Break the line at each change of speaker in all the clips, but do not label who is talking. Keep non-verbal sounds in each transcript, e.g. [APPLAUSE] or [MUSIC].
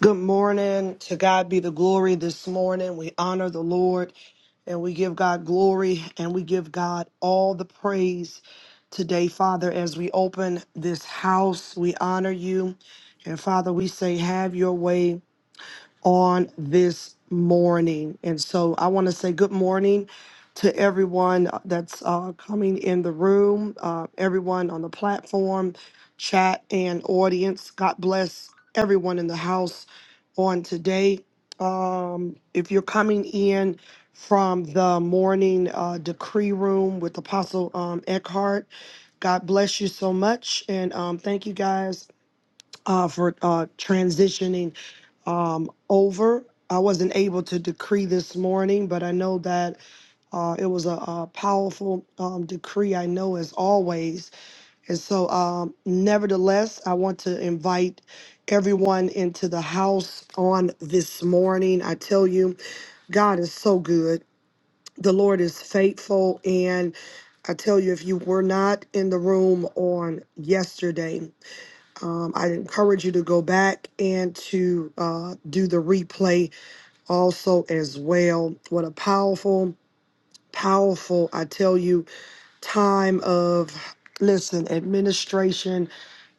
Good morning. To God be the glory this morning. We honor the Lord and we give God glory and we give God all the praise today, Father, as we open this house. We honor you. And Father, we say, have your way on this morning. And so I want to say good morning to everyone uh, that's uh, coming in the room, uh, everyone on the platform, chat, and audience. God bless everyone in the house on today. Um, if you're coming in from the morning uh, decree room with Apostle um, Eckhart, God bless you so much. And um, thank you guys uh, for uh, transitioning um, over. I wasn't able to decree this morning, but I know that uh, it was a, a powerful um, decree, I know, as always. And so, um, nevertheless, I want to invite everyone into the house on this morning. I tell you, God is so good. The Lord is faithful. And I tell you, if you were not in the room on yesterday, um, I encourage you to go back and to uh, do the replay also as well. What a powerful, powerful, I tell you, time of, listen, administration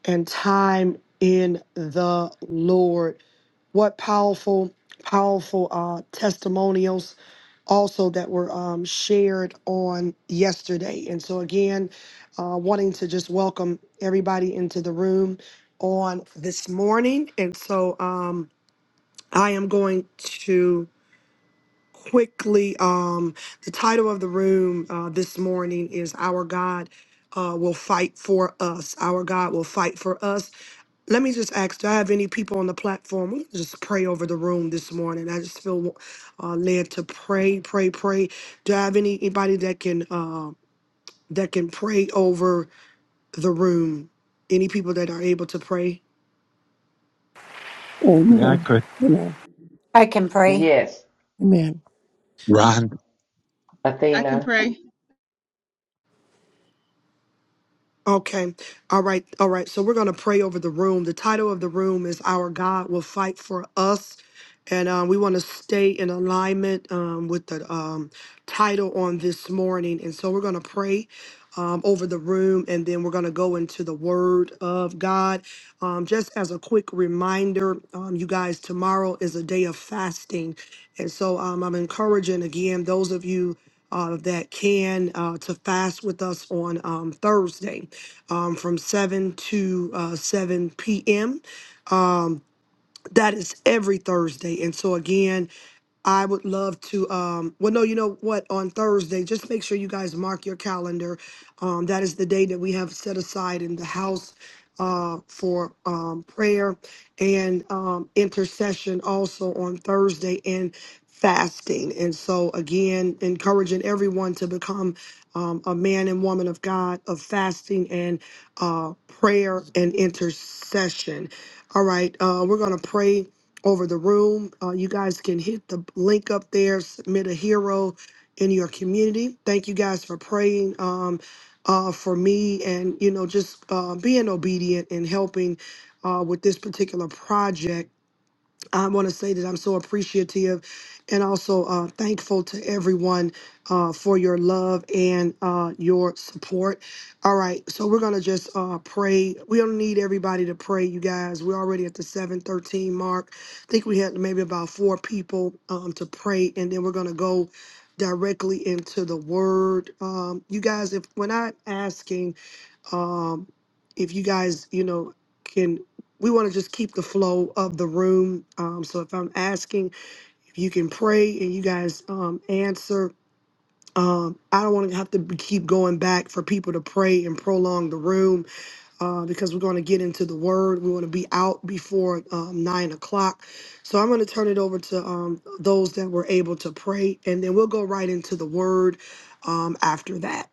and time in the Lord. What powerful, powerful uh, testimonials also that were um, shared on yesterday. And so, again, uh, wanting to just welcome everybody into the room on this morning. And so, um, I am going to. quickly um the title of the room uh this morning is our god uh will fight for us our god will fight for us let me just ask do i have any people on the platform We'll just pray over the room this morning i just feel uh led to pray pray pray do i have any anybody that can uh that can pray over the room any people that are able to pray
Yeah, I
Amen.
could.
Amen.
I can pray.
Yes,
Amen.
Run,
I can
Athena.
pray.
Okay. All right. All right. So we're going to pray over the room. The title of the room is Our God Will Fight for Us. And um, we want to stay in alignment um, with the um, title on this morning. And so we're going to pray um, over the room and then we're going to go into the Word of God. Um, just as a quick reminder, um, you guys, tomorrow is a day of fasting. And so um, I'm encouraging again those of you uh, that can uh, to fast with us on um, Thursday um, from 7 to uh, 7 p.m. That is every Thursday. And so, again, I would love to. Um, well, no, you know what? On Thursday, just make sure you guys mark your calendar. Um, that is the day that we have set aside in the house uh, for um, prayer and um, intercession also on Thursday and fasting. And so, again, encouraging everyone to become um, a man and woman of God of fasting and uh, prayer and intercession. All right, uh, we're going to pray over the room. Uh, you guys can hit the link up there, submit a hero in your community. Thank you guys for praying. Um, uh, for me and you know just uh, being obedient and helping uh, with this particular project I want to say that I'm so appreciative and also uh, thankful to everyone uh, for your love and uh, your support. All right, so we're gonna just uh, pray. We don't need everybody to pray, you guys. We're already at the 7:13 mark. I think we had maybe about four people um, to pray, and then we're gonna go directly into the Word. Um, you guys, if when I'm asking um, if you guys, you know, can we want to just keep the flow of the room. Um, so if I'm asking if you can pray and you guys um, answer, um, I don't want to have to be- keep going back for people to pray and prolong the room uh, because we're going to get into the word. We want to be out before um, nine o'clock. So I'm going to turn it over to um, those that were able to pray, and then we'll go right into the word um, after that.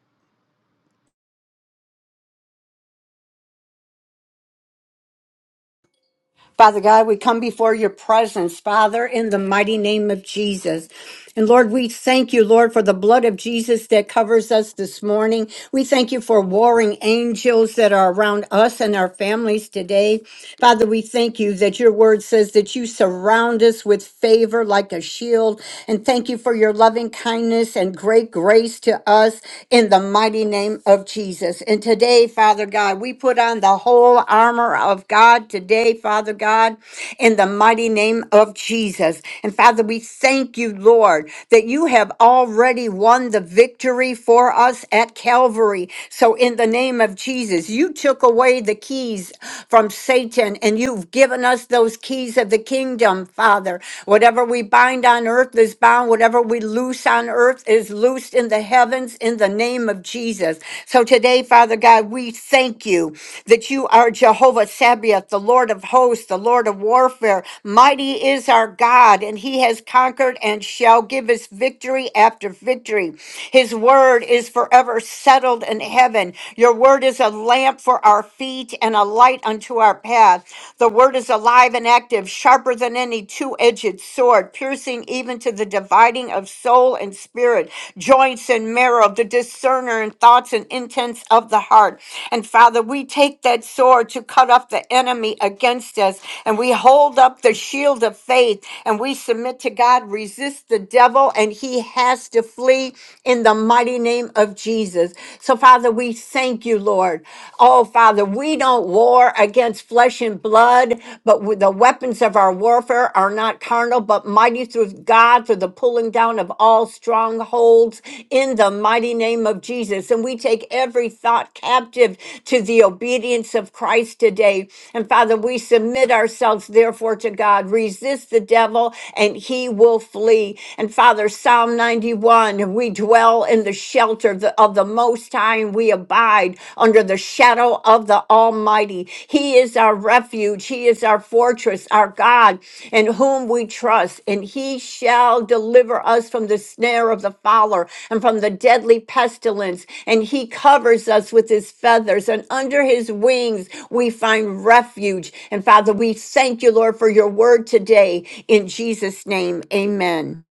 Father God, we come before your presence, Father, in the mighty name of Jesus. And Lord, we thank you, Lord, for the blood of Jesus that covers us this morning. We thank you for warring angels that are around us and our families today. Father, we thank you that your word says that you surround us with favor like a shield. And thank you for your loving kindness and great grace to us in the mighty name of Jesus. And today, Father God, we put on the whole armor of God today, Father God, in the mighty name of Jesus. And Father, we thank you, Lord, that you have already won the victory for us at Calvary. So, in the name of Jesus, you took away the keys from Satan and you've given us those keys of the kingdom, Father. Whatever we bind on earth is bound, whatever we loose loose on earth is loosed in the heavens in the name of Jesus. So today, Father God, we thank you that you are Jehovah Sabaoth, the Lord of hosts, the Lord of warfare. Mighty is our God, and he has conquered and shall give us victory after victory. His word is forever settled in heaven. Your word is a lamp for our feet and a light unto our path. The word is alive and active sharper than any two edged sword, piercing even to the dividing of soul and spirit, joints and marrow, the discerner in thoughts and intents of the heart. And Father, we take that sword to cut off the enemy against us, and we hold up the shield of faith, and we submit to God, resist the devil, and he has to flee in the mighty name of Jesus. So, Father, we thank you, Lord. Oh, Father, we don't war against flesh and blood, but with the weapons of our warfare are not carnal, but mighty through God for the pulling down of all strongholds in the mighty name of Jesus. And we take every thought captive to the obedience of Christ today. And Father, we submit ourselves therefore to God. Resist the devil and he will flee. And Father, Psalm 91, we dwell in the shelter of the, of the Most High, and we abide under the shadow of the Almighty. He is our refuge, He is our fortress, our God, in whom we trust, and He shall deliver us from the snare of the fowler and from the deadly pestilence. And He covers us with His feathers, and under His wings we find refuge. And Father, we thank you, Lord, for your word today. In Jesus' name, amen.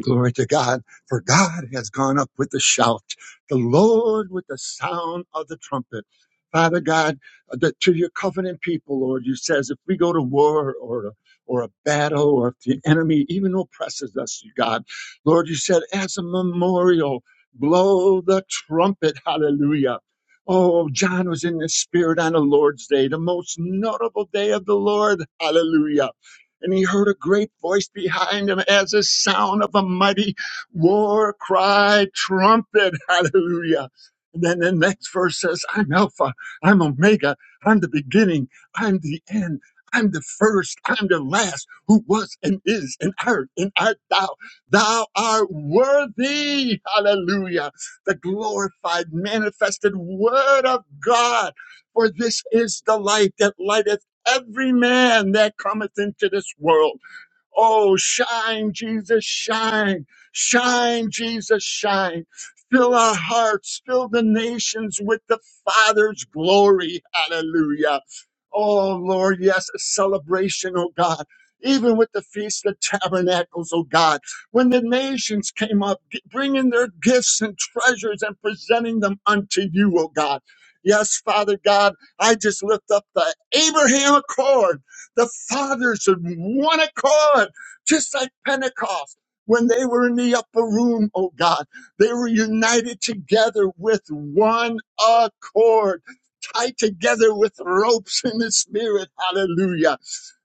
glory to God, for God has gone up with a shout, the Lord with the sound of the trumpet. Father God, uh, that to your covenant people, Lord, you says if we go to war or or a battle or if the enemy even oppresses us, you God, Lord, you said as a memorial, blow the trumpet, hallelujah. Oh, John was in the spirit on the Lord's day, the most notable day of the Lord, hallelujah. and he heard a great voice behind him as the sound of a mighty war cry trumpet. [LAUGHS] Hallelujah. And then the next verse says, I'm Alpha, I'm Omega, I'm the beginning, I'm the end, I'm the first, I'm the last, who was and is and art and art thou. Thou art worthy, hallelujah, the glorified, manifested word of God. For this is the light that lighteth every man that cometh into this world. Oh, shine, Jesus, shine. Shine, Jesus, shine. Fill our hearts, fill the nations with the Father's glory. Hallelujah. Oh, Lord, yes, a celebration, oh God. Even with the Feast of Tabernacles, oh God, when the nations came up, g- bringing their gifts and treasures and presenting them unto you, oh God. Yes, Father God, I just lift up the Abraham Accord the fathers of one accord, just like Pentecost. When they were in the upper room, oh God, they were united together with one accord, tied together with ropes in the spirit. Hallelujah.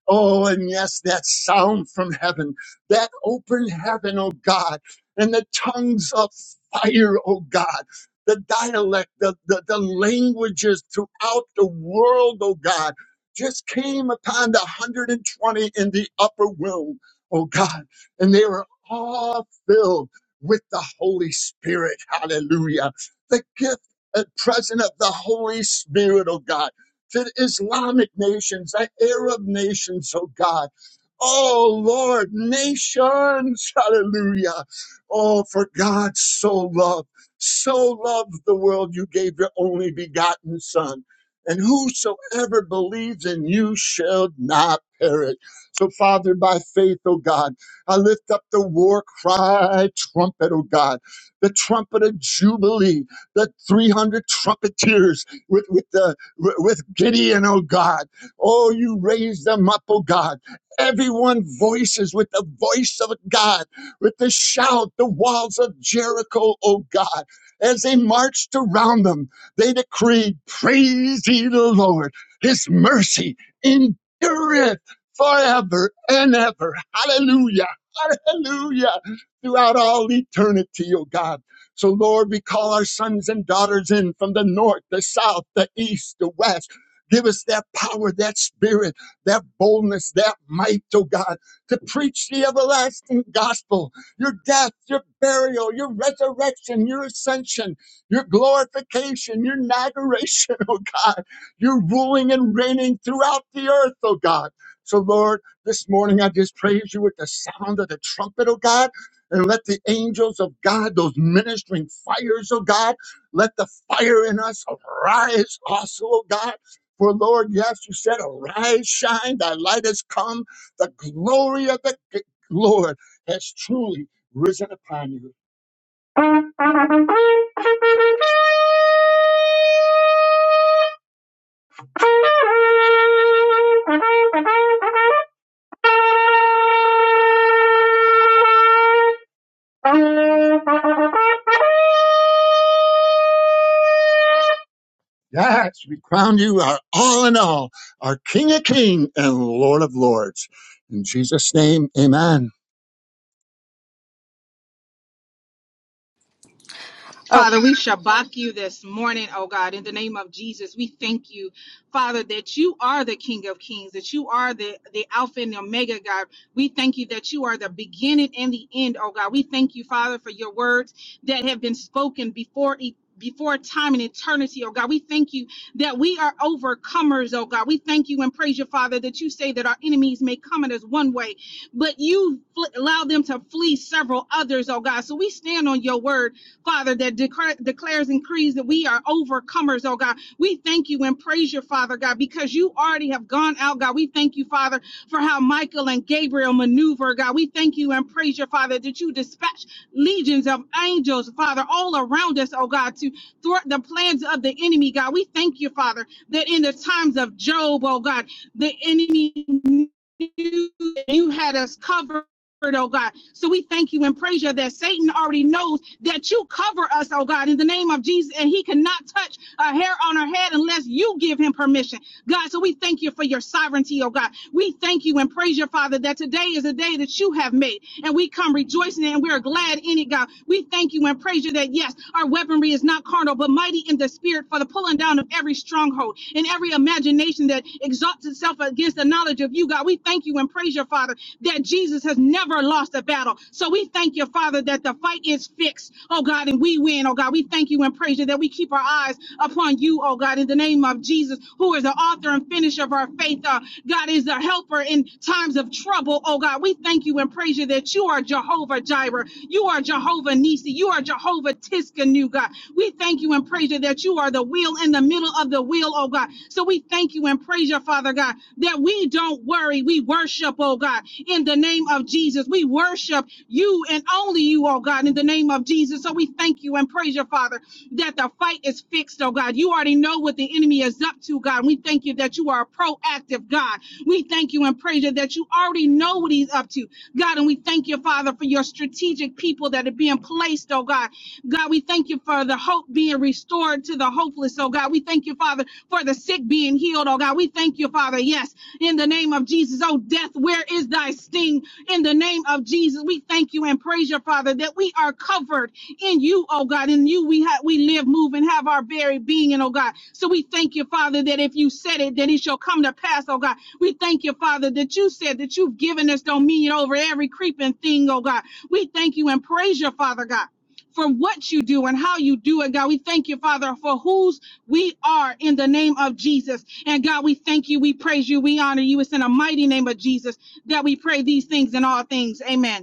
Oh, and yes, that sound from heaven, that open heaven, oh God, and the tongues of fire, oh God, the dialect, the, the, the languages throughout the world, oh God, just came upon the 120 in the upper room, oh God, and they were all filled with the Holy Spirit. Hallelujah. The gift and present of the Holy Spirit, oh God to the Islamic nations, the Arab nations, oh God. Oh Lord, nations, [LAUGHS] hallelujah. Oh, for God so loved, so loved the world you gave your only begotten Son. And whosoever believes in you shall not perish. So, Father, by faith, oh God, I lift up the war cry trumpet, oh God, the trumpet of Jubilee, the 300 trumpeters with, with the w- with Gideon, oh God. Oh, you raised them up, oh God. Everyone voices with the voice of God, with the shout, the walls of Jericho, oh God. As they marched around them, they decreed, Praise ye the Lord, his mercy endureth forever and ever. Hallelujah. Hallelujah. Throughout all eternity, oh God. So, Lord, we call our sons and daughters in from the north, the south, the east, the west. Give us that power, that spirit, that boldness, that might, oh God, to preach the everlasting gospel, your death, your burial, your resurrection, your ascension, your glorification, your inauguration, [LAUGHS] oh God, your ruling and reigning throughout the earth, oh God. So, Lord, this morning I just praise you with the sound of the trumpet, oh God. And let the angels of God, those ministering fires of God, let the fire in us arise also, oh God. For Lord, yes, you said, arise, shine, thy light has come. The glory of the g- Lord has truly risen upon you. [LAUGHS] Yes, we crown you our all in all, our King of Kings and Lord of Lords. In Jesus' name, amen.
Uh,
Father, we shabak you this morning, oh God, in the name of Jesus. We thank you, Father, that you are the King of Kings, that you are the, the Alpha and the Omega, God. We thank you that you are the beginning and the end, oh God. We thank you, Father, for your words that have been spoken before e- before time and eternity, oh God, we thank you that we are overcomers, oh God. We thank you and praise you, Father, that you say that our enemies may come at us one way, but you fl- allow them to flee several others, oh God. So we stand on your word Father, that declar- declares and creeds that we are overcomers, oh God. We thank you and praise your Father God, because you already have gone out, God. We thank you, Father, for how Michael and Gabriel maneuver, God. We thank you and praise your Father, that you dispatch legions of angels, Father, all around us, oh God, to thwart the plans of the enemy, God. We thank you, Father, that in the times of Job, oh God, the enemy you, you had us covered. Oh God. So we thank you and praise you that Satan already knows that you cover us, oh God, in the name of Jesus, and he cannot touch a hair on her head unless you give him permission. God, so we thank you for your sovereignty, oh God. We thank you and praise your Father that today is a day that you have made and we come rejoicing and we're glad in it, God. We thank you and praise you that yes, our weaponry is not carnal but mighty in the spirit for the pulling down of every stronghold and every imagination that exalts itself against the knowledge of you, God. We thank you and praise your Father that Jesus has never lost a battle. So we thank you, Father, that the fight is fixed, oh God, and we win we win, oh God. We thank you and praise you that we keep our eyes upon you, oh God, in the name of Jesus, who is the author and finisher of our faith. Uh, God is a helper in times of trouble, oh God. We thank you and praise you that you are Jehovah Jireh. You are Jehovah Nisi. You are Jehovah Tiskanu, God. We thank you and praise you that you are the wheel in the middle of the wheel, oh God. So we thank you and praise you, Father God, that we don't worry. We worship, oh God, in the name of Jesus. We worship you and only only you, oh God, in the name of Jesus. So we thank you and praise your Father that the fight is fixed, oh God. You already know what the enemy is up to, God. We thank you that you are a proactive God. We thank you and praise you that you already know what he's up to, God. And we thank you, Father, for your strategic people that are being placed, oh God. God, we thank you for the hope being restored to the hopeless, oh God. We thank you, Father, for the sick being healed, oh God. We thank you, Father, yes, in the name of Jesus. Oh, death, where is thy sting? In the name of Jesus, we thank you and praise your Father that we are covered in you, oh God. In you we have we live, move, and have our very being, and oh God. So we thank you, Father, that if you said it, that it shall come to pass, oh God. We thank you, Father, that you said that you've given us dominion over every creeping thing, oh God. We thank you and praise your Father, God. For what you do and how you do it, God. We thank you, Father, for whose we are in the name of Jesus. And God, we thank you, we praise you, we honor you. It's in the mighty name of Jesus that we pray these things in all things. Amen.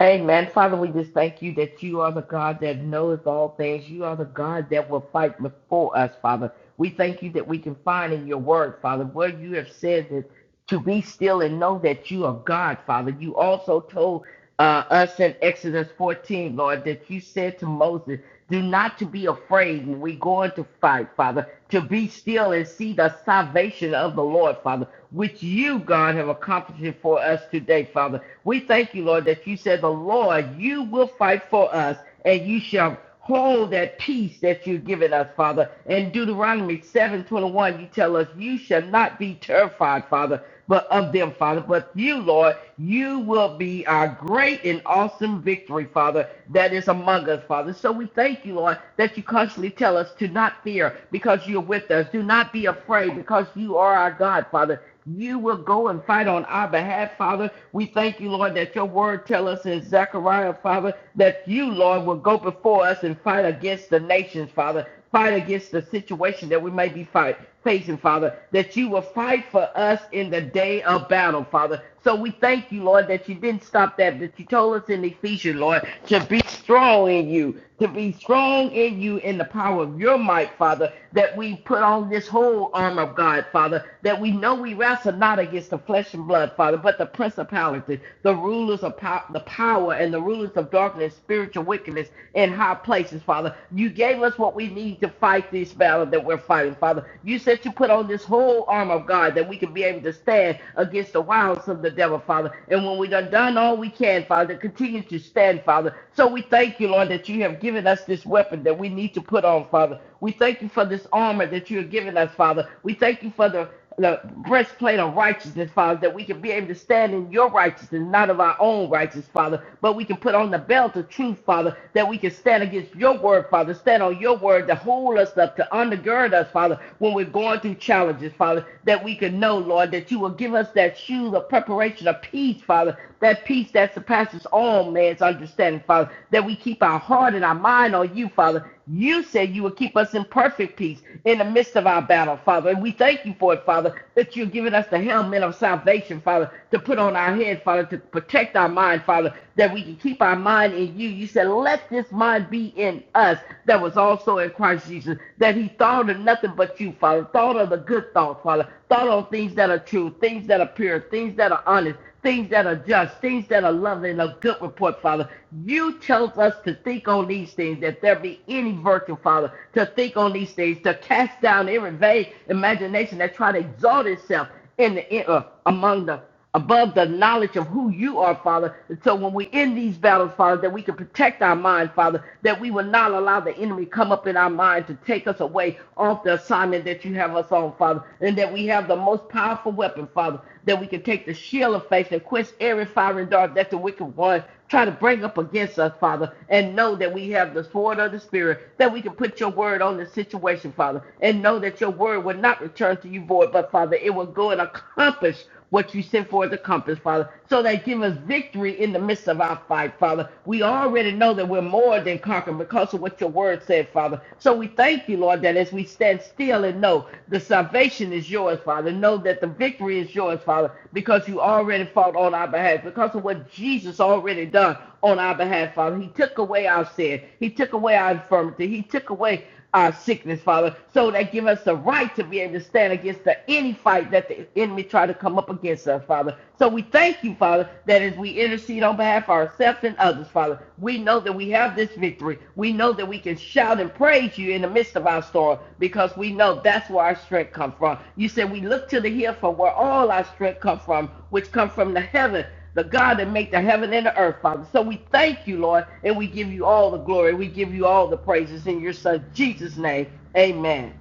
Amen. Father, we just thank you that you are the God that knows all things. You are the God that will fight before us, Father. We thank you that we can find in your word, Father, where you have said that to be still and know that you are God, Father. You also told uh, us in Exodus 14, Lord, that you said to Moses, do not to be afraid when we go into fight, Father, to be still and see the salvation of the Lord, Father. which you, God, have accomplished for us today, Father. We thank you, Lord, that you said, The Lord, you will fight for us, and you shall hold that peace that you've given us, Father. In Deuteronomy 7:21, you tell us, You shall not be terrified, Father but of them, Father. But you, Lord, you will be our great and awesome victory, Father, that is among us, Father. So we thank you, Lord, that you constantly tell us to not fear because you're with us. Do not be afraid because you are our God, Father. You will go and fight on our behalf, Father. We thank you, Lord, that your word tell us in Zechariah, Father, that you, Lord, will go before us and fight against the nations, Father. Fight against the situation that we may be fighting facing, Father, that you will fight for us in the day of battle, Father. So we thank you, Lord, that you didn't stop that, that you told us in Ephesians, Lord, to be strong in you, to be strong in you in the power of your might, Father, that we put on this whole arm of God, Father, that we know we wrestle not against the flesh and blood, Father, but the principalities, the rulers of power, the power and the rulers of darkness, spiritual wickedness in high places, Father. You gave us what we need to fight fight this battle that we're fighting, Father. You said you put on this whole arm of God that we can be able to stand against the wiles of the devil, Father. And when we done done all we can, Father, continue to stand, Father. So we thank you, Lord, that you have given us this weapon that we need to put on, Father. We thank you for this armor that you have given us, Father. We thank you for the the breastplate of righteousness, Father, that we can be able to stand in your righteousness, not of our own righteousness, Father, but we can put on the belt of truth, Father, that we can stand against your word, Father, stand on your word to hold us up, to undergird us, Father, when we're going through challenges, Father, that we can know, Lord, that you will give us that shoes of preparation of peace, Father, that peace that surpasses all man's understanding, Father, that we keep our heart and our mind on you, Father. You said you will keep us in perfect peace in the midst of our battle, Father. And we thank you, thank you for it, Father, that you've given us the helmet of salvation, Father, to put on our head, Father, to protect our mind, Father, that we can keep our mind in you. You said, let this mind be in us that was also in Christ Jesus, that he thought of nothing but you, Father, thought of the good thoughts, Father, thought on things that are true, things that are pure, things that are honest, things that are just, things that are lovely and of good report, Father. You tell us to think on these things, that there be any virtue, Father, to think on these things, to cast down every vague imagination that try to exalt itself in the in, uh, among the above the knowledge of who you are, Father. And so when we're in these battles, Father, that we can protect our mind, Father, that we will not allow the enemy come up in our mind to take us away off the assignment that you have us on, Father, and that we have the most powerful weapon, Father, that we can take the shield of faith and quench every fiery dart that the wicked one try to bring up against us, Father, and know that we have the sword of the Spirit, that we can put your word on the situation, Father, and know that your word will not return to you void, but Father, it will go and accomplish what you sent for the compass, Father, so that give us victory in the midst of our fight, Father. We already know that we're more than conquerors because of what your word said, Father. So we thank you, Lord, that as we stand still and know the salvation is yours, Father, know that the victory is yours, Father, because you already fought on our behalf, because of what Jesus already done on our behalf, Father. He took away our sin. He took away our infirmity. He took away our sickness, Father, so that give us the right to be able to stand against the any fight that the enemy try to come up against us, Father. So we thank you, Father, that as we intercede on behalf of ourselves and others, Father, we know that we have this victory. We know that we can shout and praise you in the midst of our storm because we know that's where our strength comes from. You said we look to the hill from where all our strength comes from, which comes from the heaven the God that made the heaven and the earth, Father. So we thank you, Lord, and we give you all the glory. We give you all the praises in your Son, Jesus' name. Amen.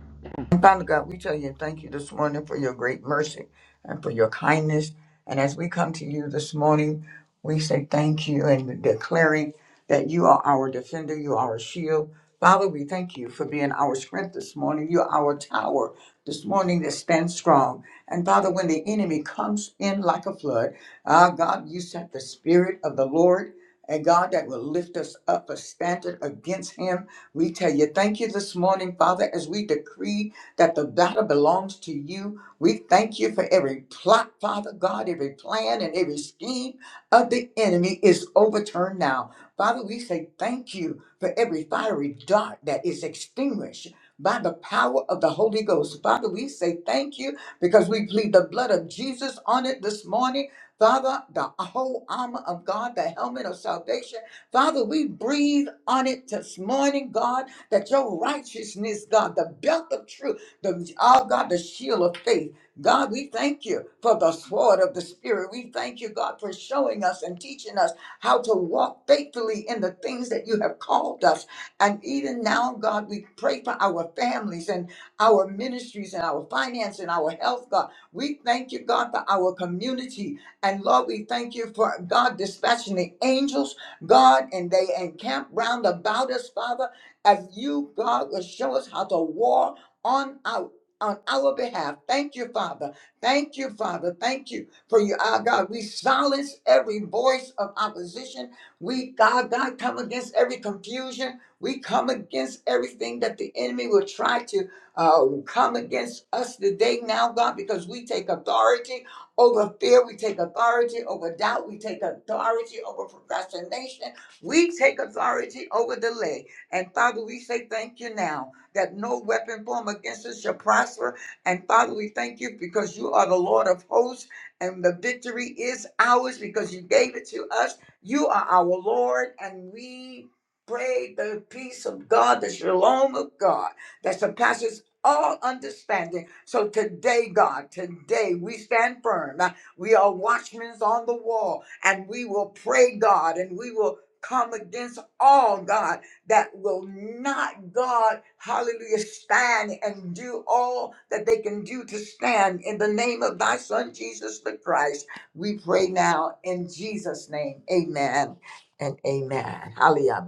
Father God, we tell you thank you this morning for your great mercy and for your kindness. And as we come to you this morning, we say thank you and declaring that you are our defender, you are our shield. Father, we thank you for being our strength this morning. You're our tower this morning that stands strong. And Father, when the enemy comes in like a flood, ah, God, you sent the Spirit of the Lord. And God, that will lift us up a standard against him. We tell you, thank you this morning, Father, as we decree that the battle belongs to you. We thank you for every plot, Father God, every plan and every scheme of the enemy is overturned now. Father, we say thank you for every fiery dart that is extinguished by the power of the Holy Ghost. Father, we say thank you because we plead the blood of Jesus on it this morning. Father, the whole armor of God, the helmet of salvation. Father, we breathe on it this morning, God, that your righteousness, God, the belt of truth the oh God, the shield of faith. God, we thank you for the sword of the Spirit. We thank you, God, for showing us and teaching us how to walk faithfully in the things that you have called us. And even now, God, we pray for our families and our ministries and our finance and our health, God. We thank you, God, for our community. And Lord, we thank you for God dispatching the angels, God, and they encamp round about us, Father, as you, God, will show us how to walk on our on our behalf. Thank you, Father. Thank you, Father. Thank you for you, our God. We silence every voice of opposition. We, God, God, come against every confusion. We come against everything that the enemy will try to uh, come against us today, now, God, because we take authority over fear. We take authority over doubt. We take authority over procrastination. We take authority over delay. And Father, we say thank you now that no weapon formed against us shall prosper. And Father, we thank you because you are the Lord of hosts, and the victory is ours because you gave it to us. You are our Lord, and we pray the peace of God, the shalom of God that surpasses all understanding. So today, God, today we stand firm. We are watchmen on the wall, and we will pray, God, and we will come against all, God that will not God, hallelujah, stand and do all that they can do to stand in the name of thy son Jesus the Christ. We pray now in Jesus' name. Amen and amen. Hallelujah.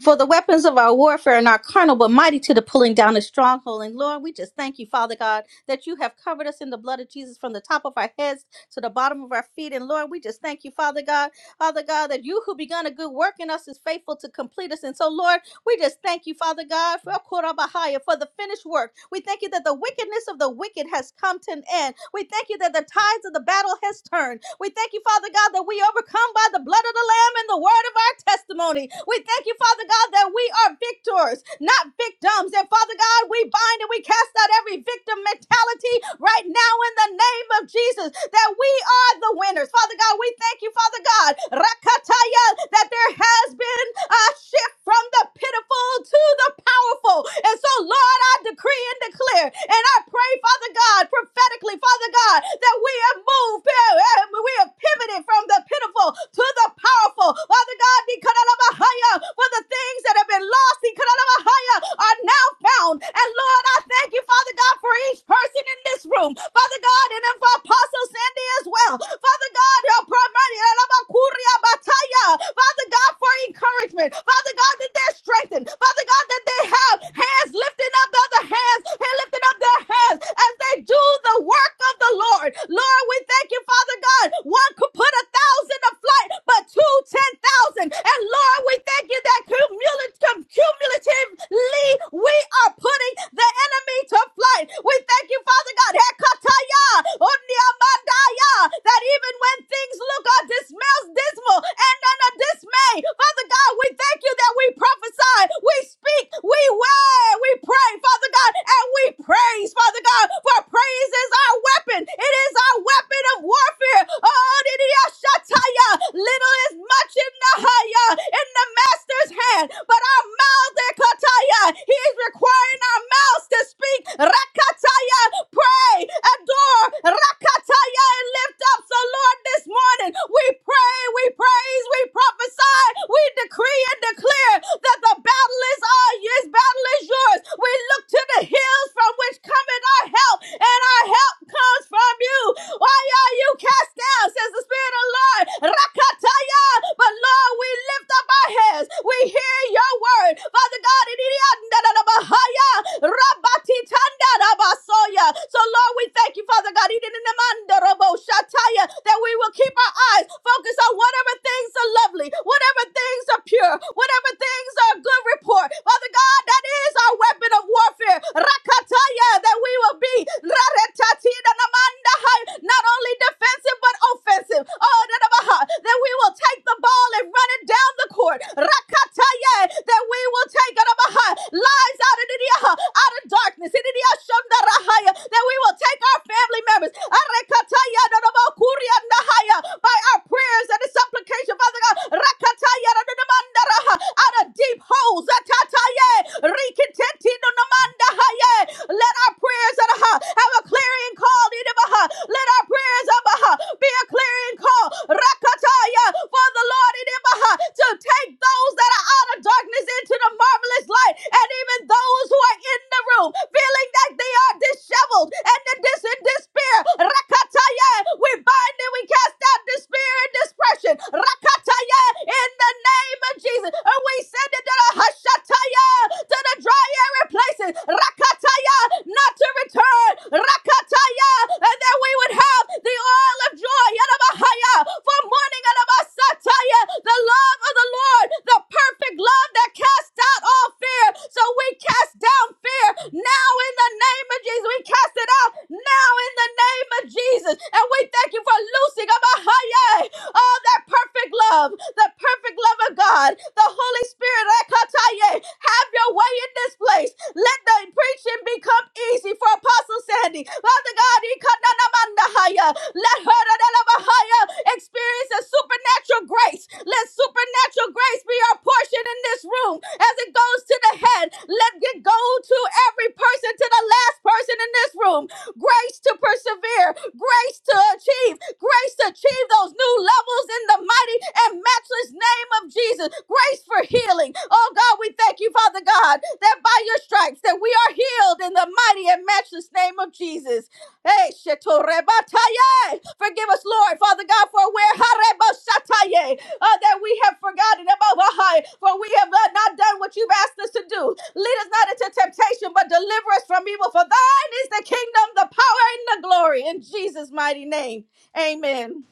for the weapons of our warfare are not carnal, but mighty to the pulling down of stronghold. And Lord, we just thank you, Father God, that you have covered us in the blood of Jesus from the top of our heads to the bottom of our feet. And Lord, we just thank you, Father God, Father God, that you who begun a good work in us is faithful to complete us. And so, Lord, We just thank you, Father God, for Korabahaya, for the finished work. We thank you that the wickedness of the wicked has come to an end. We thank you that the tides of the battle has turned. We thank you, Father God, that we overcome by the blood of the Lamb and the word of our testimony. We thank you, Father God, that we are victors, not victims. And Father God, we bind and we cast out every victim mentality right now in the name of Jesus, that we are the winners. Father God, we thank you, Father God, Rakataya, that there has been a shift from the pitiful to the powerful. And so, Lord, I decree and declare, and I pray, Father God, prophetically, Father God, that we have moved, eh, we have pivoted from the pitiful to the powerful. Father God, Nikarabahaya, for the things that have been lost, Nikarabahaya, are now found. And Lord, I thank you, Father God, for each person in this room. Father God, and then for Apostle Sandy as well. Father God, your primary, Father God, for encouragement. Father God, that they're strengthened. Father God, that they have hands lifting up other hands and lifting up their hands as they do the work of the Lord. Lord, we thank you, Father God. One could put a thousand to flight, but two, ten thousand. And Lord, we thank you that cumulatively we are putting the enemy to flight. We thank you, Father God. Hekataya, oniamandaya, That even when things look or dismal, dismal and unadaptable dismay. Father God, we thank you that we prophesy, we speak, we word, we pray, Father God, and we praise, Father God, for praise is our weapon. It is our weapon of warfare. Oh, Shataya. Little is much in the higher, in the master's hand, but our mouth, Ekataya, he is requiring our mouths to speak. Rakataya, pray, adore, Rakataya and lift up. So, Lord, this morning we pray, we praise, we prophesy, we decree and declare that the battle is all yours, battle is yours. We look to the hills from which cometh our help, and our help comes from you. Why are you cast down, says the Spirit of the Lord? Rakataya. But Lord, we lift up our heads. We hear your word. Father God, it is Rabbatitanda Rabasoya. So Lord, we thank you, Father God in the Shataya, that we will keep our eyes focused on whatever things are lovely, whatever things are pure, whatever things are a good report. Father God, that is our weapon of warfare. Rakataya, that we will be Raretatina Namandahai, not only defensive but offensive. Oh, Nanabaha, that we will take the ball and run it down the court. Rakataya, that we will take Nanabaha, lives out of the out of darkness. That we will take our family family members. Arekataya nanamokuri andahaya. By our prayers and the supplication, Father God. Rakataya nanamandaraha. Out of deep holes. Atataye. Rikiteti nanamandahaya. Let our prayers adaha, have a clearing call. idabaha. Let our prayers abaha, be a clearing call. Rakataya for the Lord idabaha, to take those that are out of darkness into the marvelous light. And even those who are in the room feeling that they are disheveled and the this and this spirit. Rakataya, we bind and we cast out this spirit and this pressure. Rakataya, in the name of Jesus. And we send it to the Hashataya, to the dry area places. Rakataya, not to return. Rakataya, and that we would have the oil of joy. Yadabahaya, for morning and the love of the Lord, the perfect love that casts out all fear. So we cast down fear now in the name of Jesus. We cast it it out now in the name of Jesus. And we thank you for loosing of our all that perfect love, the perfect love of God, the Holy Spirit. Ekataye. Have your way in this place. Let the preaching become easy for Apostle Sandy. Father God, Ikananamandahaya. let her dadalabahaya, experience a supernatural grace. Let supernatural grace be our portion in this room as it goes to the head. Let it go to every person, to the last person in in this room grace to persevere, grace to achieve, grace to achieve those new levels in the mighty and matchless name of Jesus, grace for healing. Oh God, we thank you, Father God, that by your stripes that we are healed in the mighty and matchless name of Jesus. Hey, Shetorebataye. forgive us, Lord, Father God, for where Harebosataye, uh, that we have forgotten about Baha'i, for we have uh, not done what you've asked us to do. Lead us not into temptation, but deliver us from evil. For is the kingdom, the power, and the glory in Jesus' mighty name. Amen.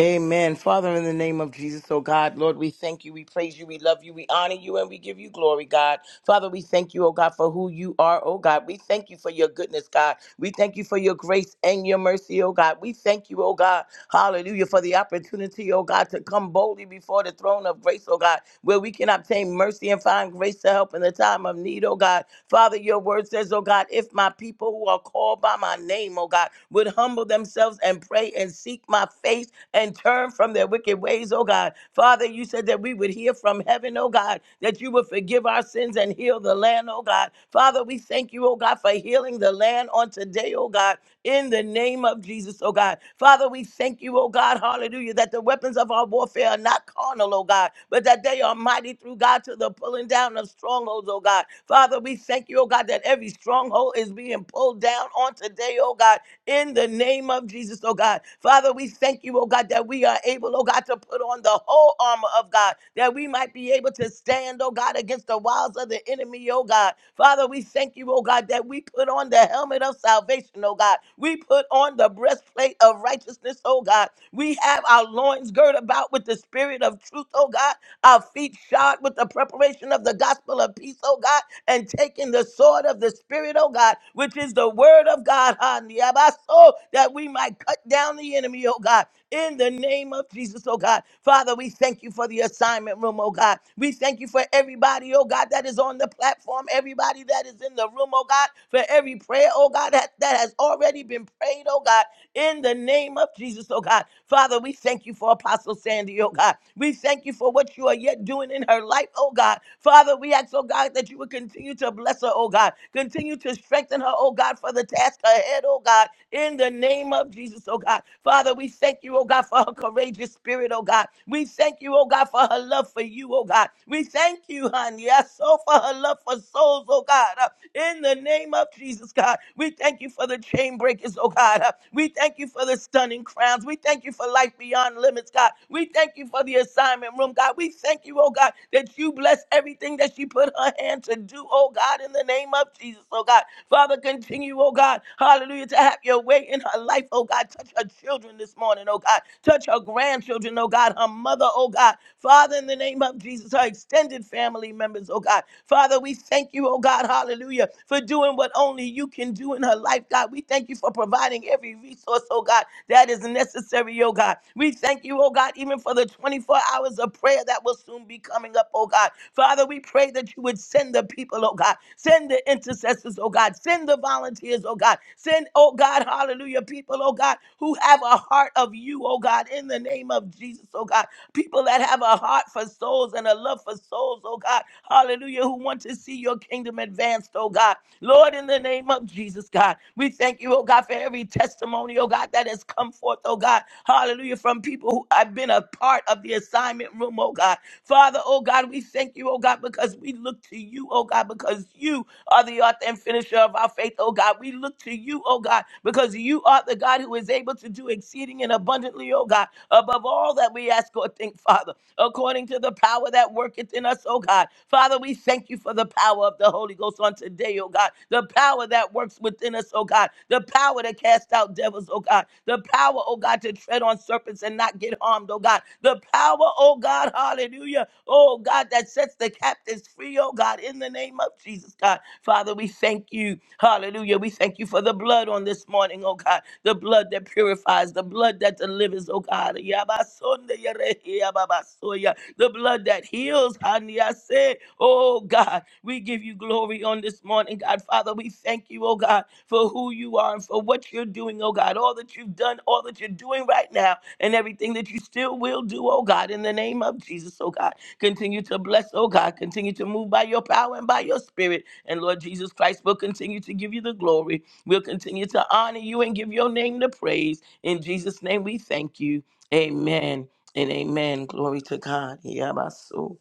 Amen. Father, in the name of Jesus, oh God, Lord, we thank you, we praise you, we love you, we honor you, and we give you glory, God. Father, we thank you, oh God, for who you are, oh God. We thank you for your goodness, God. We thank you for your grace and your mercy, oh God. We thank you, oh God, hallelujah, for the opportunity, oh God, to come boldly before the throne of grace, oh God, where we can obtain mercy and find grace to help in the time of need, oh God. Father, your word says, oh God, if my people who are called by my name, oh God, would humble themselves and pray and seek my face and turn from their wicked ways, oh God. Father, you said that we would hear from heaven, oh God, that you would forgive our sins and heal the land, oh God. Father, we thank you, oh God, for healing the land on today, oh God, in the name of Jesus, oh God. Father, we thank you, oh God, hallelujah, that the weapons of our warfare are not carnal, oh God, but that they are mighty through God to the pulling down of strongholds, oh God. Father, we thank you, oh God, that every stronghold is being pulled down on today, oh God, in the name of Jesus, oh God. Father, we thank you, oh God, that we are able, oh God, to put on the whole armor of God, that we might be able to stand, oh God, against the wiles of the enemy, oh God. Father, we thank you, oh God, that we put on the helmet of salvation, oh God. We put on the breastplate of righteousness, oh God. We have our loins girt about with the spirit of truth, oh God. Our feet shod with the preparation of the gospel of peace, oh God and taking the sword of the Spirit, oh God, which is the word of God, ha, niabaso, that we might cut down the enemy, oh God, in the name of Jesus, oh God. Father, we thank you for the assignment room, oh God. We thank you for everybody, oh God, that is on the platform, everybody that is in the room, oh God, for every prayer, oh God, that, that has already been prayed, oh God in the name of Jesus, oh God. Father, we thank you for Apostle Sandy, oh God. We thank you for what you are yet doing in her life, oh God. Father, we ask, oh God, that you would continue to bless her, oh God. Continue to strengthen her, oh God, for the task ahead, oh God, in the name of Jesus, oh God. Father, we thank you, oh God, for her courageous spirit, oh God. We thank you, oh God, for her love for you, oh God. We thank you, honey. Yes, so for her love love for souls, oh God. Uh, In the name of Jesus, God, we thank you for the chain breakers, oh God. Uh, We thank you for the stunning crowns. We thank you for life beyond limits, God. We thank you for the assignment room, God. We thank you, oh God, that you bless everything that she put her hand to do, oh God, in the name of Jesus, oh God. Father, continue, oh God, hallelujah, to have your way in her life, oh God. Touch her children this morning, oh God. Touch her grandchildren, oh God, her mother, oh God. Father, in the name of Jesus, her extended family members, oh God. Father, we thank you, oh God, hallelujah, for doing what only you can do in her life, God. We thank you for providing every resource, oh God, that is necessary, oh God. We thank you, oh God, even for the 24 hours of prayer that will soon be coming up, oh God. Father, we pray that you would send the people, oh God. Send the intercessors, oh God. Send Send the volunteers, oh God. Send, oh God, hallelujah, people, oh God, who have a heart of you, oh God, in the name of Jesus, oh God. People that have a heart for souls and a love for souls, oh God, hallelujah, who want to see your kingdom advanced, oh God. Lord, in the name of Jesus, God, we thank you, oh God, for every testimony, oh God, that has come forth, oh God, hallelujah, from people who have been a part of the assignment room, oh God. Father, oh God, we thank you, oh God, because we look to you, oh God, because you are the author and finisher of our faith, oh God. We look to you, oh God, because you are the God who is able to do exceeding and abundantly, oh God, above all that we ask or think, Father according to the power that worketh in us, oh God. Father, we thank you for the power of the Holy Ghost on today, oh God. The power that works within us, oh God. The power to cast out devils, oh God. The power, oh God, to tread on serpents and not get harmed, oh God. The power, oh God, hallelujah, oh God, that sets the captives free, oh God, in the name of Jesus, God. Father, we thank you, hallelujah. We thank you for the the blood on this morning, oh God, the blood that purifies, the blood that delivers, oh God, Yabasonde yerehi yababasoya. the blood that heals, Hanyase. oh God, we give you glory on this morning, God. Father, we thank you, oh God, for who you are and for what you're doing, oh God, all that you've done, all that you're doing right now, and everything that you still will do, oh God, in the name of Jesus, oh God. Continue to bless, oh God, continue to move by your power and by your spirit, and Lord Jesus Christ will continue to give you the glory. We'll continue to honor you and give your name the praise. In Jesus' name, we thank you. Amen and amen. Glory to God. Yabaso.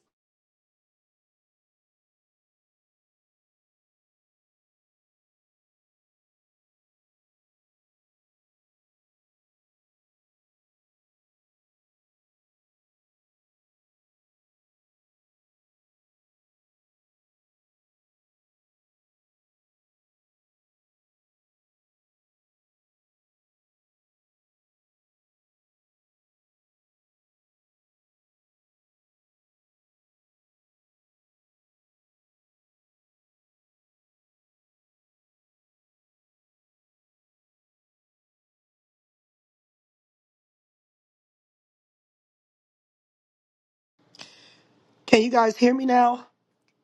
Can you guys hear me now?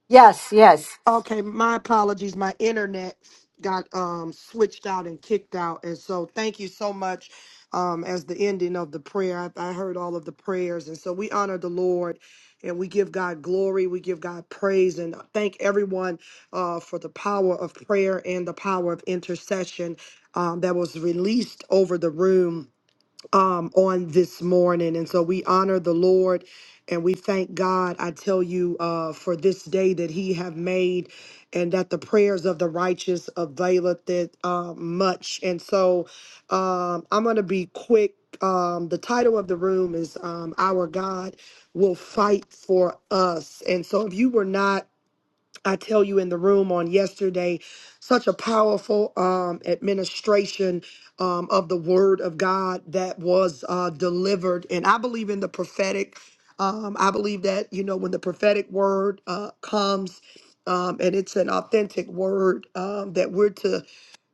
Yes, yes.
Okay, my apologies. My internet got um switched out and kicked out. And so thank you so much um as the ending of the prayer. I, I heard all of the prayers. And so we honor the Lord and we give God glory, we give God praise and thank everyone uh for the power of prayer and the power of intercession um that was released over the room um, on this morning. And so we honor the Lord and we thank God, I tell you, uh, for this day that he have made and that the prayers of the righteous availeth it uh, much. And so um, I'm going to be quick. Um, the title of the room is um, Our God Will Fight for Us. And so if you were not I tell you in the room on yesterday, such a powerful um, administration um, of the word of God that was uh, delivered. And I believe in the prophetic. Um, I believe that, you know, when the prophetic word uh, comes um, and it's an authentic word um, that we're to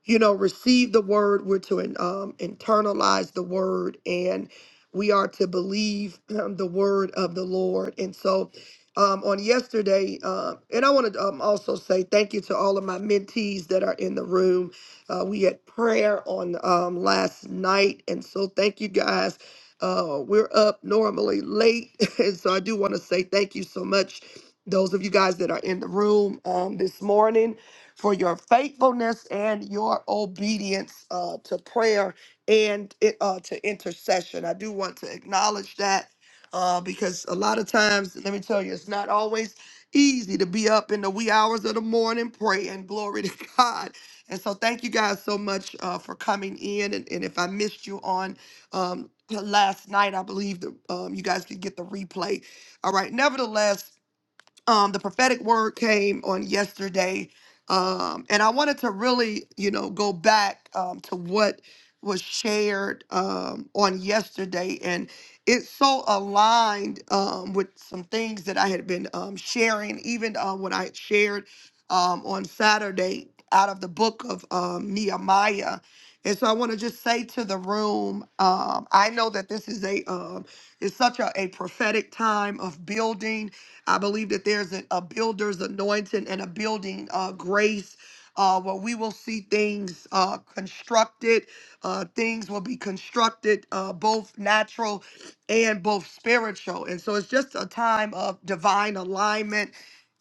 you know, receive the word. We're to um, internalize the word, and we are to believe um, the word of the Lord. And so, um, on yesterday, uh, and I want to um, also say thank you to all of my mentees that are in the room. Uh, we had prayer on um, last night, and so thank you guys. Uh, we're up normally late, [LAUGHS] and so I do want to say thank you so much. Those of you guys that are in the room um, this morning, for your faithfulness and your obedience uh, to prayer and uh, to intercession. I do want to acknowledge that uh, because a lot of times, let me tell you, it's not always easy to be up in the wee hours of the morning praying. Glory to [LAUGHS] God. And so, thank you guys so much uh, for coming in. And, and if I missed you on um, last night, I believe that um, you guys could get the replay. All right. Nevertheless, um, the prophetic word came on yesterday, um, and I wanted to really, you know, go back um, to what was shared um, on yesterday, and it's so aligned um, with some things that I had been um, sharing, even uh, when I had shared um, on Saturday out of the book of um, Nehemiah. And so I want to just say to the room, um, I know that this is a um, it's such a, a prophetic time of building I believe that there's a, a builder's anointing and a building uh, grace. Uh, where we will see things uh, constructed, uh, things will be constructed, uh, both natural and both spiritual. And so it's just a time of divine alignment.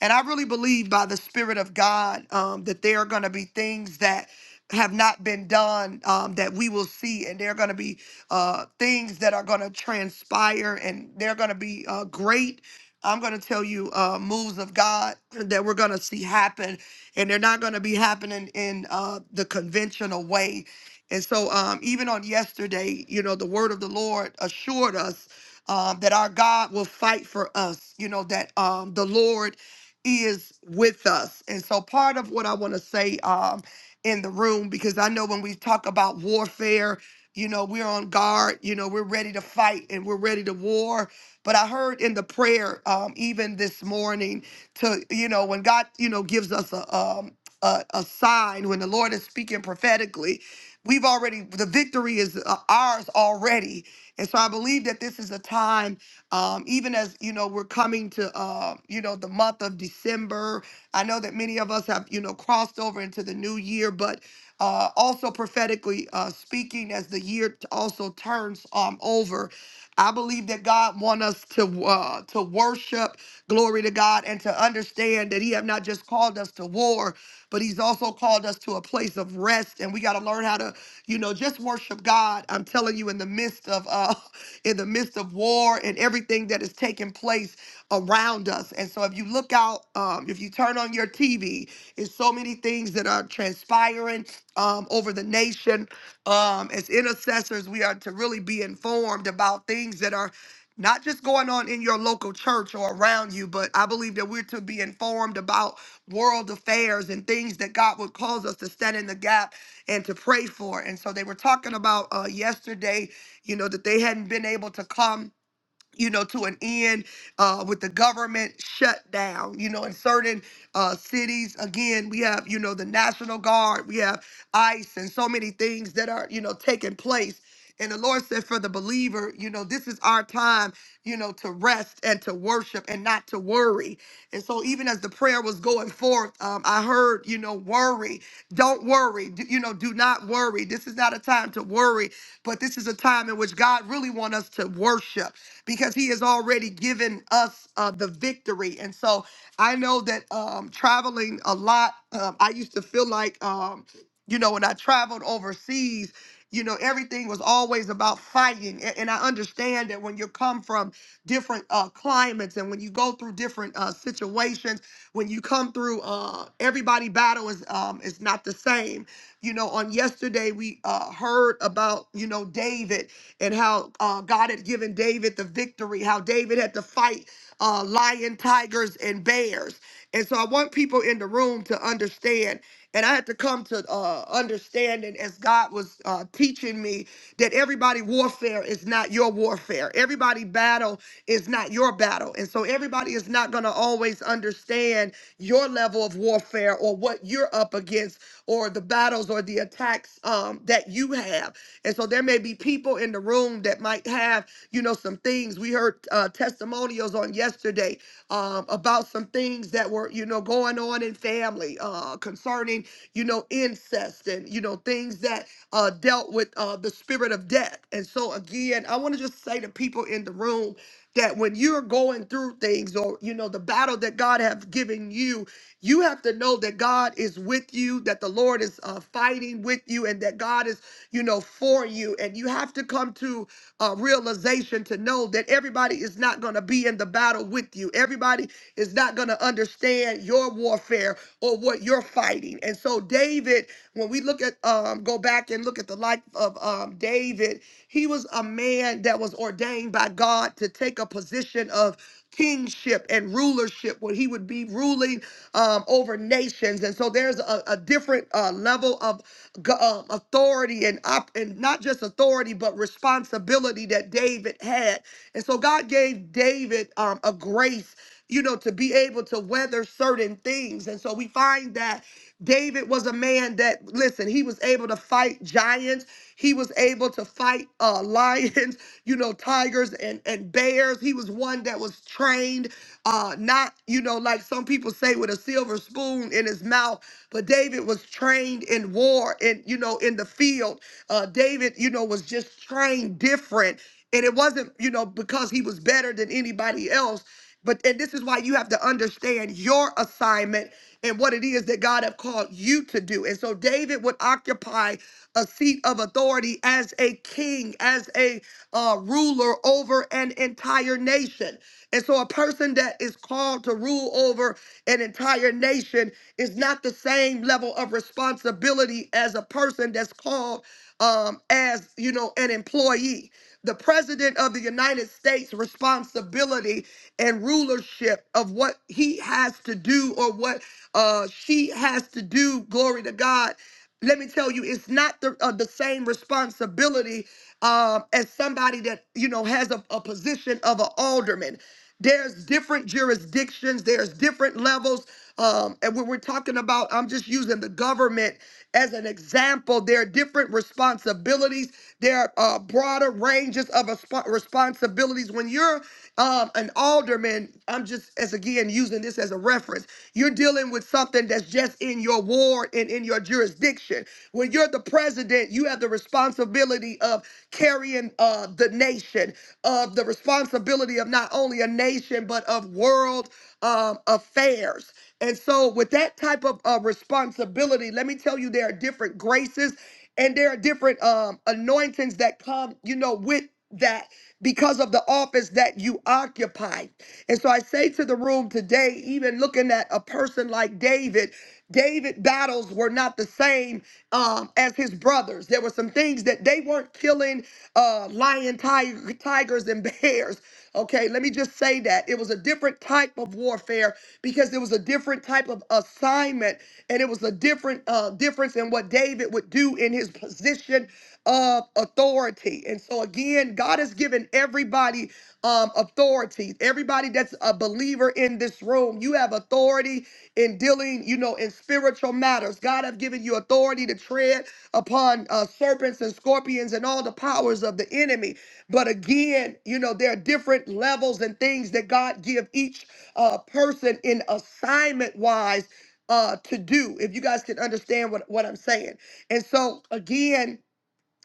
And I really believe by the Spirit of God um, that there are going to be things that have not been done um, that we will see, and there are going to be uh, things that are going to transpire, and they're going to be uh, great I'm going to tell you uh, moves of God that we're going to see happen, and they're not going to be happening in uh, the conventional way. And so, um, even on yesterday, you know, the word of the Lord assured us um, that our God will fight for us, you know, that um, the Lord is with us. And so, part of what I want to say um, in the room, because I know when we talk about warfare, you know, we're on guard, you know, we're ready to fight and we're ready to war but I heard in the prayer, um, even this morning, to you know, when God, you know, gives us a um a, a sign when the Lord is speaking prophetically, we've already the victory is uh, ours already. And so I believe that this is a time, um, even as you know, we're coming to uh, you know the month of December. I know that many of us have you know crossed over into the new year, but uh, also prophetically uh, speaking, as the year t- also turns um, over, I believe that God want us to uh, to worship, glory to God, and to understand that He have not just called us to war, but He's also called us to a place of rest. And we got to learn how to, you know, just worship God. I'm telling you, in the midst of uh, [LAUGHS] in the midst of war and everything that is taking place around us. And so, if you look out, um, if you turn on your TV, it's so many things that are transpiring um, over the nation. Um, as intercessors, we are to really be informed about things that are not just going on in your local church or around you, but I believe that we're to be informed about world affairs and things that God would cause us to stand in the gap and to pray for. And so they were talking about uh, yesterday, you know, that they hadn't been able to come you know, to an end uh, with the government shutdown. You know, in certain uh, cities, again, we have, you know, the National Guard, we have ICE, and so many things that are, you know, taking place. And the Lord said for the believer, you know, this is our time, you know, to rest and to worship and not to worry. And so, even as the prayer was going forth, um, I heard, you know, worry. Don't worry. Do, you know, do not worry. This is not a time to worry, but this is a time in which God really wants us to worship because he has already given us uh, the victory. And so I know that um, traveling a lot, um, I used to feel like, um, you know, when I traveled overseas, you know, everything was always about fighting. A- And I understand that when you come from different uh, climates and when you go through different uh, situations, when you come through, uh, everybody battle is um, is not the same. You know, on yesterday we uh, heard about you know David and how uh, God had given David the victory, how David had to fight uh, lion, tigers, and bears. And so I want people in the room to understand and I had to come to uh, understanding as God was uh, teaching me that everybody warfare is not your warfare. Everybody battle is not your battle. And so everybody is not going to always understand your level of warfare or what you're up against or the battles or the attacks um, that you have. And so there may be people in the room that might have, you know, some things. We heard uh, testimonials on yesterday um, about some things that were, you know, going on in family uh, concerning, you know, incest and, you know, things that uh, dealt with uh, the spirit of death. And so, again, I want to just say to people in the room that when you're going through things or, you know, the battle that God have given you, you have to know that God is with you, that the Lord is uh, fighting with you, and that God is, you know, for you. And you have to come to uh, realization to know that everybody is not going to be in the battle with you. Everybody is not going to understand your warfare or what you're fighting. And so David when we look at um go back and look at the life of um David, he was a man that was ordained by God to take a position of kingship and rulership where he would be ruling um, over nations and so there's a, a different uh, level of go- um, authority and op- and not just authority but responsibility that David had and so God gave David um, a grace you know, to be able to weather certain things. And so we find that David was a man that, listen, he was able to fight giants. He was able to fight uh, [LAUGHS] lions, you know, tigers and, and bears. He was one that was trained, uh, not, you know, like some people say with a silver spoon in his mouth, but David was trained in war and, you know, in the field. Uh, David, you know, was just trained different. And it wasn't, you know, because he was better than anybody else but and this is why you have to understand your assignment and what it is that God have called you to do. And so David would occupy a seat of authority as a king, as a uh, ruler over an entire nation. And so a person that is called to rule over an entire nation is not the same level of responsibility as a person that's called um, as you know an employee the president of the United States responsibility and rulership of what he has to do or what uh, she has to do. Glory to God. Let me tell you, it's not the, uh, the same responsibility um, as somebody that you know has a, a position of an alderman. There's different jurisdictions. There's different levels. Um, and when we're talking about, I'm just using the government as an example. There are different responsibilities. There are uh, broader ranges of respo- responsibilities. When you're um, an alderman, I'm just as again using this as a reference. You're dealing with something that's just in your ward and in your jurisdiction. When you're the president, you have the responsibility of carrying uh, the nation, of the responsibility of not only a nation but of world um, affairs. And so, with that type of uh, responsibility, let me tell you, there are different graces and there are different um, anointings that come, you know, with that because of the office that you occupy. And so, I say to the room today, even looking at a person like David, David's battles were not the same um, as his brothers. There were some things that they weren't killing uh, lion, tiger, tigers, and bears. Okay, let me just say that it was a different type of warfare because it was a different type of assignment, and it was a different uh, difference in what David would do in his position of authority. And so again, God has given everybody um, authorities, everybody that's a believer in this room, you have authority in dealing, you know, in spiritual matters. God have given you authority to tread upon uh, serpents and scorpions and all the powers of the enemy. But again, you know, there are different levels and things that God give each uh, person in assignment wise uh, to do. If you guys can understand what, what I'm saying. And so again,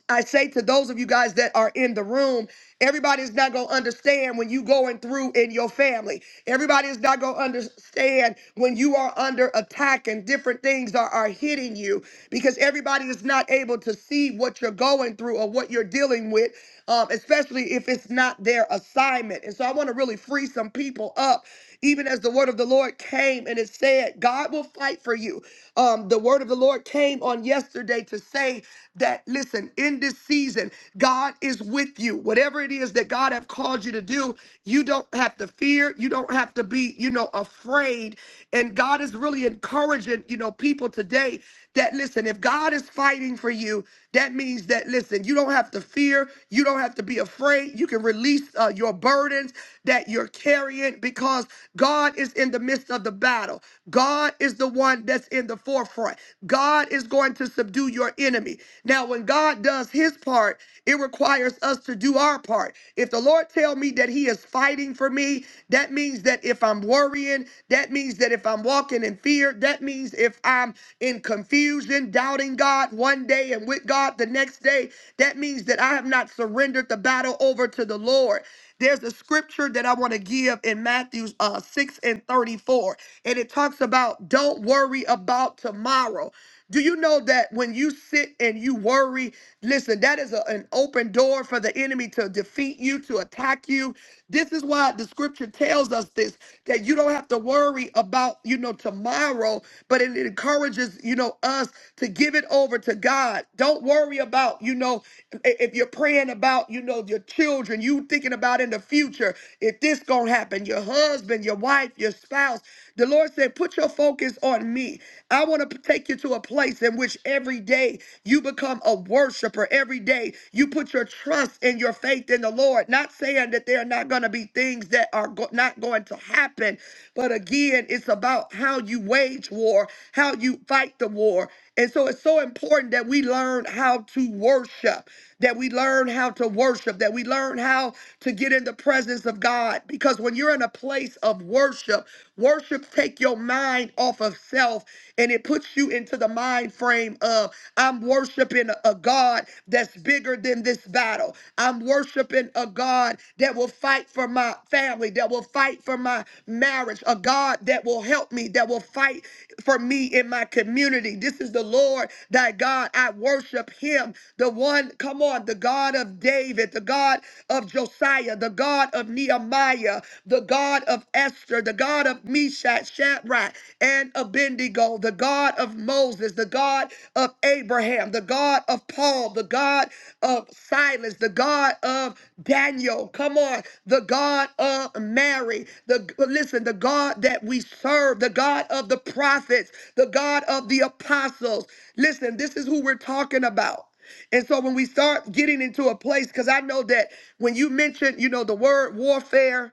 I say to those of you guys that are in the room, everybody's not going to understand when you going through in your family. Everybody's not going to understand when you are under attack and different things are, are hitting you because everybody is not able to see what you're going through or what you're dealing with, um, especially if it's not their assignment. And so I want to really free some people up even as the word of the Lord came and it said, God will fight for you. Um, the word of the Lord came on yesterday to say that, listen, in this season, God is with you. Whatever it is that God have called you to do, you don't have to fear. You don't have to be, you know, afraid. And God is really encouraging, you know, people today that, listen, if God is fighting for you, that means that, listen, you don't have to fear. You don't have to be afraid. You can release uh, your burdens that you're Carrying because God is in the midst of the battle. God is the one that's in the forefront. God is going to subdue your enemy. Now, when God does his part, it requires us to do our part. If the Lord tell me that he is fighting for me, that means that if I'm worrying, that means that if I'm walking in fear, that means if I'm in confusion, doubting God one day and with God the next day, that means that I have not surrendered the battle over to the Lord. There's a the scripture that I want to give in Matthew uh, 6 and 34. And it talks about don't worry about tomorrow. Do you know that when you sit and you worry, listen, that is a- an open door for the enemy to defeat you, to attack you. This is why the scripture tells us this that you don't have to worry about, you know, tomorrow, but it encourages, you know, us to give it over to God. Don't worry about, you know, i- if you're praying about, you know, your children, you thinking about in the future, if this gonna happen, your husband, your wife, your spouse. The Lord said, put your focus on me. I want to take you to a place in which every day you become aware worshiper every day. You put your trust and your faith in the Lord. Not saying that there are not going to be things that are go- not going to happen, but again, it's about how you wage war, how you fight the war. And so it's so important that we learn how to worship, that we learn how to worship, that we learn how to get in the presence of God. Because when you're in a place of worship, worship take your mind off off of self and it puts you into the mind frame of I'm worshiping a God that's bigger than this battle. I'm worshiping a God that will fight for my family, that will fight for my marriage, a God that will help me, that will fight for me in my community. This is the Lord thy God. I worship him. The one, come on, the God of David, the God of Josiah, the God of of Nehemiah, the God of Esther, the God of Meshach, Shadrach, and Abednego, the God of Moses, the God of Abraham, the God of Paul, the God of Silas, the God of Daniel. Come on, the God of Mary. The listen, the God that we serve, the God of the prophets, the God of the apostles. Listen, this is who we're talking about. And so when we start getting into a place, because I know that when you mention, you know, the word warfare,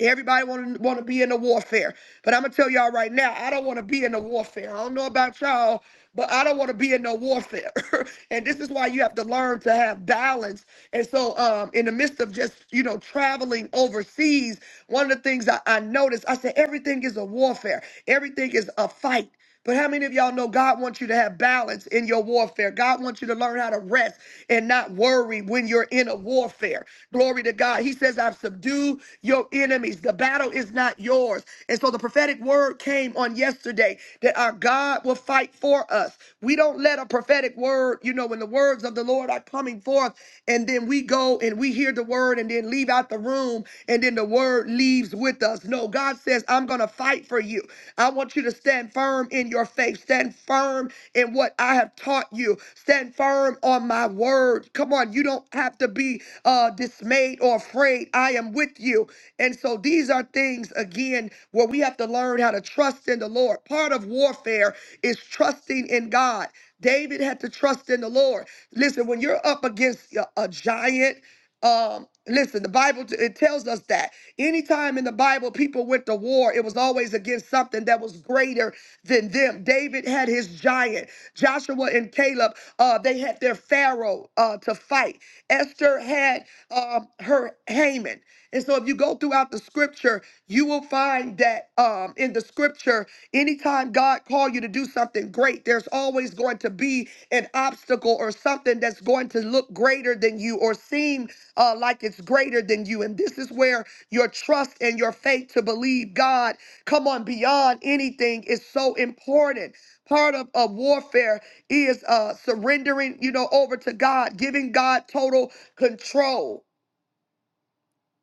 everybody want to want to be in a warfare. But I'm gonna tell y'all right now, I don't want to be in a warfare. I don't know about y'all, but I don't want to be in no warfare. [LAUGHS] and this is why you have to learn to have balance. And so, um, in the midst of just you know traveling overseas, one of the things I, I noticed, I said everything is a warfare. Everything is a fight. But how many of y'all know God wants you to have balance in your warfare? God wants you to learn how to rest and not worry when you're in a warfare. Glory to God. He says, I've subdued your enemies. The battle is not yours. And so the prophetic word came on yesterday that our God will fight for us. We don't let a prophetic word, you know, when the words of the Lord are coming forth and then we go and we hear the word and then leave out the out the room and then the word leaves with us. No, God says, I'm going to fight for you. I want you to stand firm in your faith, stand firm in what I have taught you, stand firm on my word. Come on, you don't have to be uh, dismayed or afraid. I am with you. And so these are things, again, where we have to learn how to trust in the Lord. Part of warfare is trusting in God. David had to trust in the Lord. Listen, when you're up against a a giant, um, listen, the Bible t- it tells us that anytime in the Bible people went to war, it was always against something that was greater than them. David had his giant. Joshua and Caleb, uh, they had their Pharaoh uh, to fight. Esther had um, her Haman. And so, if you go throughout the Scripture, you will find that um, in the scripture, anytime God called you to do something great, there's always going to be an obstacle or something that's going to look greater than you or seem uh, like it's greater than you. And this is where your trust and your faith to believe God, come on, beyond anything is so important. Part of, of warfare is uh, surrendering, you know, over to God, giving God total control.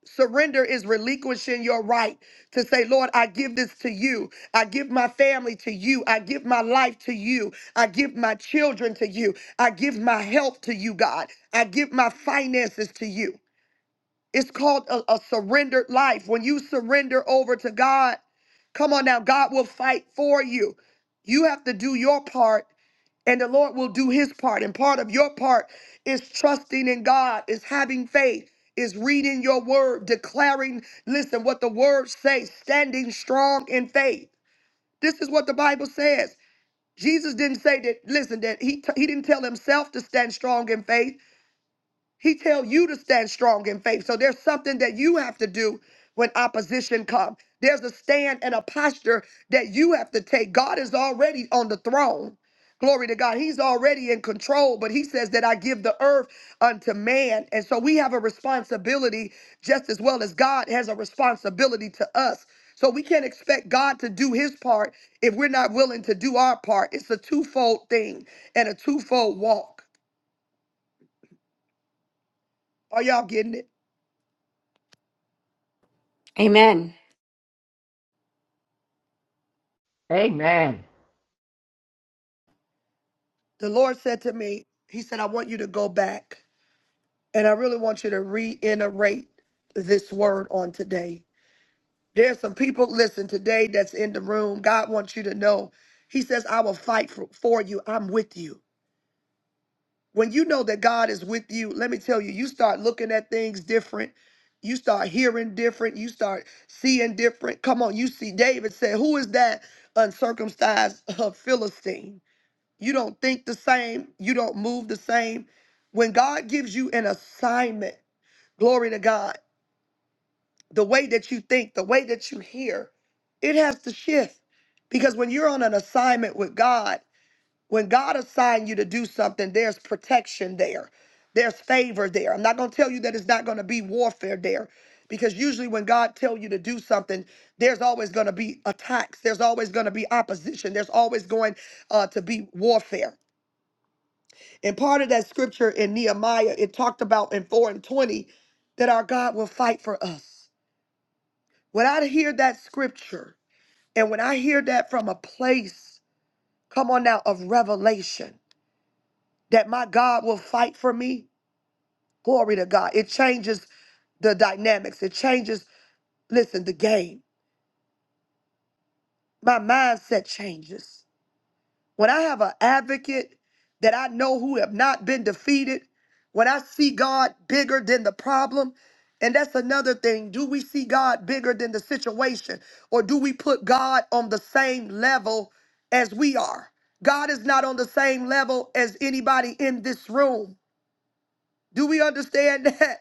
Surrender is relinquishing your right to say, Lord, I give this to you. I give my family to you. I give my life to you. I give my children to you. I give my health to you, God. I give my finances to you. It's called a, a surrendered life. When you surrender over to God, come on now, God will fight for you. You have to do your part and the Lord will do his part. And part of your part is trusting in God, is having faith, is reading your word, declaring, listen, what the word says, standing strong in faith. This is what the Bible says. Jesus didn't say that, listen, that he, he didn't tell himself to stand strong in faith. He tell you to stand strong in faith. So there's something that you have to do when opposition comes. There's a stand and a posture that you have to take. God is already on the throne. Glory to God. He's already in control, but he says that I give the earth unto man. And so we have a responsibility just as well as God has a responsibility to us. So we can't expect God to do his part if we're not willing to do our part. It's a twofold thing and a twofold walk. Are y'all getting it?
Amen.
Amen.
The Lord said to me, He said, I want you to go back and I really want you to reiterate this word on today. There's some people, listen, today that's in the room. God wants you to know. He says, I will fight for, for you. I'm with you. When you know that God is with you, let me tell you, you start looking at things different. You start hearing different. You start seeing different. Come on, you see, David said, Who is that uncircumcised [LAUGHS] uh, Philistine? You don't think the same. You don't move the same. When God gives you an assignment, glory to God, the way that you think, the way that you hear, it has to shift. Because when you're on an assignment with God, when God assigned you to do something, there's protection there, there's favor there. I'm not going to tell you that it's not going to be warfare there. Because usually when God tell you to do something, there's always going to be attacks. There's always going to be opposition. There's always going uh, to be warfare. And part of that scripture in Nehemiah, it talked about in 4 and 20 that our God will fight for us. When I hear that scripture, and when I hear that from a place, come on now, of revelation, that my God will fight for me, glory to God. It changes the dynamics, it changes, listen, the game. My mindset changes. when I have an advocate that I know who have not been defeated, when I see God bigger than the problem, and that's another thing. Do we see God bigger than the situation? Or do we put God on the same level as we are? God is not on the same level as anybody in this room. Do we understand [LAUGHS] that?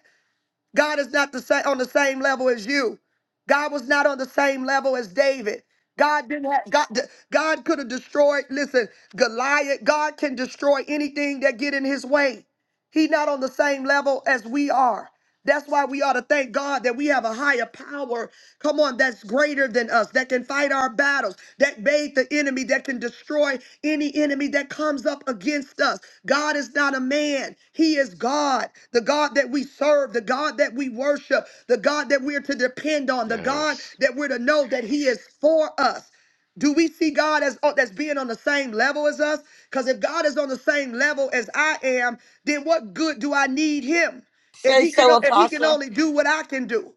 God is not the same on the same level as you. God was not on the same level as David. God didn't have God. God could have destroyed. Listen, Goliath. God can destroy anything that get in His way. He not on the same level as we are. That's why we ought to thank God that we have a higher power, come on, that's greater than us, that can fight our battles, that bait the enemy, that can destroy any enemy that comes up against us. God is not a man, He is God, the God that we serve, the God that we worship, the God that we're to depend on, the God
Yes.
that we're to know that He is for us. Do we see God as oh, that's being on the same level as us? Because if God is on the same level as I am, then what good do I need Him? If
Say
he can,
so,
o- if he can
Apostle.
only do what I can do,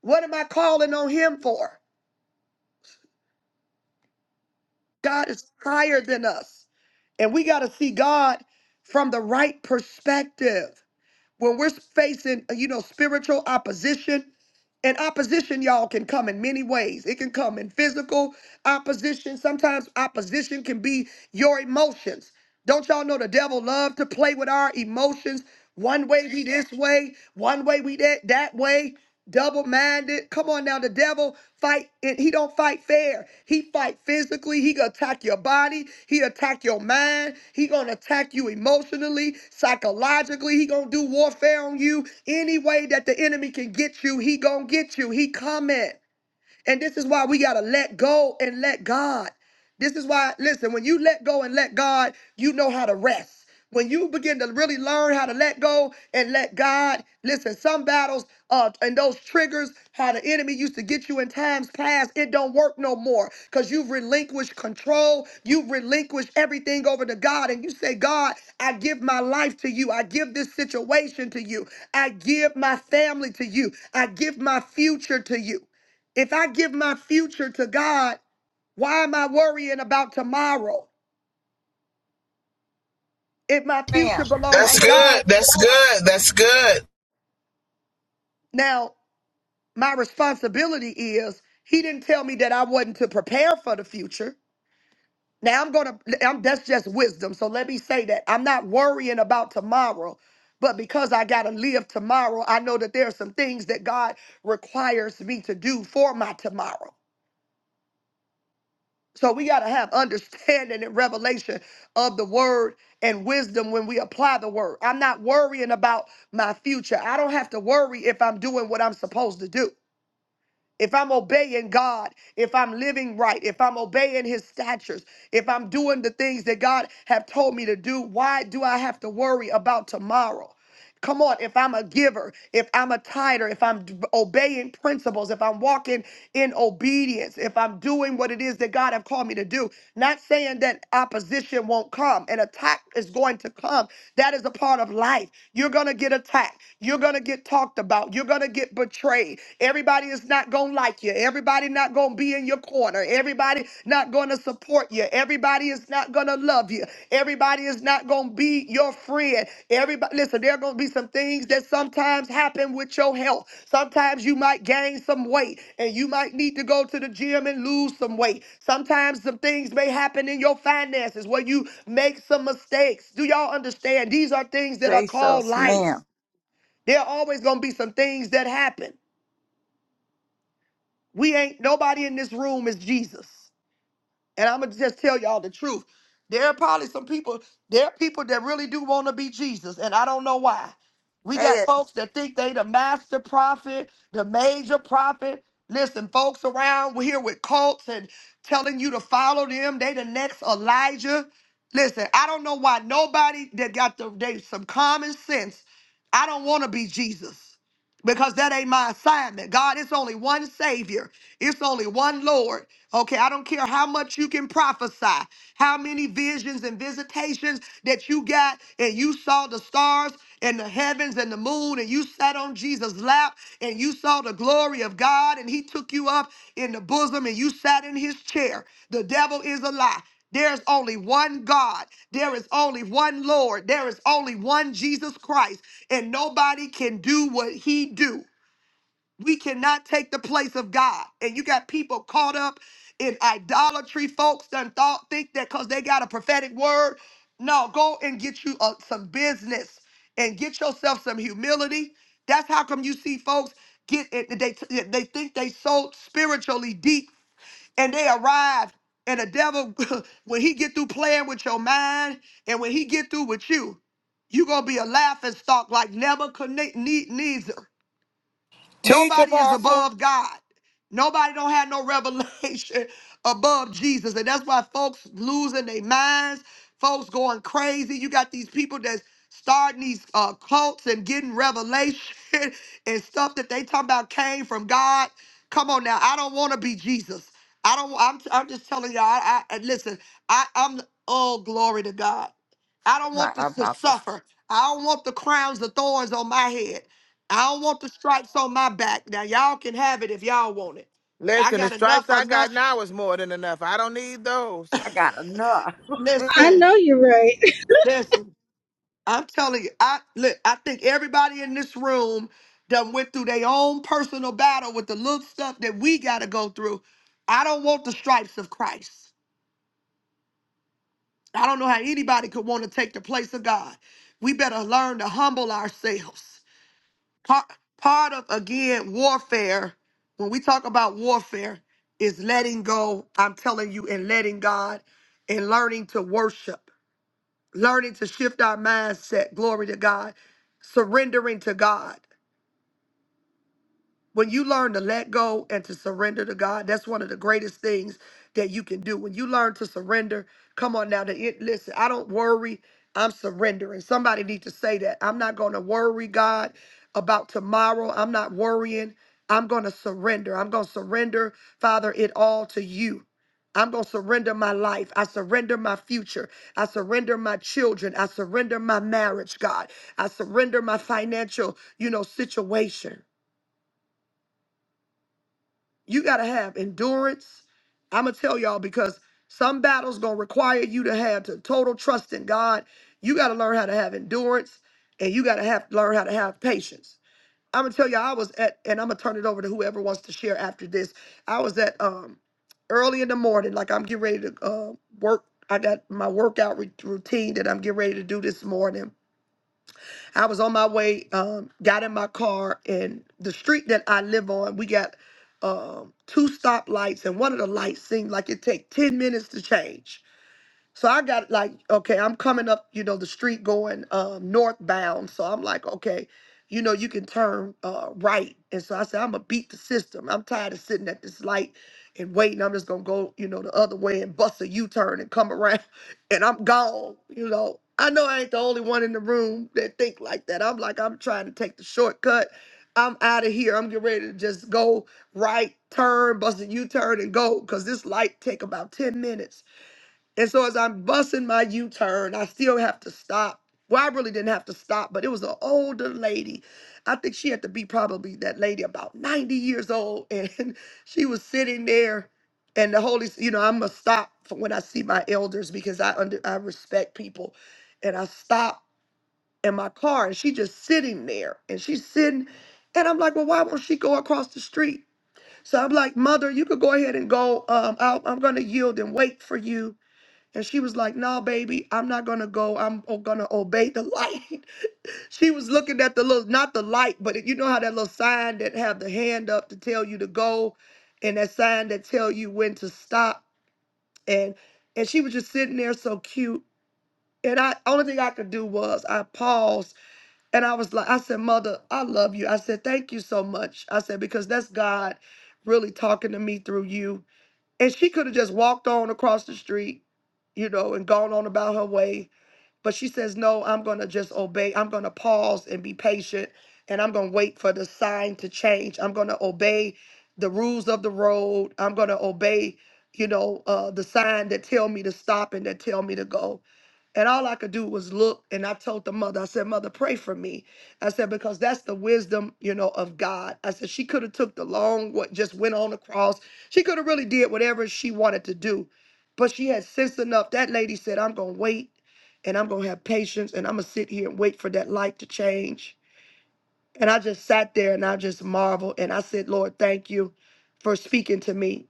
what am I calling on him for? God is higher than us, and we got to see God from the right perspective. When we're facing, you know, spiritual opposition, and opposition, y'all, can come in many ways. It can come in physical opposition. Sometimes opposition can be your emotions. Don't y'all know the devil love to play with our emotions? One way we this way, one way we that that way. double-minded come on now the devil fight and he don't fight fair he fight physically he gonna attack your body he attack your mind he gonna attack you emotionally psychologically he gonna do warfare on you any way that the enemy can get you he gonna get you he coming and this is why we got to let go and let God. This is why, listen, when you let go and let God, you know how to rest. When you begin to really learn how to let go and let God, listen, some battles uh, and those triggers, how the enemy used to get you in times past, it don't work no more because you've relinquished control. You've relinquished everything over to God. And you say, God, I give my life to you. I give this situation to you. I give my family to you. I give my future to you. If I give my future to God, why am I worrying about tomorrow? If my future
Ma'am.
belongs
That's
to
Thank you.
God,
good. That's good. That's good.
now my responsibility is he didn't tell me that I wasn't to prepare for the future. Now I'm going to I'm that's just wisdom. So let me say that. I'm not worrying about tomorrow, but because I got to live tomorrow, I know that there are some things that God requires me to do for my tomorrow. So we got to have understanding and revelation of the word and wisdom when we apply the word. I'm not worrying about my future. I don't have to worry if I'm doing what I'm supposed to do. If I'm obeying God, if I'm living right, if I'm obeying his statutes, if I'm doing the things that God have told me to do, why do I have to worry about tomorrow? Come on, if I'm a giver, if I'm a tither, if I'm d- obeying principles, if I'm walking in obedience, if I'm doing what it is that God have called me to do, not saying that opposition won't come an attack is going to come. That is a part of life. You're going to get attacked. You're going to get talked about. You're going to get betrayed. Everybody is not going to like you. Everybody not going to be in your corner. Everybody not going to support you. Everybody is not going to love you. Everybody is not going to be your friend. Everybody, listen, there are going to be some things that sometimes happen with your health. Sometimes you might gain some weight and you might need to go to the gym and lose some weight. Sometimes some things may happen in your finances where you make some mistakes. Do y'all understand? These are things that are
Say so,
called life.
ma'am.
There are always going to be some things that happen. We ain't, nobody in this room is Jesus. And I'm gonna just tell y'all the truth. There are probably some people, there are people that really do want to be Jesus, and I don't know why. We
Say
got
it,
folks that think they the master prophet, the major prophet. Listen, folks around here with cults and telling you to follow them. They the next Elijah. Listen, I don't know why nobody that got the they some common sense. I don't want to be Jesus because that ain't my assignment. God, it's only one Savior. It's only one Lord. Okay, I don't care how much you can prophesy, how many visions and visitations that you got, and you saw the stars and the heavens and the moon, and you sat on Jesus' lap and you saw the glory of God, and he took you up in the bosom and you sat in his chair. The devil is a lie. There's only one God. There is only one Lord. There is only one Jesus Christ, and nobody can do what he do. We cannot take the place of God. And you got people caught up in idolatry, folks done thought think that because they got a prophetic word. No, go and get you uh, some business and get yourself some humility. That's how come you see folks get it. They they think they so spiritually deep and they arrive. And the devil, [LAUGHS] when he get through playing with your mind, and when he get through with you, you gonna be a laughing stock like Nebuchadnezzar.
Tia.
Nobody is above God. Nobody don't have no revelation [LAUGHS] above Jesus. And that's why folks losing their minds, folks going crazy. You got these people that's starting these uh, cults and getting revelation [LAUGHS] and stuff that they talking about came from God. Come on now. I don't want to be Jesus. I don't I'm I'm just telling y'all. I, I and listen, I I'm oh glory to God. I don't want this to
Apostle.
suffer. I don't want the crowns, the thorns on my head. I don't want the stripes on my back. Now y'all can have it if y'all want it. I got enough enough.
I got enough.
I
Listen,
know you're right.
listen. I'm telling you, I look, I think everybody in this room done went through their own personal battle with the little stuff that we gotta go through. I don't want the stripes of Christ. I don't know how anybody could want to take the place of God. We better learn to humble ourselves. part part of again warfare when we talk about warfare is letting go i'm telling you and letting god and learning to worship learning to shift our mindset glory to god surrendering to god when you learn to let go and to surrender to God, that's one of the greatest things that you can do. When you learn to surrender, come on now. To it, listen, I don't worry. I'm surrendering. Somebody need to say that. I'm not going to worry God about tomorrow. I'm not worrying. I'm going to surrender. I'm going to surrender, Father, it all to you. I'm going to surrender my life. I surrender my future. I surrender my children. I surrender my marriage, God. I surrender my financial, you know, situation. You got to have endurance. I'm going to tell y'all because some battles going to require you to have to total trust in God. You got to learn how to have endurance and you got to have learn how to have patience. I'm going to tell y'all I was at and I'm going to turn it over to whoever wants to share after this. I was at um early in the morning like I'm getting ready to uh, work I got my workout re- routine that I'm getting ready to do this morning I was on my way, um, got in my car, and the street that I live on, we got um, two stoplights, and one of the lights seemed like it take ten minutes to change. So I got like, okay, I'm coming up, you know, the street going um, northbound. So I'm like, okay, you know, you can turn uh, right. And so I said, I'm gonna beat the system. I'm tired of sitting at this light and waiting. I'm just gonna go, you know, the other way and bust a U-turn and come around, [LAUGHS] and I'm gone. You know, I know I ain't the only one in the room that think like that. I'm like, I'm trying to take the shortcut. I'm out of here. I'm getting ready to just go right, turn, bust a U-turn, and go, cause this light take about ten minutes. And so as I'm busting my U-turn, I still have to stop. Well, I really didn't have to stop, but it was an older lady. I think she had to be probably that lady about 90 years old. And [LAUGHS] she was sitting there and the Holy, S- you know, I'm gonna stop for when I see my elders because I under I respect people. And I stop in my car and she just sitting there and she's sitting and I'm like, well, why won't she go across the street? So I'm like, mother, you could go ahead and go. Um, I'll, I'm gonna yield and wait for you and she was like, "No, baby, I'm not gonna go. I'm o- gonna obey the light." [LAUGHS] she was looking at the little, not the light, but you know how that little sign that have the hand up to tell you to go, and that sign that tell you when to stop. And and she was just sitting there so cute. And I only thing I could do was I paused and I was like, I said, Mother, I love you. I said, Thank you so much. I said, because that's God really talking to me through you. And she could have just walked on across the street, you know, and gone on about her way but she says, No, I'm going to just obey. I'm going to pause and be patient and I'm going to wait for the sign to change. I'm going to obey the rules of the road. I'm going to obey, you know, uh, the sign that tell me to stop and that tell me to go. And all I could do was look. And I told the mother, I said, Mother, pray for me. I said, because that's the wisdom, you know, of God. I said, she could have took the long, what just went on the cross. She could have really did whatever she wanted to do. But she had sense enough. That lady said, I'm gonna wait and I'm gonna have patience and I'm gonna sit here and wait for that light to change and I just sat there and I just marveled and I said, Lord, thank you for speaking to me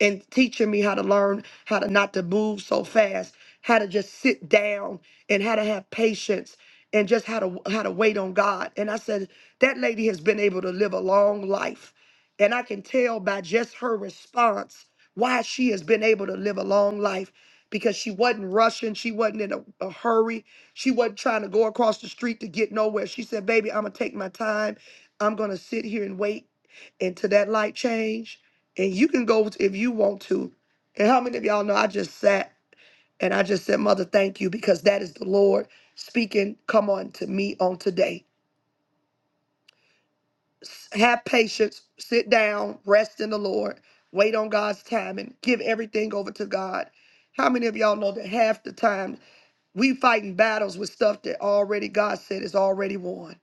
and teaching me how to learn how to not to move so fast, how to just sit down and how to have patience and just how to how to wait on God. And I said, that lady has been able to live a long life. And I can tell by just her response why she has been able to live a long life because she wasn't rushing, she wasn't in a, a hurry. She wasn't trying to go across the street to get nowhere. She said, Baby, I'm going to take my time. I'm going to sit here and wait until that light change. And you can go if you want to. And how many of y'all know I just sat and I just said, Mother, thank you, because that is the Lord speaking. Come on to me on today. S- Have patience, sit down, rest in the Lord, wait on God's time, and give everything over to God. How many of y'all know that half the time we fighting battles with stuff that already God said is already won?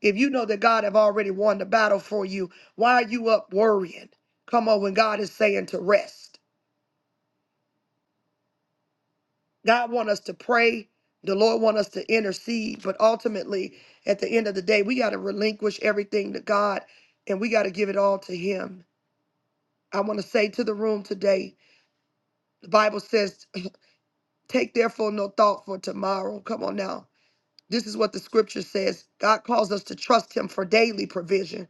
If you know that God have already won the battle for you, why are you up worrying? Come on, when God is saying to rest. God want us to pray. The Lord want us to intercede, but ultimately, at the end of the day, we got to relinquish everything to God and we got to give it all to him. I want to say to the room today, the Bible says, [CLEARS THROAT] take therefore no thought for tomorrow. Come on now. This is what the scripture says. God calls us to trust him for daily provision.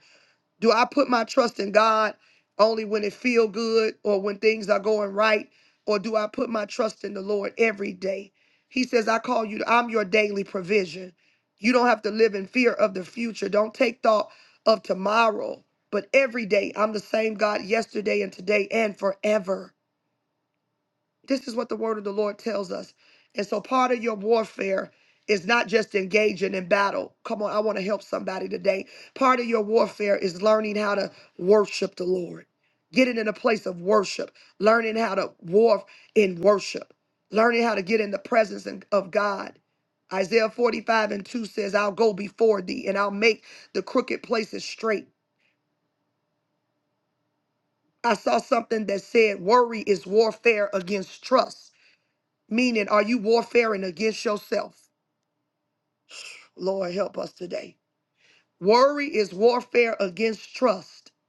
Do I put my trust in God only when it feel good or when things are going right? Or do I put my trust in the Lord every day? He says, I call you, I'm your daily provision. You don't have to live in fear of the future. Don't take thought of tomorrow, but every day I'm the same God yesterday and today and forever. This is what the word of the Lord tells us. And so part of your warfare is not just engaging in battle. Come on, I want to help somebody today. Part of your warfare is learning how to worship the Lord. Getting in a place of worship, learning how to war in worship, learning how to get in the presence and- of God. Isaiah 45 and 2 says, I'll go before thee and I'll make the crooked places straight. I saw something that said, Worry is warfare against trust. Meaning, are you warfaring against yourself? Lord, help us today. Worry is warfare against trust. [LAUGHS]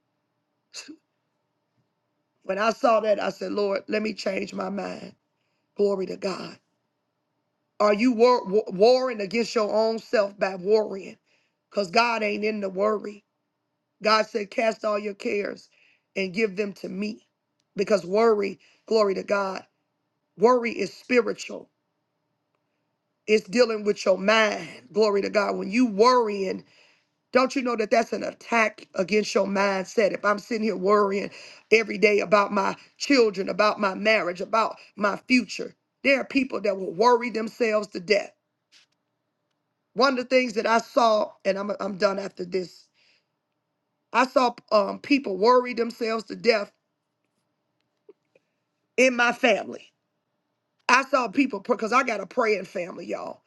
When I saw that, I said, Lord, let me change my mind. Glory to God. Are you war- war- warring against your own self by worrying? Because God ain't in the worry. God said, Cast all your cares and give them to me. Because worry, glory to God, worry is spiritual. It's dealing with your mind. Glory to God. When you worrying, Don't you know that that's an attack against your mindset? If I'm sitting here worrying every day about my children, about my marriage, about my future, there are people that will worry themselves to death. One of the things that I saw, and I'm, I'm done after this, I saw um, people worry themselves to death in my family. I saw people because I got a praying family, y'all,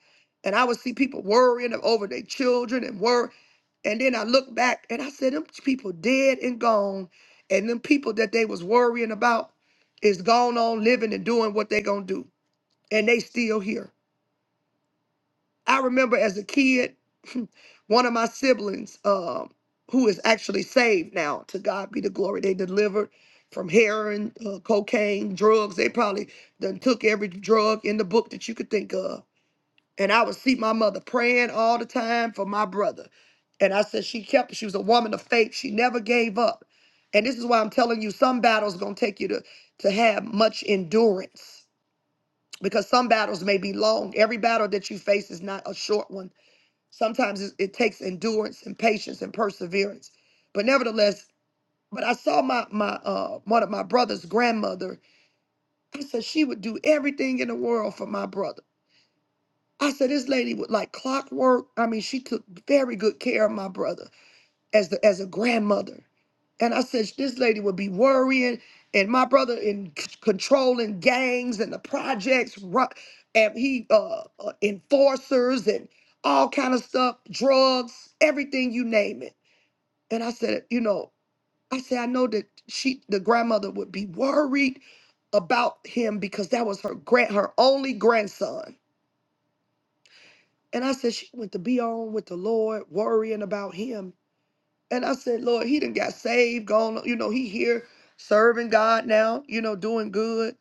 and I would see people worrying over their children and worry. And then I look back and I said, "Them people dead and gone, and them people that they was worrying about is gone on living and doing what they gonna do, and they still here." I remember as a kid, [CLEARS THROAT] one of my siblings, um, who is actually saved now, to God be the glory. They delivered from heroin, uh, cocaine, drugs. They probably done took every drug in the book that you could think of. And I would see my mother praying all the time for my brother. And I said she kept. She was a woman of faith. She never gave up. And this is why I'm telling you, some battles gonna take you to to have much endurance because some battles may be long. Every battle that you face is not a short one Sometimes it, it takes endurance and patience and perseverance. But nevertheless, but I saw my my uh one of my brother's grandmother. I said she would do everything in the world for my brother. I said this lady would like clockwork. I mean, she took very good care of my brother as the as a grandmother. And I said, this lady would be worrying, and my brother in c- controlling gangs and the projects, ru- and he uh, uh, enforcers and all kind of stuff, drugs, everything you name it. And I said, you know, I said I know that she, the grandmother, would be worried about him because that was her grand, her only grandson. And I said she went to be on with the Lord, worrying about him And I said, Lord, he done got saved, gone, you know, he here serving God now, you know, doing good.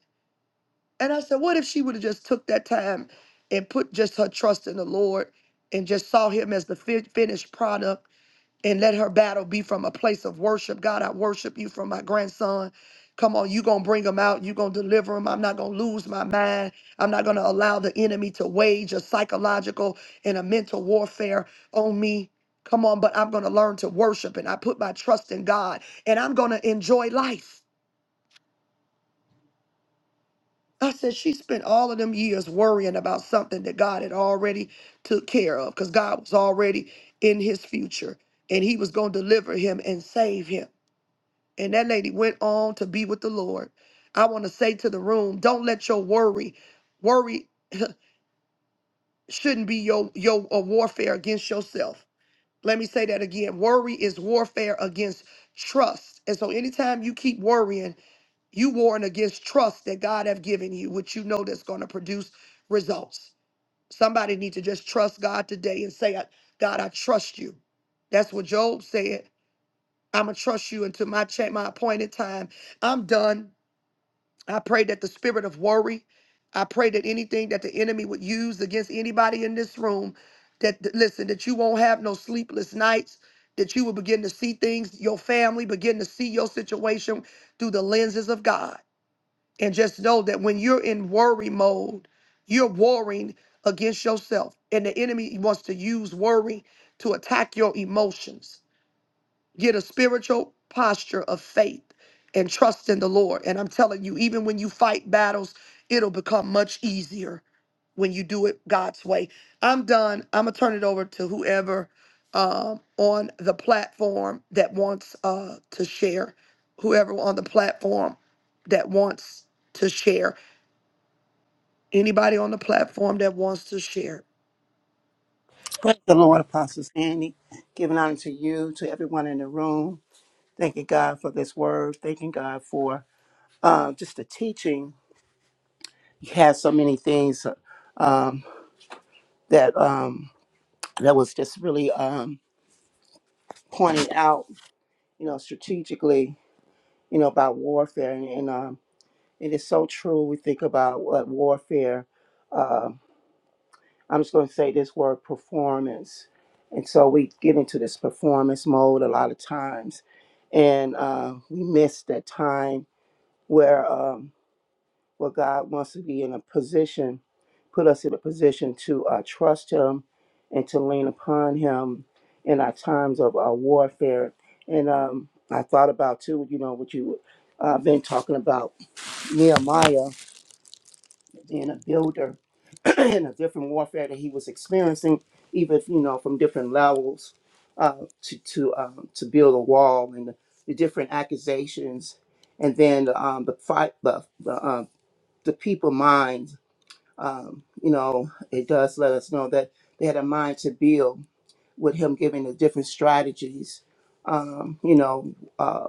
And I said, what if she would have just took that time and put just her trust in the Lord and just saw him as the fi- finished product and let her battle be from a place of worship. God, I worship you for my grandson. Come on, you gonna bring him out. You gonna deliver him. I'm not gonna lose my mind. I'm not gonna allow the enemy to wage a psychological and a mental warfare on me. Come on, but I'm gonna learn to worship and I put my trust in God and I'm gonna enjoy life. I said she spent all of them years worrying about something that God had already took care of because God was already in his future and he was gonna deliver him and save him. And that lady went on to be with the Lord. I want to say to the room, don't let your worry, worry shouldn't be your your a warfare against yourself. Let me say that again. Worry is warfare against trust. And so anytime you keep worrying, you warring against trust that God have given you, which you know that's going to produce results. Somebody need to just trust God today and say, God, I trust you. That's what Job said. I'm gonna trust you until my check, my appointed time. I'm done. I pray that the spirit of worry, I pray that anything that the enemy would use against anybody in this room, that that- listen, that you won't have no sleepless nights, that you will begin to see things, your family begin to see your situation through the lenses of God. And just know that when you're in worry mode, you're warring against yourself. And the enemy wants to use worry to attack your emotions get a spiritual posture of faith and trust in the Lord. And I'm telling you, even when you fight battles, it'll become much easier when you do it God's way. I'm done. I'm gonna turn it over to whoever um, on the platform that wants uh, to share. Whoever on the platform that wants to share. Anybody on the platform that wants to share.
Praise the Lord, Apostle Sandy. Giving honor to you, to everyone in the room. Thanking God for this word. Thanking God for uh, just the teaching. You had so many things uh, um, that um, that was just really um, pointing out, you know, strategically, you know, about warfare, and, and um, it is so true. We think about what warfare. uh, I'm just going to say this word performance. And so we get into this performance mode a lot of times. And uh, we miss that time where, um, where God wants to be in a position, put us in a position to uh, trust Him and to lean upon Him in our times of uh, warfare. And um, I thought about, too, you know, what you uh, been talking about Nehemiah being a builder [CLEARS THROAT] and the different warfare that he was experiencing, even you know from different levels, uh, to to um, to build a wall and the, the different accusations, and then um, the fight, the the, um, the people mind. Um, you know, it does let us know that they had a mind to build with him giving the different strategies, um, you know, uh,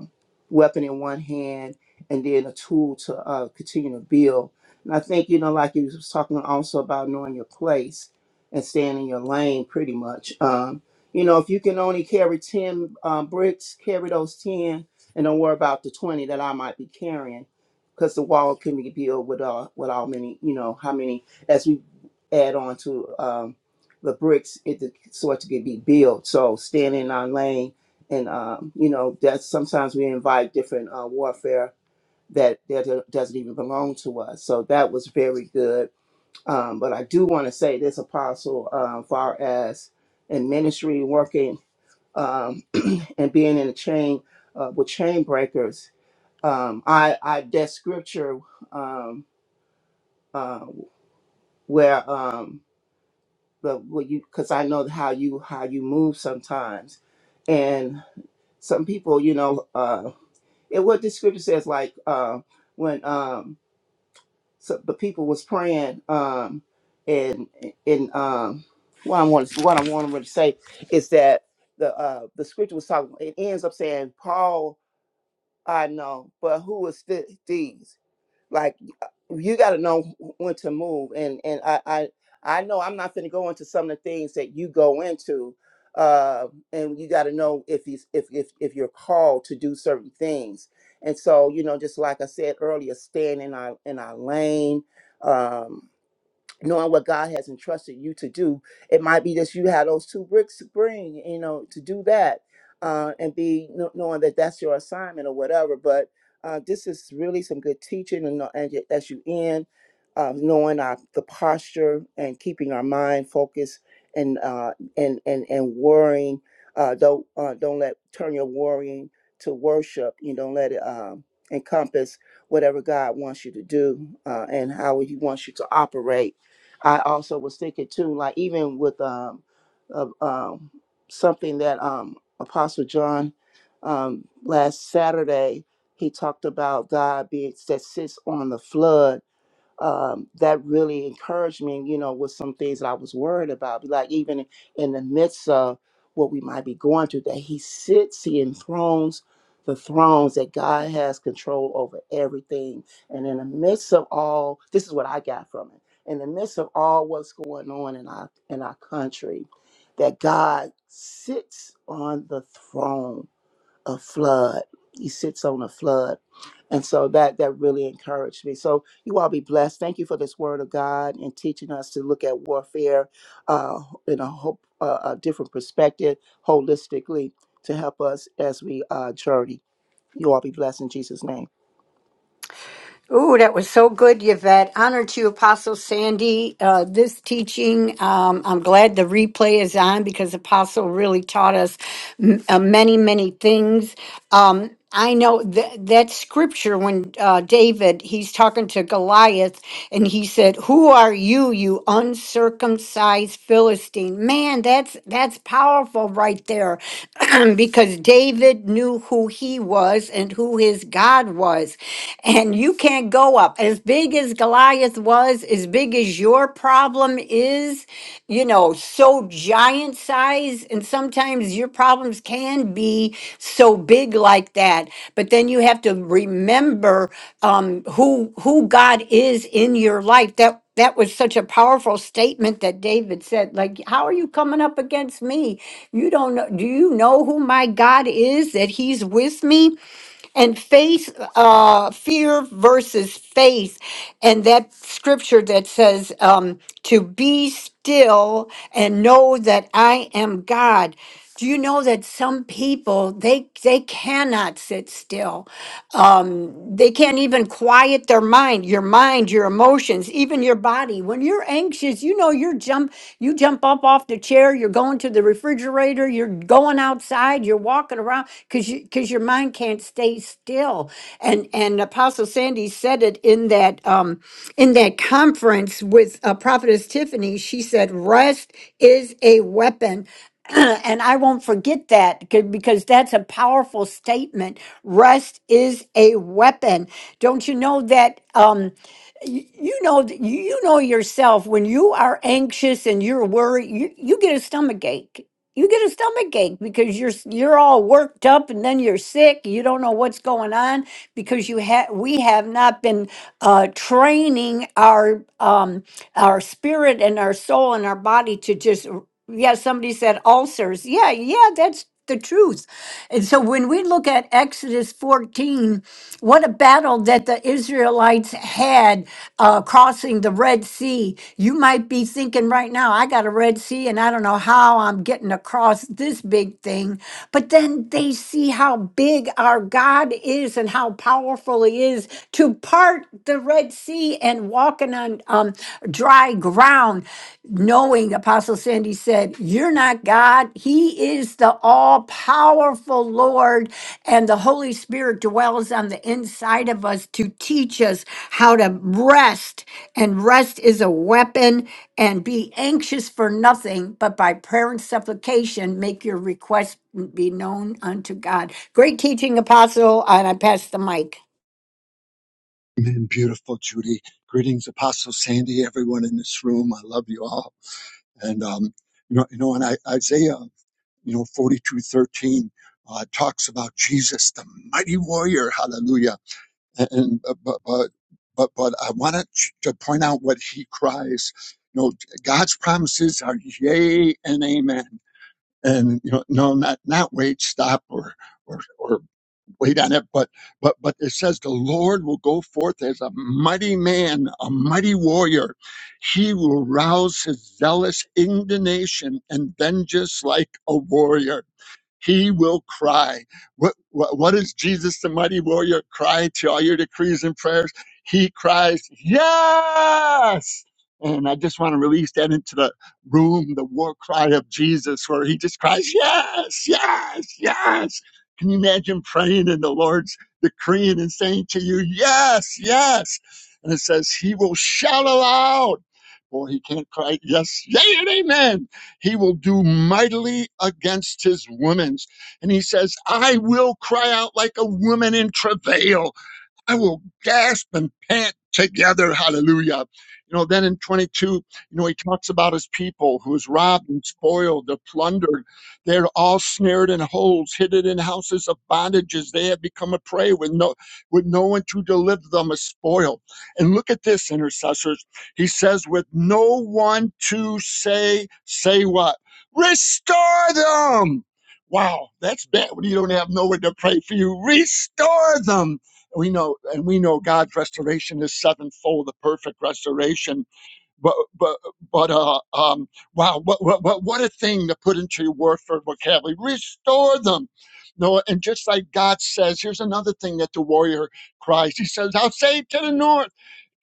weapon in one hand and then a tool to uh, continue to build. And I think, you know, like you was talking also about knowing your place and staying in your lane pretty much. Um, you know, if you can only carry 10 um, bricks, carry those 10 and don't worry about the 20 that I might be carrying because the wall can be built with, uh, with how many, you know, how many, as we add on to. um the bricks it the sort to get be built. So staying in our lane, and um, you know that's sometimes we invite different uh, warfare that that doesn't even belong to us. So that was very good. Um, but I do want to say this apostle, uh, far as in ministry working um, and being in a chain uh, with chain breakers, um, I I that scripture um, uh, where. um, but what you because I know how you how you move sometimes, and some people, you know, uh, and what the scripture says, like uh, when um, so the people was praying, um, and and um, what I want what I want to say is that the uh, the scripture was talking. It ends up saying, "Paul, I know, but who is th- these?" Like you got to know when to move and and i i i know i'm not going to go into some of the things that you go into uh and you got to know if you if, if if you're called to do certain things and so you know just like i said earlier staying in our in our lane um knowing what God has entrusted you to do. It might be that you have those two bricks to bring, you know, to do that uh, and be kn- knowing that that's your assignment or whatever. But uh, this is really some good teaching and, know- and as you end, uh, knowing our, the posture and keeping our mind focused and uh, and and and worrying. Uh, don't uh, don't let turn your worrying to worship. You don't let it um, encompass whatever God wants you to do uh, and how He wants you to operate I also was thinking too, like even with um, uh, um something that um Apostle John um last Saturday he talked about God being that sits on the flood um, that really encouraged me, you know, with some things that I was worried about. Like even in the midst of what we might be going through, that he sits, he enthrones the thrones, that God has control over everything. And in the midst of all, this is what I got from it. In the midst of all what's going on in our in our country, that God sits on the throne a flood. He sits on a flood. And so that that really encouraged me. So you all be blessed. Thank you for this word of God and teaching us to look at warfare uh, in a hope uh, a different perspective, holistically, to help us as we uh, journey. You all be blessed in Jesus' name.
Ooh, that was so good, Yvette. Honor to you, Apostle Sandy. Uh, this teaching, um, I'm glad the replay is on because Apostle really taught us m- uh, many, many things. Um, I know that that scripture when uh, David he's talking to Goliath and he said, "Who are you, you uncircumcised Philistine?" Man, that's that's powerful right there, [CLEARS THROAT] because David knew who he was and who his God was was. And you can't go up. As big as Goliath was, as big as your problem is, you know, so giant size. And sometimes your problems can be so big like that. But then you have to remember um, who who God is in your life. That that was such a powerful statement that David said. Like, how are you coming up against me? You don't know. Do you know who my God is? That He's with me and faith uh fear versus faith and that scripture that says um to be still and know that i am god do you know that some people they they cannot sit still um they can't even quiet their mind your mind your emotions even your body when you're anxious you know you're jump you jump up off the chair there, you're going to the refrigerator, you're going outside, you're walking around because you, because your mind can't stay still. And and Apostle Sandy said it in that um in that conference with uh, Prophetess Tiffany. She said, "Rest is a weapon." [CLEARS THROAT] and I won't forget that c- because that's a powerful statement. Rest is a weapon. Don't you know that? Um, you you know th- you you know yourself when you are anxious and you're worried you, you get a stomach ache you get a stomach ache because you're s- you're all worked up and then you're sick you don't know what's going on because you have we have not been uh training our um our spirit and our soul and our body to just r- yeah somebody said ulcers yeah yeah that's the truth and so when we look at Exodus 14, what a battle that the Israelites had uh, crossing the Red Sea. You might be thinking right now, I got a Red Sea and I don't know how I'm getting across this big thing. But then they see how big our God is and how powerful He is to part the Red Sea and walking on um, dry ground knowing Apostle Sandy said, You're not God. He is the all powerful Lord, and the Holy Spirit dwells on the inside of us to teach us how to rest. And rest is a weapon, and be anxious for nothing, but by prayer and supplication, make your request be known unto God. Great teaching, Apostle, and I pass the mic.
Amen. Beautiful Judy. Greetings, Apostle Sandy, everyone in this room. I love you all. And um, you know, you know, and I, Isaiah, you know, forty-two thirteen uh, talks about Jesus, the mighty warrior. Hallelujah and but but but, but I want to to point out what he cries. You know, God's promises are yea and amen, and you know, no, not not wait, stop, or or or wait on it, but but but it says the Lord will go forth as a mighty man, a mighty warrior. He will rouse his zealous indignation and vengeance like a warrior he will cry. What, what, what does Jesus, the mighty warrior, cry to all your decrees and prayers? He cries, Yes! And I just want to release that into the room, the war cry of Jesus, where he just cries, Yes, yes, yes. Can you imagine praying and the Lord's decreeing and saying to you, Yes, yes? And it says, He will shout aloud. Boy, he can't cry, Yes, yea, and amen he will do mightily against his women, And he says, I will cry out like a woman in travail. I will gasp and pant together. Hallelujah. You know, then in 22, you know, he talks about his people who is robbed and spoiled, they're plundered. They're all snared in holes, hidden in houses of bondages. They have become a prey with no, with no one to deliver them a spoil. And look at this, intercessors. He says, with no one to say, say what? Restore them. Wow, that's bad when you don't have nowhere to pray for you. Restore them we know and we know God's restoration is sevenfold, the perfect restoration. But but but uh um wow what what what, what a thing to put into your word for vocabulary. Restore them. No, and just like God says, here's another thing that the warrior cries. He says, I'll say it to the north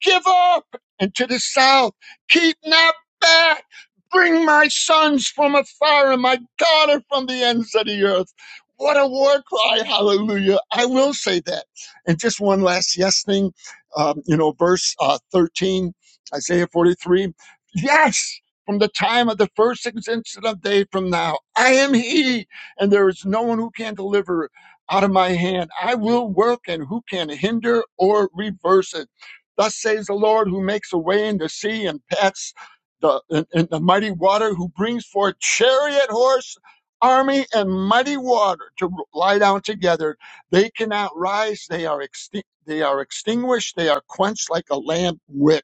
give up. And to the south, keep not back. Bring my sons from afar and my daughter from the ends of the earth. What a war cry. Hallelujah. I will say that. And just one last yes thing, um, you know, verse uh, 13, Isaiah 43. Yes, from the time of the first extension of day from now, I am he, and there is no one who can deliver out of my hand. I will work, and who can hinder or reverse it? Thus says the Lord, who makes a way in the sea and pats the in, in the mighty water, who brings forth chariot horse, army, and mighty water to lie down together. They cannot rise; they are extinct. They are extinguished. They are quenched like a lamp wick.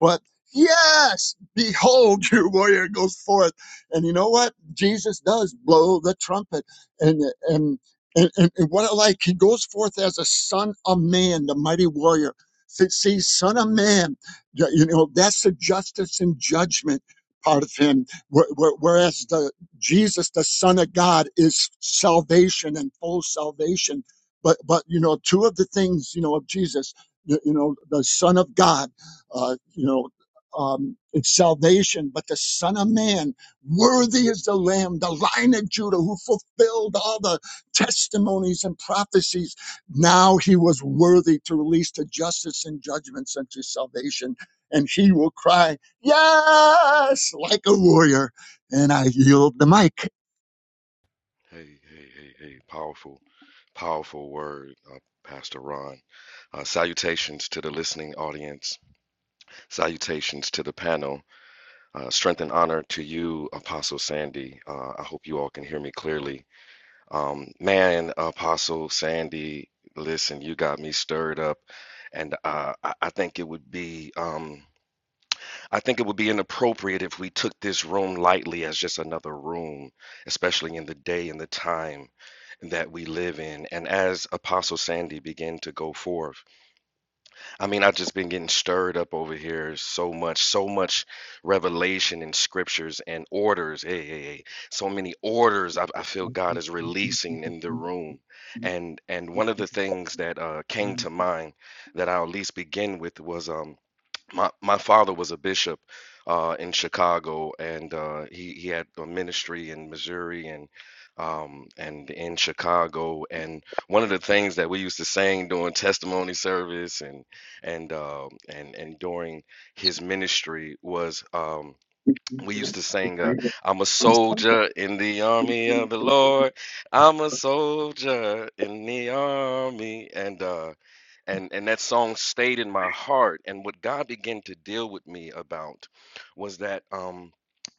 But yes, behold, [LAUGHS] your warrior goes forth. And you know what? Jesus does blow the trumpet. And, and, and, and, and what I like, he goes forth as a son of man, the mighty warrior. See, see, son of man, y- you know, that's the justice and judgment part of him. Wh- wh- Whereas the Jesus, the son of God is salvation and full salvation. But, but, you know, two of the things, you know, of Jesus, you you know, the son of God uh, you know, um, it's salvation. But the Son of Man, worthy is the Lamb, the Lion of Judah, who fulfilled all the testimonies and prophecies. Now he was worthy to release to justice and judgment such as salvation. And he will cry, Yes, like a warrior. And I yield the mic.
Hey, hey, hey, hey. Powerful, powerful word, uh, Pastor Ron. Uh, salutations to the listening audience. Salutations to the panel. Uh, strength and honor to you, Apostle Sandy. Uh, I hope you all can hear me clearly. Um, man, Apostle Sandy, listen, you got me stirred up. And uh, I, I think it would be. um, I think it would be inappropriate if we took this room lightly as just another room, especially in the day and the time that we live in. And as Apostle Sandy began to go forth, I mean, I've just been getting stirred up over here so much, so much revelation in scriptures and orders. Hey, hey, hey, so many orders I, I feel God is releasing in the room. And and one of the things that uh, came to mind that I'll at least begin with was um my my father was a bishop uh, in Chicago, and uh, he he had a ministry in Missouri and um, and in Chicago. And one of the things that we used to sing during testimony service and and um and and during his ministry was. Um, we used to sing, uh, I'm a soldier in the army of the Lord. I'm a soldier in the army. And uh, and and that song stayed in my heart and what god began to deal with me about was that um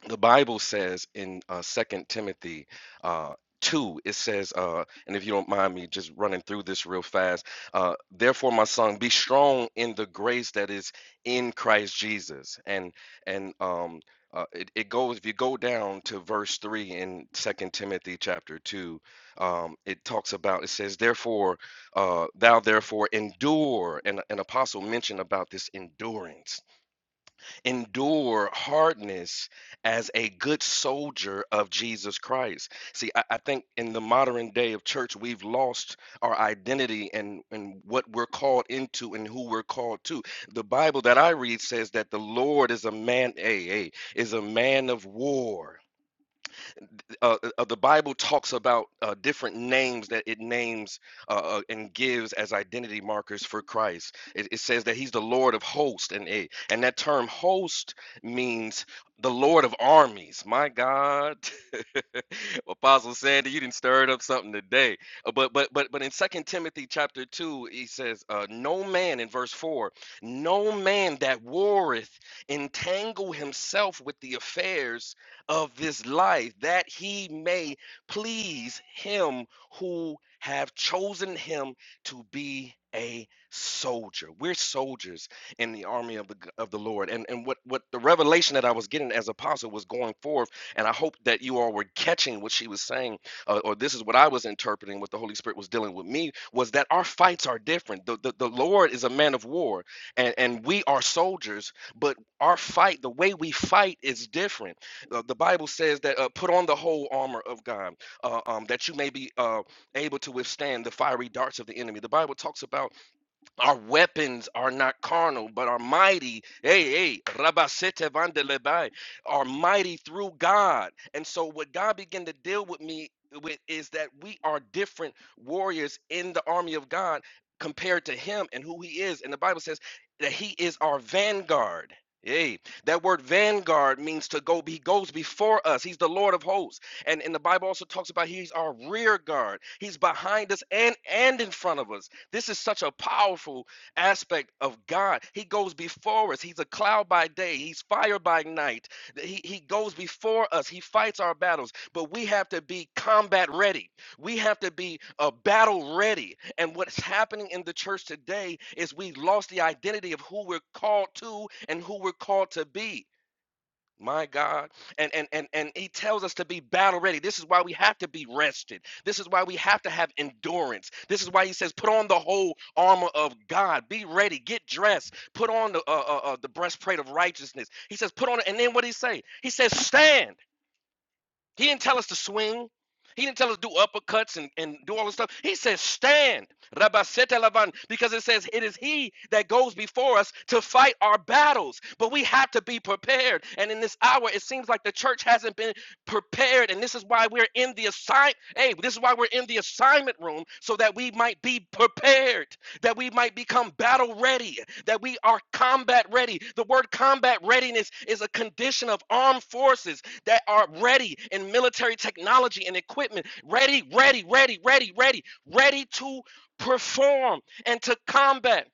the bible says in uh second timothy uh 2 it says uh and if you don't mind me just running through this real fast uh therefore my son be strong in the grace that is in christ jesus and and um uh, it, it goes if you go down to verse 3 in second timothy chapter 2 um, it talks about it says therefore uh, thou therefore endure and an apostle mentioned about this endurance endure hardness as a good soldier of jesus christ see I, I think in the modern day of church we've lost our identity and and what we're called into and who we're called to the bible that i read says that the lord is a man a a is a man of war uh, uh, uh, the Bible talks about uh, different names that it names uh, uh, and gives as identity markers for Christ. It, it says that He's the Lord of hosts, and it, and that term host means the Lord of armies. My God, [LAUGHS] Apostle Sandy, you didn't stir it up something today. Uh, But but but but in Second Timothy chapter two, he says, uh, "No man," in verse four, "no man that warreth entangle himself with the affairs." of this life that he may please him who have chosen him to be a soldier we're soldiers in the army of the, of the lord and and what what the revelation that i was getting as apostle was going forth and i hope that you all were catching what she was saying uh, or this is what i was interpreting what the holy spirit was dealing with me was that our fights are different the, the, the lord is a man of war and, and we are soldiers but our fight the way we fight is different uh, the Bible says that uh, put on the whole armor of God, uh, um, that you may be uh, able to withstand the fiery darts of the enemy. The Bible talks about our weapons are not carnal, but are mighty. Hey, hey, Rabasete Vandelebai, are mighty through God. And so what God began to deal with me with is that we are different warriors in the army of God compared to him and who he is. And the Bible says that he is our vanguard. Hey, that word vanguard means to go, he goes before us. He's the Lord of hosts. And, and the Bible also talks about he's our rear guard. He's behind us and and in front of us. This is such a powerful aspect of God. He goes before us. He's a cloud by day, He's fire by night. He, he goes before us, He fights our battles. But we have to be combat ready, we have to be uh, battle ready. And what's happening in the church today is we lost the identity of who we're called to and who we're called to be. My God. And and and and he tells us to be battle ready. This is why we have to be rested. This is why we have to have endurance. This is why he says put on the whole armor of God. Be ready, get dressed, put on the uh, uh, uh, the breastplate of righteousness. He says put on it and then what did he say? He says stand. He didn't tell us to swing. He didn't tell us to do uppercuts and, and do all this stuff. He says, stand, because it says it is he that goes before us to fight our battles. But we have to be prepared. And in this hour, it seems like the church hasn't been prepared. And this is why we're in the assign. Hey, this is why we're in the assignment room, so that we might be prepared, that we might become battle ready, that we are combat ready. The word combat readiness is a condition of armed forces that are ready in military technology and equipment, ready, ready, ready, ready, ready, ready to perform and to combat.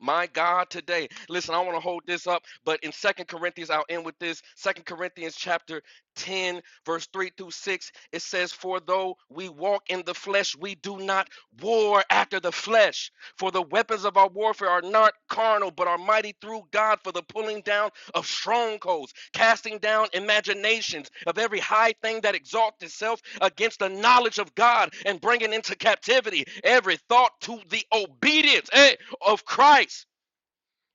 My God, today. Listen, I want to hold this up, but in Second Corinthians, I'll end with this. Second Corinthians chapter 10, verse 3 through 6, it says, For though we walk in the flesh, we do not war after the flesh. For the weapons of our warfare are not carnal, but are mighty through God for the pulling down of strongholds, casting down imaginations of every high thing that exalts itself against the knowledge of God, and bringing into captivity every thought to the obedience. Hey, of Christ.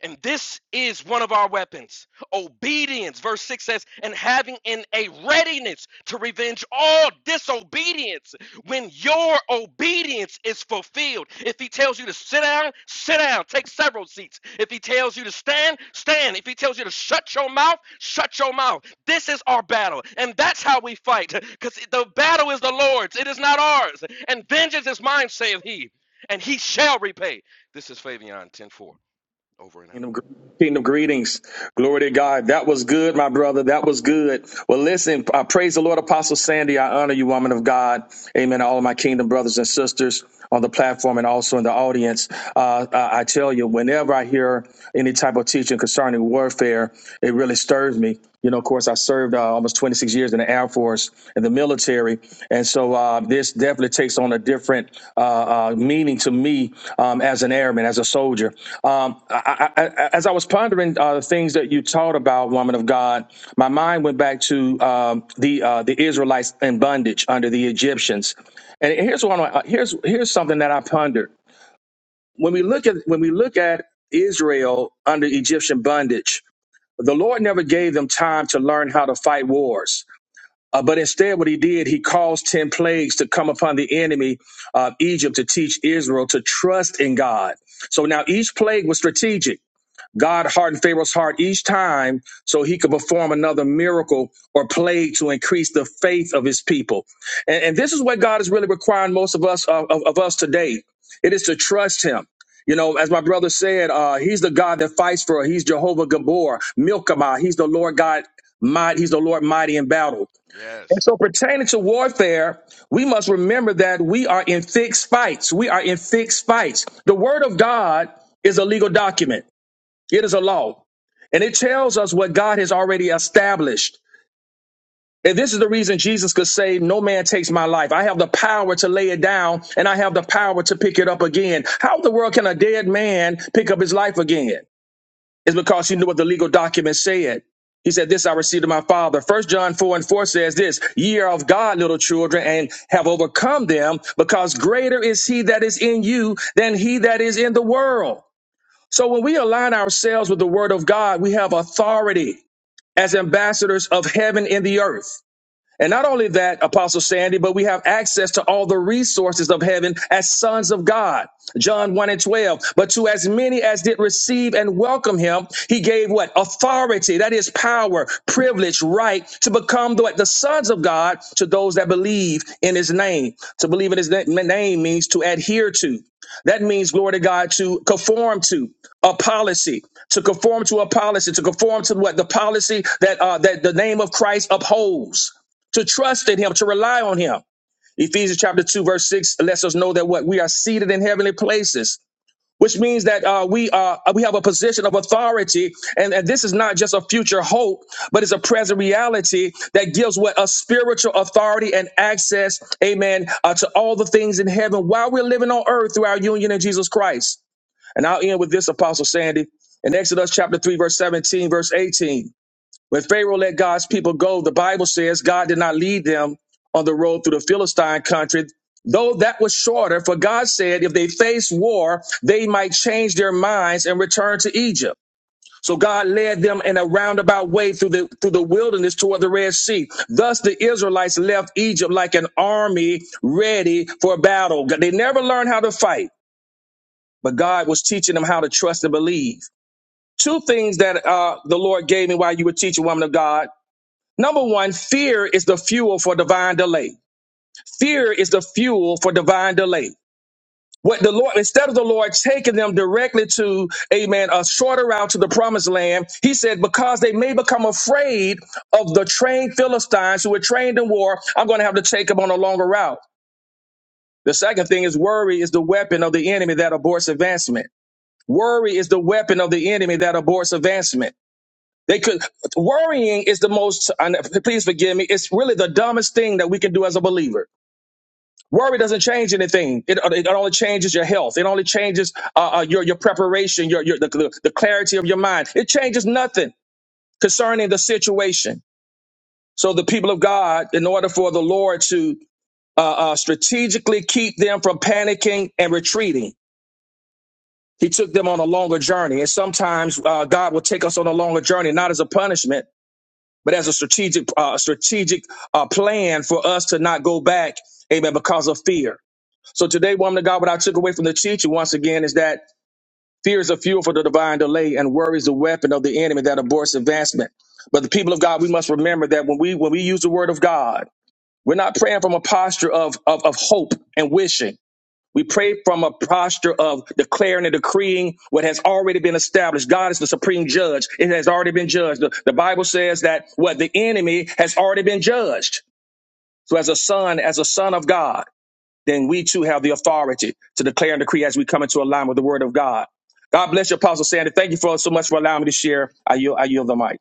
And this is one of our weapons. Obedience, verse 6 says, and having in a readiness to revenge all disobedience when your obedience is fulfilled. If he tells you to sit down, sit down, take several seats. If he tells you to stand, stand. If he tells you to shut your mouth, shut your mouth. This is our battle, and that's how we fight because the battle is the Lord's, it is not ours. And vengeance is mine, saith he, and he shall repay. This is Fabian 10 4. over and out.
Kingdom, kingdom greetings. Glory to God. That was good, my brother. That was good. Well, listen, I praise the Lord, Apostle Sandy. I honor you, woman of God. Amen. All of my kingdom brothers and sisters on the platform and also in the audience. Uh, I, I tell you, whenever I hear any type of teaching concerning warfare, it really stirs me. You know, of course, I served uh, almost 26 years in the Air Force and the military, and so uh, this definitely takes on a different uh, uh, meaning to me um, as an airman, as a soldier. Um, I, I, I, as I was pondering uh, the things that you taught about, woman of God, my mind went back to um, the uh, the Israelites in bondage under the Egyptians, and here's one. uh, Here's here's something that I pondered when we look at when we look at Israel under Egyptian bondage the Lord never gave them time to learn how to fight wars. Uh, but instead, what he did, he caused 10 plagues to come upon the enemy of Egypt to teach Israel to trust in God. So now each plague was strategic. God hardened Pharaoh's heart each time so he could perform another miracle or plague to increase the faith of his people. And, and this is what God is really requiring most of us of, of, of us today. It is to trust him. You know, as my brother said, uh, he's the God that fights for us. He's Jehovah Gabor, Milkamah. He's the Lord God might. He's the Lord mighty in battle. And
Yes.
so pertaining to warfare, we must remember that we are in fixed fights. We are in fixed fights. The word of God is a legal document. It is a law. And it tells us what God has already established. And this is the reason Jesus could say, No man takes my life. I have the power to lay it down and I have the power to pick it up again. How in the world can a dead man pick up his life again? It's because he knew what the legal document said. He said, This I received of my father. First John 4 and 4 says this, ye are of God, little children, and have overcome them, because greater is he that is in you than he that is in the world. So when we align ourselves with the word of God, we have authority as ambassadors of heaven in the earth. And not only that, Apostle Sandy, but we have access to all the resources of heaven as sons of God. John 1 and 12. But to as many as did receive and welcome him, he gave what? Authority. That is power, privilege, right to become the, what? the sons of God to those that believe in his name. To believe in his na- name means to adhere to. That means, glory to God, to conform to a policy, to conform to a policy, to conform to what the policy that uh, that the name of Christ upholds to trust in him, to rely on him. Ephesians chapter 2, verse 6 lets us know that what we are seated in heavenly places, which means that uh, we are we have a position of authority, and, and this is not just a future hope, but it's a present reality that gives what a spiritual authority and access, amen, uh, to all the things in heaven while we're living on earth through our union in Jesus Christ. And I'll end with this, Apostle Sandy, in Exodus chapter 3, verse 17, verse 18. When Pharaoh let God's people go, the Bible says God did not lead them on the road through the Philistine country, though that was shorter, for God said if they faced war, they might change their minds and return to Egypt. So God led them in a roundabout way through the through the wilderness toward the Red Sea. Thus the Israelites left Egypt like an army ready for battle. They never learned how to fight, but God was teaching them how to trust and believe. Two things that uh, the Lord gave me while you were teaching woman of God Number one, fear is the fuel for divine delay. Fear is the fuel for divine delay. What the Lord, instead of the Lord taking them directly to, amen, a shorter route to the promised land, he said, because they may become afraid of the trained Philistines who were trained in war, I'm going to have to take them on a longer route. The second thing is worry is the weapon of the enemy that aborts advancement. Worry is the weapon of the enemy that aborts advancement. They could worrying is the most. And please forgive me. It's really the dumbest thing that we can do as a believer. Worry doesn't change anything. It, it only changes your health. It only changes uh, uh, your your preparation, your your the, the, the clarity of your mind. It changes nothing concerning the situation. So the people of God, in order for the Lord to uh, uh, strategically keep them from panicking and retreating, He took them on a longer journey. And sometimes uh, God will take us on a longer journey, not as a punishment but as a strategic uh, strategic uh, plan for us to not go back, amen, because of fear. So today, woman of God, what I took away from the teaching once again is that fear is a fuel for the divine delay and worry is the weapon of the enemy that aborts advancement. But the people of God, we must remember that when we when we use the word of God, we're not praying from a posture of of, of hope and wishing. We pray from a posture of declaring and decreeing what has already been established. God is the supreme judge. It has already been judged. The, the Bible says that what the enemy has already been judged. So as a son, as a son of God, then we too have the authority to declare and decree as we come into alignment with the word of God. God bless you, Apostle Sandy. Thank you for so much for allowing me to share. I yield, I yield the mic.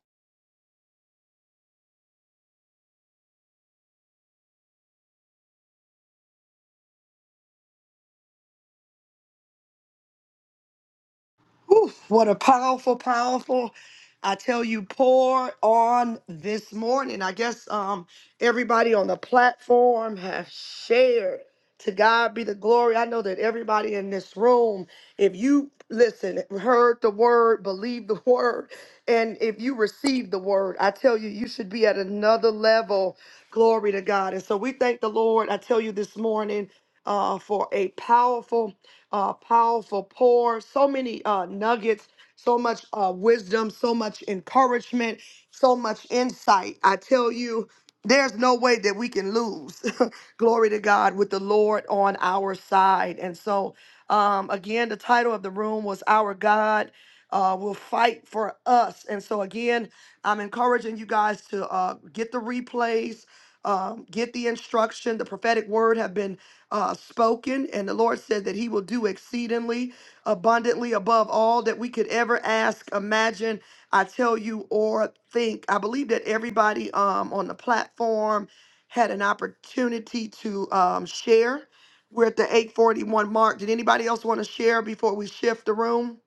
Whew, what a powerful, powerful, I tell you, pour on this morning. I guess um, everybody on the platform have shared. To God be the glory. I know that everybody in this room, if you listen, heard the word, believe the [LAUGHS] word, and if you receive the word, I tell you, you should be at another level. Glory to God. And so we thank the Lord. I tell you this morning uh, for a powerful uh, powerful pour, so many uh, nuggets, so much uh, wisdom, so much encouragement, so much insight. I tell you, there's no way that we can lose. [LAUGHS] Glory to God with the Lord on our side. And so, um, again, the title of the room was Our God. Uh, will fight for us. And so, again, I'm encouraging you guys to uh, get the replays, um, get the instruction. The prophetic word have been uh, spoken, and the Lord said that He will do exceedingly abundantly above all that we could ever ask, imagine, I tell you, or think. I believe that everybody um, on the platform had an opportunity to um, share. We're at the 841 mark. Did anybody else want to share before we shift the room?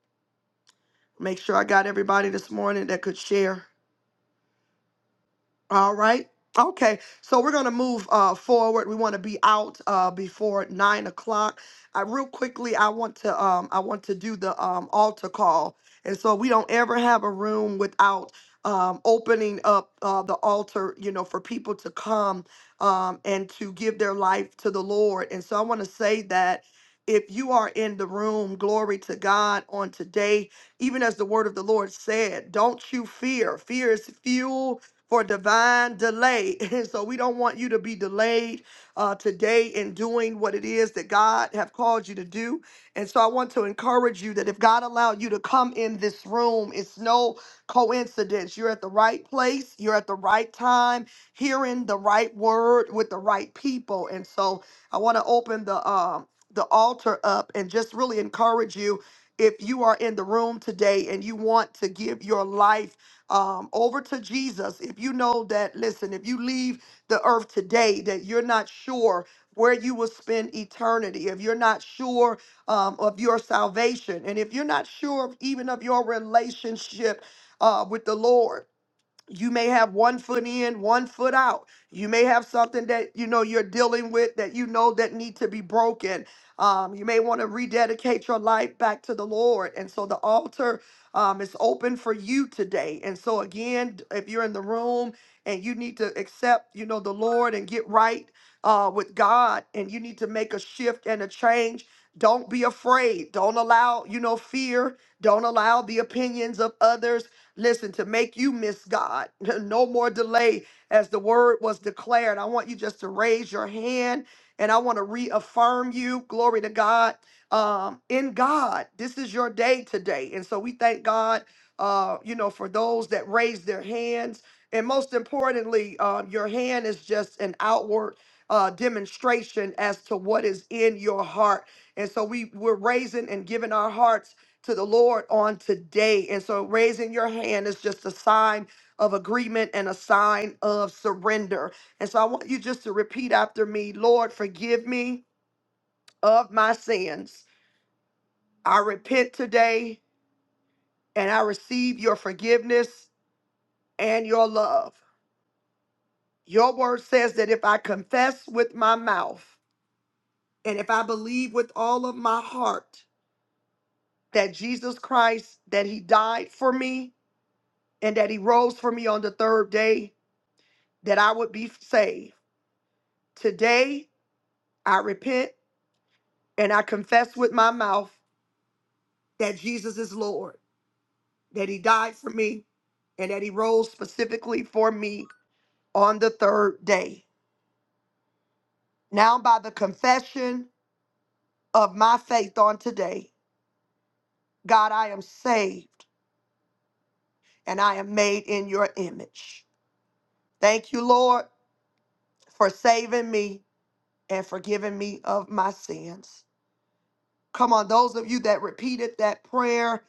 Make sure I got everybody this morning that could share. All right. Okay. So we're going to move uh, forward. We want to be out uh, before nine o'clock. I, real quickly, I want to um, I want to do the um, altar call, and so we don't ever have a room without um, opening up uh, the altar, you know, for people to come um, and to give their life to the Lord. And so I want to say that if you are in the room, glory to God on today, even as the word of the Lord said, don't you fear. Fear is fuel for divine delay. [LAUGHS] And so we don't want you to be delayed uh, today in doing what it is that God have called you to do. And so I want to encourage you that if God allowed you to come in this room, it's no coincidence. You're at the right place. You're at the right time, hearing the right word with the right people. And so I want to open the um, the altar up and just really encourage you if you are in the room today and you want to give your life um, over to Jesus. If you know that, listen, if you leave the earth today, that you're not sure where you will spend eternity, if you're not sure um, of your salvation, and if you're not sure of, even of your relationship uh, with the Lord you may have one foot in one foot out you may have something that you know you're dealing with that you know that need to be broken um, you may want to rededicate your life back to the lord and so the altar um, is open for you today and so again d- if you're in the room and you need to accept you know the lord and get right uh, with god and you need to make a shift and a change don't be afraid don't allow you know fear don't allow the opinions of others listen, to make you miss God. [LAUGHS] no more delay as the word was declared. I want you just to raise your hand and I want to reaffirm you. Glory to God. Um, in God, this is your day today. And so we thank God, uh, you know, for those that raise their hands. And most importantly, um, your hand is just an outward uh, demonstration as to what is in your heart. And so we, we're raising and giving our hearts to the Lord on today. And so raising your hand is just a sign of agreement and a sign of surrender. And so I want you just to repeat after me Lord, forgive me of my sins. I repent today and I receive your forgiveness and your love. Your word says that if I confess with my mouth and if I believe with all of my heart that Jesus Christ, that he died for me and that he rose for me on the third day, that I would be saved. Today, I repent and I confess with my mouth that Jesus is Lord, that He died for me, and that He rose specifically for me on the third day. Now, by the confession of my faith on today, God, I am saved and I am made in your image. Thank you, Lord, for saving me and forgiving me of my sins. Come on, those of you that repeated that prayer,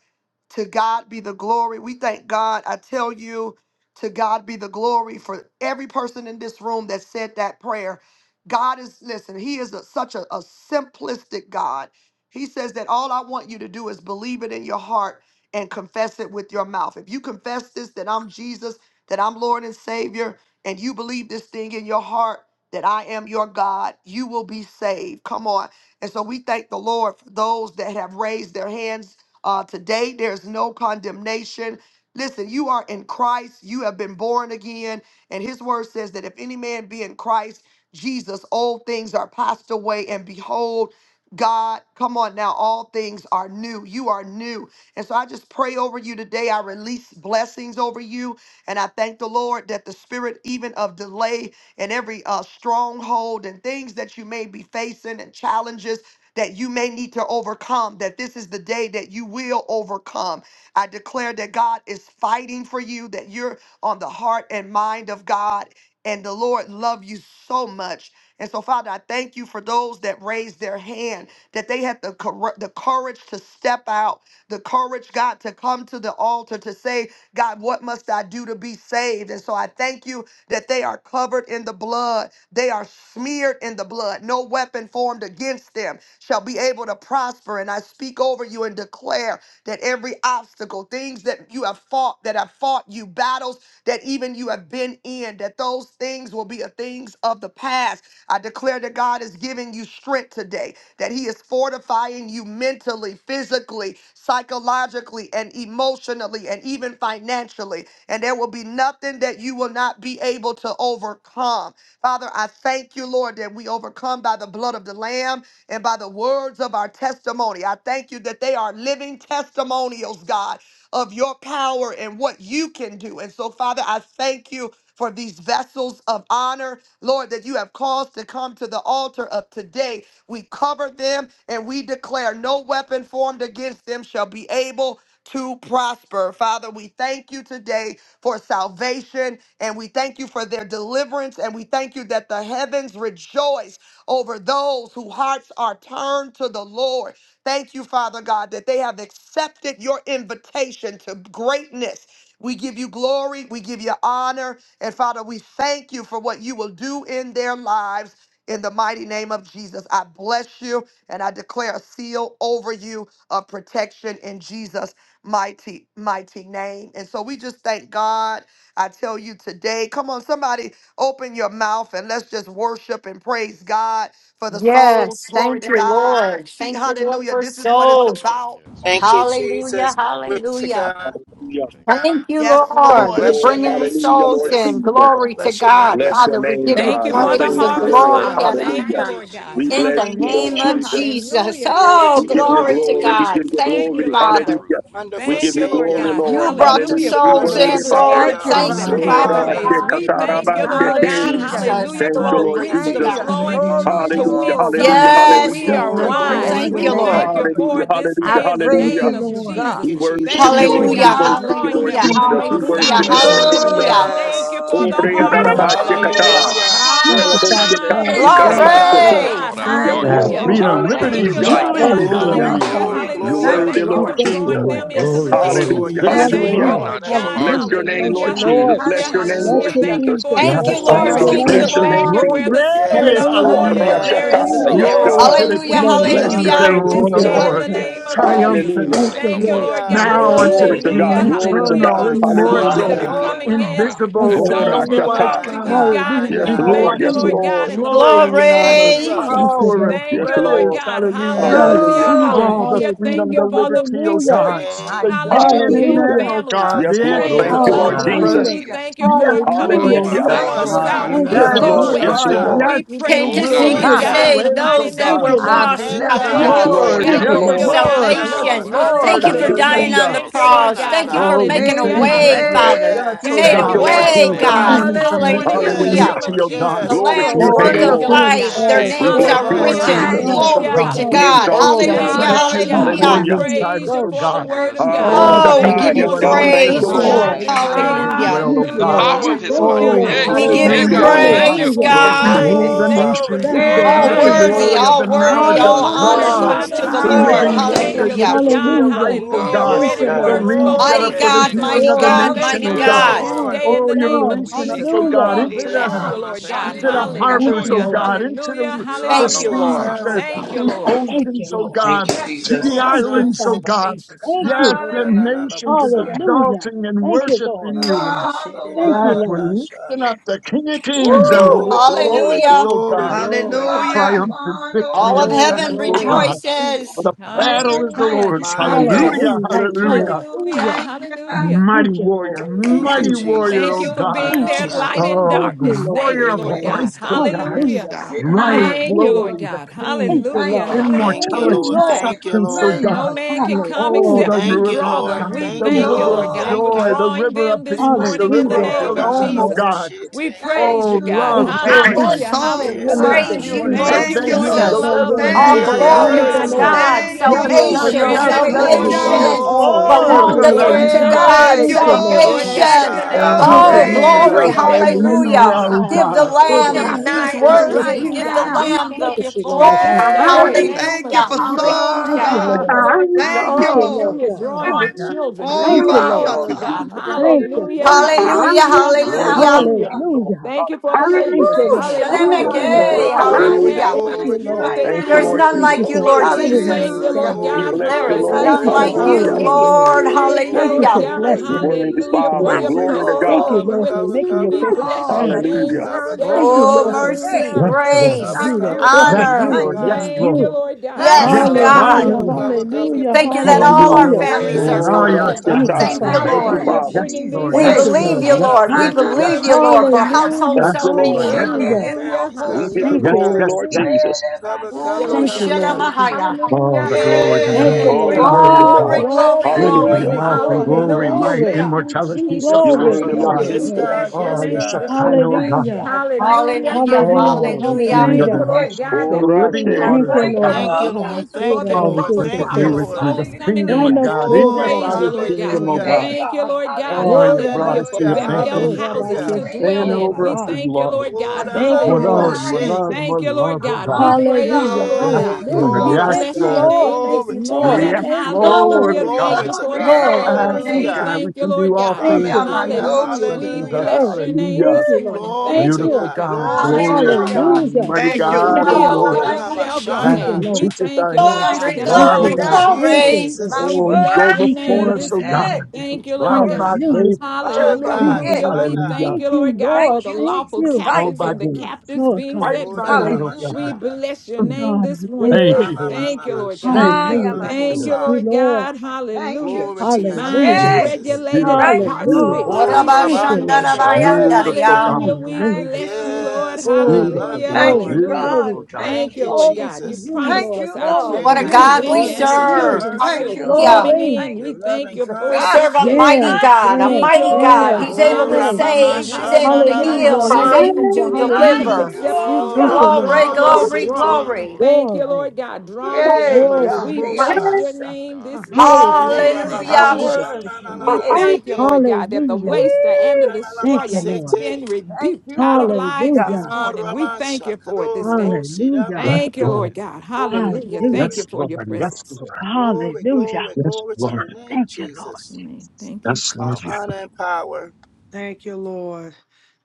to God be the glory. We thank God. I tell you, to God be the glory for every person in this room that said that prayer. God is, listen, He is a- such a, a simplistic God. He says that all I want you to do is believe it in your heart and confess it with your mouth. If you confess this, that I'm Jesus, that I'm Lord and Savior, and you believe this thing in your heart, that I am your God, you will be saved. Come on. And so we thank the Lord for those that have raised their hands uh, today. There's no condemnation. Listen, you are in Christ. You have been born again. And his word says that if any man be in Christ, Jesus, old things are passed away. And behold, God, come on now, all things are new. You are new. And so I just pray over you today. I release blessings over you. And I thank the Lord that the spirit, even of delay, and every uh, stronghold and things that you may be facing and challenges that you may need to overcome, that this is the day that you will overcome. I declare that God is fighting for you, that you're on the heart and mind of God, and the Lord love you so much. And so, Father, I thank you for those that raised their hand, that they had the, cour- the courage to step out, the courage, God, to come to the altar to say, God, what must I do to be saved? And so I thank you that they are covered in the blood they are smeared in the blood. No weapon formed against them shall be able to prosper. And I speak over you and declare that every obstacle, things that you have fought, that have fought you, battles that even you have been in, that those things will be a things of the past. I declare that God is giving you strength today, that He is fortifying you mentally, physically, psychologically, and emotionally, and even financially. And there will be nothing that you will not be able to overcome. Father, I thank you, Lord, that we overcome by the blood of the Lamb and by the words of our testimony. I thank you that they are living testimonials, God, of your power and what you can do. And so, Father, I thank you for these vessels of honor, Lord, that you have caused to come to the altar of today. We cover them and we declare no weapon formed against them shall be able to prosper. Father, we thank you today for salvation. And we thank you for their deliverance. And we thank you that the heavens rejoice over those whose hearts are turned to the Lord. Thank you, Father God, that they have accepted your invitation to greatness. We give you glory. We give you honor. And Father, we thank you for what you will do in their lives. In the mighty name of Jesus, I bless you and I declare a seal over you of protection in Jesus' mighty, mighty name. And so we just thank God. I tell you today, come on, somebody open your mouth and let's just worship and praise God for the
Yes,
souls. Glory
thank
to
you,
God.
Lord.
He-
Thank you, Lord,
Hallelujah.
for
This is what it's
souls.
about.
Yes,
Thank
Father.
you,
Hallelujah.
Jesus.
Hallelujah.
Glory to
Hallelujah.
God.
Lord, we
Hallelujah.
thank you.
Thank you,
Yes,
Thank
Hallelujah.
Lord.
Lord.
you,
We
You're
Bless your
Lord.
bless your
bringing the
name,
name.
Hallelujah,
souls
Lord
in.
Jesus.
Jesus.
Glory
Oh,
to
Bless your name.
God.
Bless
Bless your
Father,
your
we
name.
name,
give you
Yahweh
Thank
God.
you
We
for the
praise
thank
Hallelujah.
and
you,
Sabaoth.
harvest,
Lord.
Hallelujah.
glory
Father.
and
Hallelujah.
Thank you,
Hallelujah.
Thank
honor
Lord
you,
God.
We
Jesus.
in
bless
the
Thank
you,
Halabasetelabandalebakatalaba.
you,
Lord
name
We
Lord.
Hallelujah.
of
thank
Jesus.
you.
Jesus.
Hallelujah.
Glory
Oh,
to
We
Thank you,
give
your
you
Lord
glory
Oh,
to
name,
we
glory.
Lord
We
thank
God.
give
you,
Jesus.
you
Lord,
Jesus.
Thank
for
Thank
glory.
you,
you,
another
Lord
Father.
God.
recruit.
Hallelujah.
We
Wonderful,
thank
We
you,
give
Thank
you
you,
Lord,
Lord
yeah.
glory,
God.
for
Lord.
You
name
another
of
brought the
Hallelujah.
Hallelujah.
soldier.
the
You
Proper
souls
worthy,
wonderful
Father.
in,
laborers
We
Father.
getting
Savior,
Lord.
Thank
thank you
you,
You're
across
for
Thank
their
you,
awesome
Father.
another
mighty,
Oh,
Thank
brother.
Father
Father
you.
Father.
Rashe
pathways.
God.
God,
We
You're
in
mighty
thank
the
you,
in
Oh,
name
this
Lord
of
another
place.
God.
Katarabasheke.
You're
sister.
Hallelujah.
mighty in
Jesus.
our
Hallelujah.
Thank
For
you,
the
lives.
Lord
Thank
Glory
you,
to
Thank
wisdom
you.
Jesus.
God.
I
Jesus.
You're
Thank
flowing
mighty
you,
in
glory
our
in
to
you,
Jesus.
hearts
Hallelujah.
and
win
oh
our
God.
Hallelujah.
minds.
souls, for
Glory,
Yerambadalebadalabadegebelai.
Yes,
we
Hallelujah.
We
are
thank you,
I
glory,
bless your
Lord.
wise.
glory,
bless
Thank
your
mighty
you,
We
name,
glory.
Lord.
thank
name.
you
Father
Hallelujah.
for
Zetelamandukubragadaman.
God.
this
I
Hallelujah.
day in the
Thank
Hallelujah.
name
you,
Ah,
praise
of
you,
we
Lord.
thank you,
Thank
God.
Jesus.
We
you,
Father.
Jesus.
worship
Thank you,
Thank
you,
Thank you,
you,
Lord
Lord. We
Hallelujah,
God,
Jesus.
for
Lord.
worship
We
you,
drawing
Lord
bless
them
Hallelujah.
hallelujah,
your
from
Jesus.
Thank
the
you
name.
for
We
north, south,
hallelujah,
worship
being
you,
Yes,
our
Lord
east,
Lord.
and
Jesus.
hallelujah.
west.
We
warrior.
Thank
praise
you
Yes.
and we
for
Glory.
Oh,
the
Thank
stand
you
with
for
the
being
harvest
Oh,
Oh,
of
our
Hallelujah.
ba,
angels
Readarabashe
ba,
and we
ba.
souls
battle.
Katar.
Hallelujah.
hallelujah.
rejoice
Thank you,
Thank you,
harvest
Yeraboshe
Father
Jesus.
Kai.
God,
time.
for
We
Hallelujah.
Yes,
going
Glory
that
thank you,
to
God.
someone's
Lord
before
God.
been
us,
Glory.
God.
brought out of
doing
Yes,
it
Thank
Yeah,
you,
darkness
Lord.
Hallelujah.
We
into
Lord.
already.
your
freedom,
worship
liberty,
Thank
you,
marvelous
you,
We
Lord
light.
God.
bless
jubilee.
God.
your
Glory,
Hallelujah.
Thank
name,
Hallelujah.
you,
Hallelujah.
Father.
glory,
Jesus.
You're
Hallelujah.
glory.
Thank you,
worthy,
Thank you
We
Lord
for
Lord.
thank
Yarabadasambandalamandukú.
Jesus.
you
drawing
Glory,
them
for it,
into
Lord.
Yes,
the
glory,
Yes,
net.
Lord.
glory,
Lord.
Hallelujah,
We
Yes,
Yes,
thank
hallelujah.
you,
Lord.
Harden
victory.
Lord.
Hallelujah.
Lord
not
Bless
your
your
God.
heart
name.
Bless
in the
your
Hallelujah.
day
name,
Thank
that
Hallelujah.
Lord
you,
you hear
Lord.
Jesus.
his
Bless
Hallelujah.
your
voice.
name,
Jesus'
Bless
Hallelujah.
Lord
you,
name.
Hallelujah.
Thank you
Jesus.
for
Jesus.
your
Thank
Bless
you,
Yes,
Yo,
your
Oh,
Lord.
Father
mighty
spirit.
Hallelujah.
God,
Thank
hallelujah.
Bless
you,
we
Hey,
name.
your
exaltation,
thank you.
Thank
name,
you.
Lord.
Where
Jesus.
glory,
the spirit
Yes,
of the
God.
Hallelujah.
Oh
thank
Lord is,
you,
God,
hallelujah.
there
come
Harashaka.
is
and
Yes.
Jesus.
sup
Hallelujah.
Yes,
with
Yes,
Glory
God.
us.
liberty.
to
God.
the
Glory.
Thank you,
Hallelujah.
King
We
of
Lord
thank
Oh
Bless
God.
you
Kings and
God,
your
for
Hallelujah.
name,
it
Thank
this
Lord of
you,
day
Jesus.
in
Hallelujah.
Lord
Lords,
the
God.
name of
Hallelujah.
Jesus.
let
triumphant
Hallelujah.
us
Thank you,
Thank
become
you,
Lord
one
Lord
with
Hallelujah.
you,
God.
God.
now
Father.
Glory to
unto
Glory
the
your
Woo.
to
name.
God.
Hallelujah.
King,
Thank you,
Glory to
Lord
Hallelujah
eternal,
God.
for
My
the
Jesus.
God,
Thank
One
you,
my
souls
Hallelujah.
My
with
that
immortal,
are
you,
Lord.
God,
one
Lord,
coming
with
my
our
in.
God.
weapon.
The
Thank
invisible
you,
to the
souls
Father.
only wise
Horashaka.
belong
my
to
Hebradavandelebai.
you,
God.
God,
God,
my
and
Yes,
Hallelujah.
Be
we
God.
Hallelujah.
Lord.
thank you,
Yes,
blessing
Lord
Hallelujah.
and
God,
Lord.
in the mighty
glory and
Awesome
name of
Thank
honor,
you,
Glory.
ruler.
Jesus.
Thank you,
Jesus.
power and
Lord
Jokobrakadavandelemandekasai. Lord,
Thank
Yes,
you,
we
God.
thank
Lord
praise,
Lord.
you.
God.
hallelujah.
We
Hallelujah.
Yes.
Hallelujah.
give you
Hallelujah.
Lord.
Oh, the
praise.
Hallelujah. Thank
freedom,
Hallelujah.
the
you for the
liberty, oh
We
That's
give you
God.
victory.
I
My
The
honor
Hallelujah.
yea and
God.
Hallelujah. In
Hallelujah.
amen,
Hallelujah.
oh
families,
God.
God.
Yes,
The
Lord.
Thank
answer
Thank
you.
friends,
you,
to
Glory
Thank
We
you,
to
all
Lord.
loved
Lord
the
follow
God.
your
ones,
prayers.
Jesus.
Hallelujah.
we
Hallelujah.
leading,
thank you for
Yes,
them
your
Who
coming
Lord.
go
cloud
in
Hallelujah.
Yes,
by
from
Hallelujah.
the
Yes,
day
before
God.
Thank
and
north,
us,
your
you,
Lord.
south,
fire
God.
Thank
by
Jesus.
you,
Hallelujah.
Yes,
Yes,
east,
night.
and
Lord.
we
Lord.
Glory be
Thank
Yes,
cry.
west.
to
you,
Da-da-la-mo-shana.
God.
Lord.
Lord.
Yes,
We
You
to
came
your
Oh
to
praise
Thank
you,
God,
will
Thank
we
seek
and
you.
you,
Lord
and
Thank
to
Ha!
thank you.
your
God,
Lord.
in
you.
the
save
ways, oh
mighty
those that
Thank
name of
were
God.
you,
I
Lord
Jesus.
lost,
Jesus.
Thank
Yes,
bless
Father
your
Yes,
Thank
you.
you,
God.
Oh
holy
So
Lord
Lord.
Lord.
name.
Yes,
Thank
God,
thank
you,
you
for
Hey,
Yes,
for
Shetalamandu
Lord.
Lord.
filling our
Thank
Lord.
you,
Yes,
Lord,
mouths
salvation.
for
Kusatalabat.
with
Lord.
good
Thank you
perfecting
for
things.
Hallelujah.
hallelujah.
We
dying
Oh,
everything
on
be
Hallelujah.
the
that
our
thank you,
concerns
Lord
cross.
us,
God.
Thank
vanguard.
you
Your
for
God.
Oh, we
making a
say
name
Hallelujah.
Thank
is
yes,
you,
way,
Lord.
Hallelujah
Lord.
Father.
great.
Yes,
You
Yes,
oh
made
Thank
Thank
a
God.
God
Oh,
you,
you
you
Lord
for
are a
Yes,
way,
your
Jesus.
man
Lord.
of
release
Thank
bound
God.
in
war.
you,
this
Father.
submission
morning in
Hallelujah.
the
and
Yes,
Hallelujah.
Hallelujah.
name
unity,
of
Lord.
O
Jesus.
God.
The
Yes,
You
Glory
Lord.
to
are
Lamb's
your
Thank
Oh,
you
the
book
name,
for
of
Thank you,
Lord.
Oh,
Lord
wonderful.
doing
we
it
obedience,
life,
God.
the
their
all
Yes,
stand
We
in
Lord.
names
fulfillment
for
You
your
bless
of
are
are
you,
us.
Lord
our
Yes,
presence,
Hallelujah,
It's
written.
God.
Lord.
Jesus.
mighty
obedience,
done.
O
God.
It's
hallelujah,
Glory to
God.
done.
We
God.
hallelujah.
exalt
Oh,
you,
that
And
Yes,
we
Thank
Lord.
Hallelujah.
you,
Christ
God.
may
Lord
be
receive
God.
Hallelujah.
We
your
formed
Hallelujah.
Hallelujah.
finished
inside
praise
us,
you
work.
O
for the
God.
Strengthen
word
Thank
us
of
Ah,
Jesus
you,
God.
now.
Glory,
Rosh
said
Oh,
We
Oh,
Father.
it's
we
thank
Hashanah.
you
give
glory,
Thank
you
Yes,
beautiful,
for
finished.
the
you.
You
And
God.
we
glory,
told us
anointed,
Thank
to
thank
you,
wisdom
praise,
be
of
you,
high
Lord.
and
glory,
Lord.
Lord.
God
strong
holy
in
this
the
one of
day.
Lord
We
Hallelujah.
Israel,
thank
O
and
you,
the
Hallelujah,
God.
Lord.
power
glory,
of
We
Hallelujah.
his
thank you,
might.
hallelujah,
glory,
Oh,
Thank you.
Yeah,
Lord.
We give
hallelujah.
Thank
yeah,
you
glory.
you,
hallelujah,
God,
Thank
we
O
Lord.
you,
thank
Thank
God.
you
you.
praise,
for
Hallelujah.
your
Glory
Jesus.
You
to
God.
Ah,
your
rule
kindness.
name,
the
Thank
Father.
you for
nation
Glory.
That's
You
drawing
your
them
light
All
of
by
the
Hallelujah.
your
name.
worthy,
glory
love.
of
Yay,
all
the
God.
Thank
worthy,
knowledge
you
of
for
all
drawing
honor
Hallelujah.
them
God,
by
goes
Hallelujah,
the
to the
the
Jesus.
Spirit.
Lord.
Hallelujah.
We
living
thank
Adadadadaboshanananamate.
Hallelujah.
water.
Hallelujah.
you,
You're
Hallelujah.
the
Lord
tree
God.
Glory.
of
Hallelujah.
life,
Oh
O
God,
Hallelujah.
we
God.
Thank
thank
Yes,
Ready
you.
you,
Thank
Glory,
The
you.
God.
Lord
word
leaves
God.
spoken
that
We
in
are
Mighty
don't
for
glory.
the
God,
entangle
season.
healing
You
mighty
of the
Lord,
We
ourselves
are
God,
with
we
the
the
thank
nation,
mighty
O
you
see
affairs
one,
of
Yes,
it
for
God.
this
it
oh
God.
this
God.
world.
done.
Lord.
day
It's
in
Oh,
the
you're
name of
But
done.
we
releasing
Jesus.
us,
seek
O
how we
You
Hallelujah.
can
God,
We
are
into
the
please you,
bless
the
you,
Father.
one.
We
Lord
thank
God.
you
into the
and
Adadamashana.
we
Hallelujah.
Thank
harbors,
you,
O
Hallelujah.
rejoice
Lord.
God, into
Hallelujah.
the
You
the
are
Thank
the
you,
in
Hallelujah.
seas,
Lord.
one,
Jesus'
the,
oh
Jesus,
name.
Thank
God.
you,
the
Lord.
Thank you,
oceans, O
Lord.
Thank
In
God,
you,
Yes,
to
Jesus'
the
Jesus.
Lord.
name.
Thank you,
islands, O
Father.
Jesus.
God.
God.
Praise you,
Thank
Jesus.
Yes,
you.
the
Hallelujah.
nations is
Odananalabosana.
Hallelujah.
exalting and
Thank you, Lord.
worshiping
You
you.
are the
Thank
one,
you,
Yes,
oh
we're
God.
Lord.
Anamashididalamanasha.
lifting up the King of Kings
Yes,
and
Woo!
Lord
Glory,
Lord.
of
glory,
Lords,
Hallelujah.
O
glory,
God.
You
glory,
Hallelujah.
are the
Hallelujah.
Triumphant
one, oh
victory
All of
in
God.
glory,
Thank
heaven
battle,
you.
O
glory.
God.
Hallelujah.
For
rejoices.
the
Thank you.
battle is the
Hallelujah.
Thank you.
Lord's.
My
Thank you.
God.
Hallelujah,
Yes.
Hallelujah.
Thank you, Lord.
hallelujah.
Hallelujah.
Hallelujah.
Thank you.
Hallelujah.
Mighty
Thank you,
warrior,
Lord.
Woo.
Thank
Thank
Thank
you,
mighty
you,
you
Lord.
for
warrior,
Thank
being
O
you
Jesus.
the
for
God.
one,
Thank
being
you,
Thank
there,
oh
you, Lord.
God.
light
Jesus.
in
Oh,
Thank
the
you,
darkness.
Lord.
Thank
warrior
you,
of
Lord
Hey,
life,
God.
Yes,
O
God.
God.
Yes,
Hallelujah.
Hallelujah.
God.
sit
Life,
high.
Thank you,
Hallelujah.
Lord
Lord.
glory, the
God.
King.
Thank you,
Thank
Hallelujah.
Lord.
you.
Thank
Thank
you,
Hallelujah.
you,
Lord.
Immortality,
Thank
Lord.
you
Thank
for
you,
substance, O
Lord.
Mm,
praying,
No
God.
oh
man can
God.
come
Oh,
Hallelujah.
the
except
Glory.
you
Thank you,
river
draw
of
Lord.
them.
God,
We
Covering
the
Thank
me,
you,
Thank
thank
you,
you,
river of
Lord.
Lord.
Lord God,
oh
for
Thank
God.
joy,
you.
the
drawing
river of
them this
peace, the
watching
morning in the
river
Oh,
of
Thank
Hallelujah.
yeah,
you,
name
Thank
no,
of
over me.
no,
God.
you,
shalom,
no,
O
Jesus.
Lord.
God.
Jesus.
bullshit.
We
Thank
praise
Oh,
you,
you,
God.
love,
Lord.
Praise your
Thank
I
joy,
you for
peace,
name.
Hallelujah.
listen to
I
Yes,
souls.
lift
Hallelujah.
forgiveness,
your
God.
praise you,
healing,
name. There's
Lord
Thank you
Thank
no
you,
for
Hallelujah.
name
salvation,
your
Jesus.
Lord.
above
love,
your
the
deliverance,
All
name.
love
Thank
You're
of
you.
glory to
wonderful,
God.
Yes,
prosperity.
Lord.
Hallelujah.
God.
God.
Hallelujah.
Thank you,
You
Yes,
Being
are
For
Lord.
yes,
a
Salvation,
your
spread
good,
yes,
in
yes,
grace
God.
is
You've done
yes,
Hallelujah.
it
boardrooms,
salvation
sufficient.
all.
in
Thank
Lord.
you,
homes,
belongeth
Glory.
on the
Lord.
unto
Hallelujah.
job.
God.
Hey,
Thank
We
Thank
you,
you,
thank
God.
you,
Lord
Lord.
Lord
God.
Yes,
God,
Thank
in
Salvation.
the
you,
God.
name
Oh,
Your
of
God.
Thank you,
Oh,
Jesus.
grace
Lord,
It's
for
is
Thank
Hallelujah.
hallelujah,
glory.
you
you.
that
finishing
will
work
sufficient,
in
oh
Hallelujah.
our
draw
hallelujah,
them
oh
God.
lives
Give
and
the
God.
our
draw
children's
And
Glory.
Lamb,
I
them
lives, our
he's
nigh
thank you
unto
right
worthy.
generation
you,
Give
lives,
the
God. We
now.
Lamb
our
the
thank you
legacy
for it
lives, our
this
I,
glory.
day in the
blood
Hey,
name
lives,
Thank you
of
Hallelujah.
for
Father.
you
Jesus.
souls,
Thank you,
Hallelujah.
God.
Thank you,
Lord.
are
I,
Lord
the
God.
Thank
Thank
you,
you,
all
Lord.
Lord
Hallelujah.
God.
sufficient
Drawing the
one.
children. We
Oh,
Thank
You
you,
thank you,
are,
Lord.
Thank
oh
you,
Lord
Bashata.
Jesus.
God.
God,
Hallelujah.
Thank you,
Hallelujah.
what I
I,
Father God.
Hallelujah.
need in
Hallelujah.
this
I,
Glory to
hour,
Hallelujah.
your
Hallelujah.
God.
name, Lord.
Hallelujah.
Thank you for
Yes,
I
the
Hallelujah.
say
Thank
laborers.
you,
thank
Woo.
Lord.
you,
Hallelujah.
Thank
Yes,
you,
Getting
Lord.
Lord.
Glory,
Shalemeke.
Lord.
across their
I
glory,
Hallelujah.
say
Hallelujah.
Thank
pathways
thank
you,
glory,
you
with
Lord.
right
the
glory,
Thank you,
There's
now.
Lord
none
glory,
Thank you
like
irrefutable
Jesus.
you,
for
Lord
glory.
word. We
everyone in the
thank
Jesus.
you,
Hallelujah.
Lord
assignment
We
Glory,
God.
room.
bless
There
you,
is
glory,
Lord.
Thank
Thank
none
you
Hallelujah.
for
you,
like
glory,
God.
all
you,
of
Hallelujah.
them,
Hallelujah.
glory,
Lord.
Lord.
glory,
Thank you,
Thank
glory,
you
Thank
Lord
for
Hallelujah.
you.
glory.
God.
Hey,
You
blessing them and
worthy,
Hallelujah.
keeping
For
Father.
them.
your
Glory,
watching
Glory to
presence
glory,
God.
Thank you,
cover,
going
over
Lord,
with
for
us.
cover,
making your
cover.
We
face to
bless
all
your
shine
that
upon
name
us.
Hallelujah.
this
Cover,
day.
concerns
Thank
me,
cover,
you,
oh
Oh,
Lord,
God.
for
cover.
Hallelujah.
Hey,
mercy,
increasing their
Hallelujah.
faith
Lord.
in
Cover,
grace,
you,
thank
their
you,
cover,
trust
Yes,
cover,
Hallelujah.
in
Father.
honor.
you,
cover,
they
Thank
Lord.
look
you.
Yes,
God.
in
Thank
Lord.
you,
you.
Lord God.
Thank
We
Yes,
Cover,
Yes,
you,
cover,
praise
all
you,
Lord.
your,
God.
Hallelujah,
Hallelujah.
cover,
Lord
will,
cover,
God. Thank you
cover.
hallelujah,
for
Thank
the
you that
Thank you,
all your
all
angels
our
Lord.
hallelujah.
will,
that are
Thank
families are
commandment,
Yes,
you.
encamped
Oh,
all
coming
round
your
cover,
in.
Rosh
cover,
about.
Thank you,
Hashanah.
assignments,
Thank you,
cover,
Lord.
Father
Thank you,
Thank
Lord.
God.
you,
Hallelujah.
Father.
Yes,
Bringing
Jesus.
Lord.
these
We
Thank
Hey,
Yes,
cover,
you,
words to
believe
Lord.
Lord
cover,
you,
Yes,
pass.
God.
Lord.
cover.
na
We
yes,
We
na
Lord
na
believe
thank
you,
na
yes.
you,
Jesus,
Lord,
no,
Lord
for
God.
household
Hallelujah,
Thank
Yes,
you,
Lord,
Lord.
Lord.
Hallelujah.
Yes,
cover
salvation.
our
hallelujah.
Hallelujah.
families,
We
God.
give you
Thank
Cover,
Hallelujah.
yes,
you,
glory,
yes,
God.
Lord
Lord
Mm.
yes.
Jesus.
Jesus.
Cover,
Thank you,
cover,
Ooh,
Lord
Thank
God.
you,
cover,
Lord
God.
Jesus.
Shelemahaya.
All
Hallelujah,
the glory, the
hallelujah.
Thank
We
you,
Yeah,
knowledge, the
Oh, you're
Lord.
praise
Yay.
God.
you
power
worthy,
of
I
for
God.
Glory,
Lord.
your
I
glory,
Glory,
thank
anointing.
Ora
you
Hallelujah.
Wisdom,
glory.
this
glory,
na
wealth, and
glory,
morning,
glory,
God.
Hallelujah.
might,
glory,
Yeah,
Thank you,
immortality,
Jesus.
You're
substance,
glory,
oh
worthy, Lord
Hallelujah.
God.
glory,
Yes,
We
Jesus.
Hallelujah.
God.
glory.
bless your
Yes,
Oh, the
name
God.
this
I
Shekinah,
morning.
oh
thank
God.
you.
Hallelujah,
I thank you. I
Hallelujah,
Hallelujah,
thank you.
hallelujah,
Oh, the
hallelujah.
Thank
hallelujah.
healing
you,
Thank
of
hallelujah.
the
you,
Lord.
Lord
Hey,
God,
nations, the
Oh,
they're coming
living
Rashi.
I
in.
Thank
waters,
you,
Lord
oh
thank you,
God.
God,
Thank
Lord.
you,
we
oh God.
Lord.
thank you for
Thank
Rabanasura
you,
Oh,
that
we
Lord.
bumper
drink it
Thank
crop
you,
new
of
Vakitete.
with
Lord.
you, the
souls coming
kingdom
in.
of
Hallelujah.
Dana
God,
We
in
Tora
your
Oh,
praise you,
Father's
For
Lord
this
God.
kingdom, oh
hallelujah.
day,
Rabakisturaba.
God.
Thank you,
God.
Lord God.
Oh,
Hallelujah.
you
Rora
brought
Hallelujah.
us
For
to
Hallelujah.
your
Basana
Bethel
banqueting
Dora
table.
I
houses
Your
Hallelujah.
to dwell
banner
praise,
in.
over
We
us
Bakistikabaha.
is
thank you,
love.
Lord
Oh,
I
God.
na
Thank you,
More
Lord
Hallelujah.
love,
glorify
more
you,
love,
Jesus.
Thank
more
you,
love,
Lord
oh
I
God. We
God.
honor you,
praise you,
I
Hallelujah.
Lord
Yes,
adore
Yay!
God.
you,
Lord.
Hallelujah.
We
Glory
Yes,
to
God.
Thank
bless
you,
your
God.
Lord.
Lord.
name
Thank
this
Glory
you,
to
We
Lord.
Yeah,
give
morning.
God.
Yes,
you
Thank you.
Lord,
Hallelujah.
oh
Glory,
Thank
God.
Glory
you
to
for the
glory,
God.
yeah,
Lord,
Ah,
God.
souls.
so
thank
We
glory.
you.
Hallelujah.
God, we
thank you,
can do
Lord
all
God.
Thank
things
Yeah,
you,
through
my
Hallelujah.
Lord.
Christ who
Thank
Hallelujah.
you
notion.
for
We
strengthens
your
us.
Hallelujah.
bless
word.
your name
Thank
Hallelujah.
this
you,
Yeah.
Lord.
morning.
Glory
Thank
Thank
to
you,
you.
Beautiful
Lord
God.
God.
God,
Mm.
Ah,
Glory to
yeah,
glorious
yeah,
God.
yeah,
Hallelujah.
God,
my
Hallelujah.
mighty
It's
Thank you,
your
God,
Lord.
oh
Hallelujah.
will that
Lord.
Ora
we
Thank
shall
you,
be
God.
Thank
Thank
you,
namashana.
saved.
you,
We
Lord.
teaches
thank
our
you, Lord
hands to
God,
Thank
Glory,
that
you,
Thank
war,
God.
oh
you,
glory,
all
Lord.
should
God.
Ah,
be
Thank
saved.
you,
glory.
Lord.
my
Jesus.
We
Oh, you
bless
go
your
Thank you,
name
before
worship,
us,
this
oh
Lord.
God.
eh?
morning. Thank you,
My
Lord
Cloud by
God.
worship
day,
unto
Hallelujah.
you,
fire
My
oh
by
God.
Thank
God.
night.
you,
Yeah.
Hallelujah.
My
We
Lord.
God.
Hallelujah.
thank
Thank
you,
you,
Lord God, for
Thank
Lord.
the
you,
Thank
lawful
Jesus.
you.
Cloud
captives
Thank
by
you.
and the
day,
Mm.
captives
Lord
being
God,
fire
I
set
just
by
Ora
free.
night,
thank
oh
you.
God.
We
Hallelujah.
namashana.
bless your
Mm.
name
God,
this
I thank
morning,
Thank
Woo.
Ma
God.
you,
you.
ma
Holy
ma
Thank
ma
you,
ma.
Spirit.
Lord God.
Thank
Shete
I
you,
am
Hallelujah.
Holy
a
Thank
Thank
new.
Spirit.
you,
yanalabosa.
you,
Lord
Lord.
God.
Thank
Hallelujah
you,
Glory to your
Jesus.
name,
minds
Hallelujah.
Beautiful,
Hey,
Jesus.
regulated and
thank
beautiful,
you,
hearts
Hallelujah.
beautiful
What
fixed.
Lord. Ah,
Oh,
We
God.
about
Thank
thank
you,
you,
Rabando
Lord
Lord.
God.
Woo.
Shanda.
Beautiful
Shandarabayandaraya?
God.
Hallelujah. We
Thank
Hallelujah.
bless you,
you.
Lord.
Yes, God.
Glory,
Beautiful
Love
Hallelujah.
you,
God,
Thank
Lord.
you,
glory,
Hallelujah.
God.
beautiful
glory.
God.
Thank
Thank
Thank
you,
you,
you.
Lord
Glory to
God. You
Jesus.
you,
promised
Thank
Lord.
us
you,
our
Glory
God.
to
What
Thank
a
children.
you for
Thank
We
you.
your
God
you.
thank
we
you
Glory
and
to
goodness
our
and your
serve.
you.
children's
Thank
mercy,
you,
children
Hallelujah.
Lord.
coming
Glory.
in.
Thank
We
your
you,
love
thank
and
you
Jesus.
We
for
Ah,
kindness,
serve
this
a
day.
mighty
Jesus.
Yes,
thank
God,
you,
a
Thank
yes,
you,
mighty
Lord
oh
God.
yes,
God.
He's
God.
able
Oh,
to
Thank you.
yes.
Ramama
Hallelujah,
save, He's
Thank you.
able
Shana
to
hallelujah,
Thank
heal,
Hallelujah.
Yes,
you.
hallelujah.
He's
Lalabose.
Lord.
able
No
Hallelujah.
to
man
Yes,
can
Thank
come
Hallelujah.
deliver.
yes,
you,
except
yes,
you
oh
Oh,
Thank
yes,
draw,
you,
God.
Ranana
Lord
yes.
Glory,
draw,
Thank
God.
Lama
you.
Lord,
glory,
draw.
Sete.
Mm.
glory.
Glory.
Thank you,
The
Glory,
Lord
Lord
God.
of
Draw
hosts
in
Yeke
is
Yay,
with
families.
glory
us.
God.
to
We
the
Yeah,
bless
King.
Anarobosha.
your
that's, uh,
name
God
mm.
of
this day in
Jacob
Power
the
to
is
the
Oh,
our
name of
King.
I
Rababa
Hallelujah.
refuge.
Jesus.
Bless the
Shana
worship.
King.
We
Lama
Hey.
thank you,
Oh,
Seke.
Lord
God, we
God, that the
thank you.
Hallelujah.
waster
Oh,
and the
Whee!
Rana Lama
Thank
destroyer
you,
has
Lord.
been
Thank
rebuked
you,
out of
God. He
Oh,
lives
Yeah,
this
Hallelujah.
Rabba
Ah,
us.
da
morning. We
Rama
Zeba da
thank you for it
Lamando
Shakaro
this day.
Gubrega
Robose
da
Hallelujah.
Lamanda
Dama.
Thank you,
Leme de
Lord God.
Lebegai.
Glory,
Hallelujah.
Yes,
Thank
glory,
Hallelujah.
you
Lord. Yes,
for your
Father,
presence.
we
Lord.
thank
glory,
Hallelujah.
glory,
Yes,
glory to your
Lord.
name,
Thank you,
Bless
Jesus.
Lord.
your name. Thank you,
Yes, Lord.
All
Yes,
Jesus.
honor and power.
Thank you, Lord.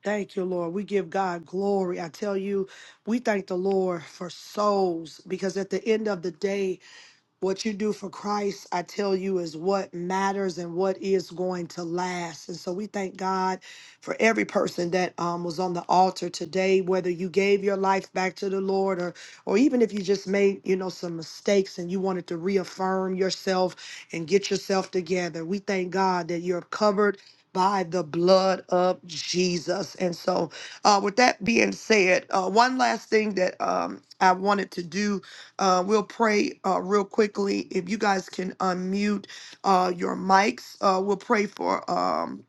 Thank you, Lord. We give God glory. I tell you, we thank the Lord for souls because at the end of the day, What you do for Christ, I tell you, is what matters and what is going to last. And so we thank God for every person that um, was on the altar today, whether you gave your life back to the Lord or or even if you just made, you know, some mistakes and you wanted to reaffirm yourself and get yourself together. We thank God that you're covered by the blood of Jesus. And so uh, with that being said, uh, one last thing that um, I wanted to do uh, we'll pray uh, real quickly. If you guys can unmute uh, your mics, uh, we'll pray for. Um,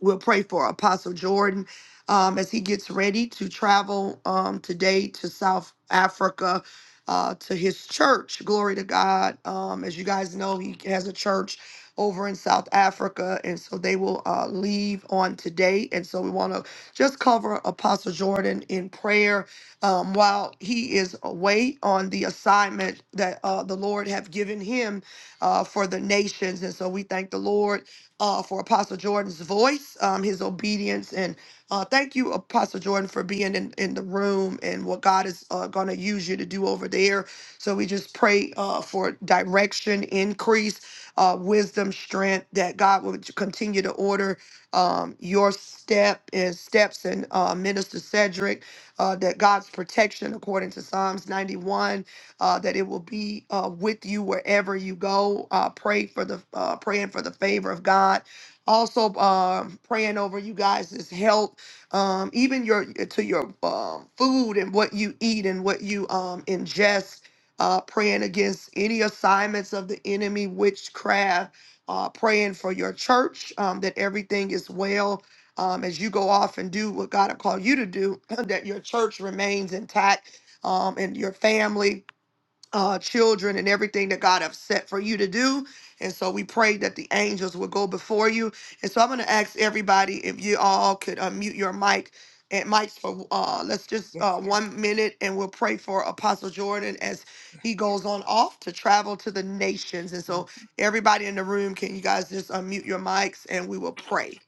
We'll pray for Apostle Jordan um, as he gets ready to travel um, today to South Africa uh, to his church. Glory to God. Um, as you guys know, he has a church over in South Africa, and so they will uh, leave on today. And so we want to just cover Apostle Jordan in prayer um, while he is away on the assignment that uh, the Lord have given him uh, for the nations. And so we thank the Lord uh, for Apostle Jordan's voice, um, his obedience, and uh, thank you, Apostle Jordan, for being in, in the room and what God is uh, going to use you to do over there. So we just pray uh, for direction, increase, uh, wisdom, strength, that God will continue to order um, your step and steps and uh, Minister Cedric, uh, that God's protection, according to Psalms 91 uh, that it will be uh, with you wherever you go. Uh, pray for the uh, praying for the favor of God. Also, um, praying over you guys' health, um, even your to your um, food and what you eat and what you um, ingest. Uh, praying against any assignments of the enemy, witchcraft. Uh, praying for your church um, that everything is well um, as you go off and do what God will call you to do. [CLEARS THROAT] That your church remains intact um, and your family uh, children and everything that God have set for you to do. And so we pray that the angels will go before you. And so I'm going to ask everybody if you all could unmute your mic and mics for uh, let's just
Yes.
uh, one minute and we'll pray for Apostle Jordan as he goes on off to travel to the nations. And
mm,
so everybody in the room, can you guys just unmute your mics and we will pray.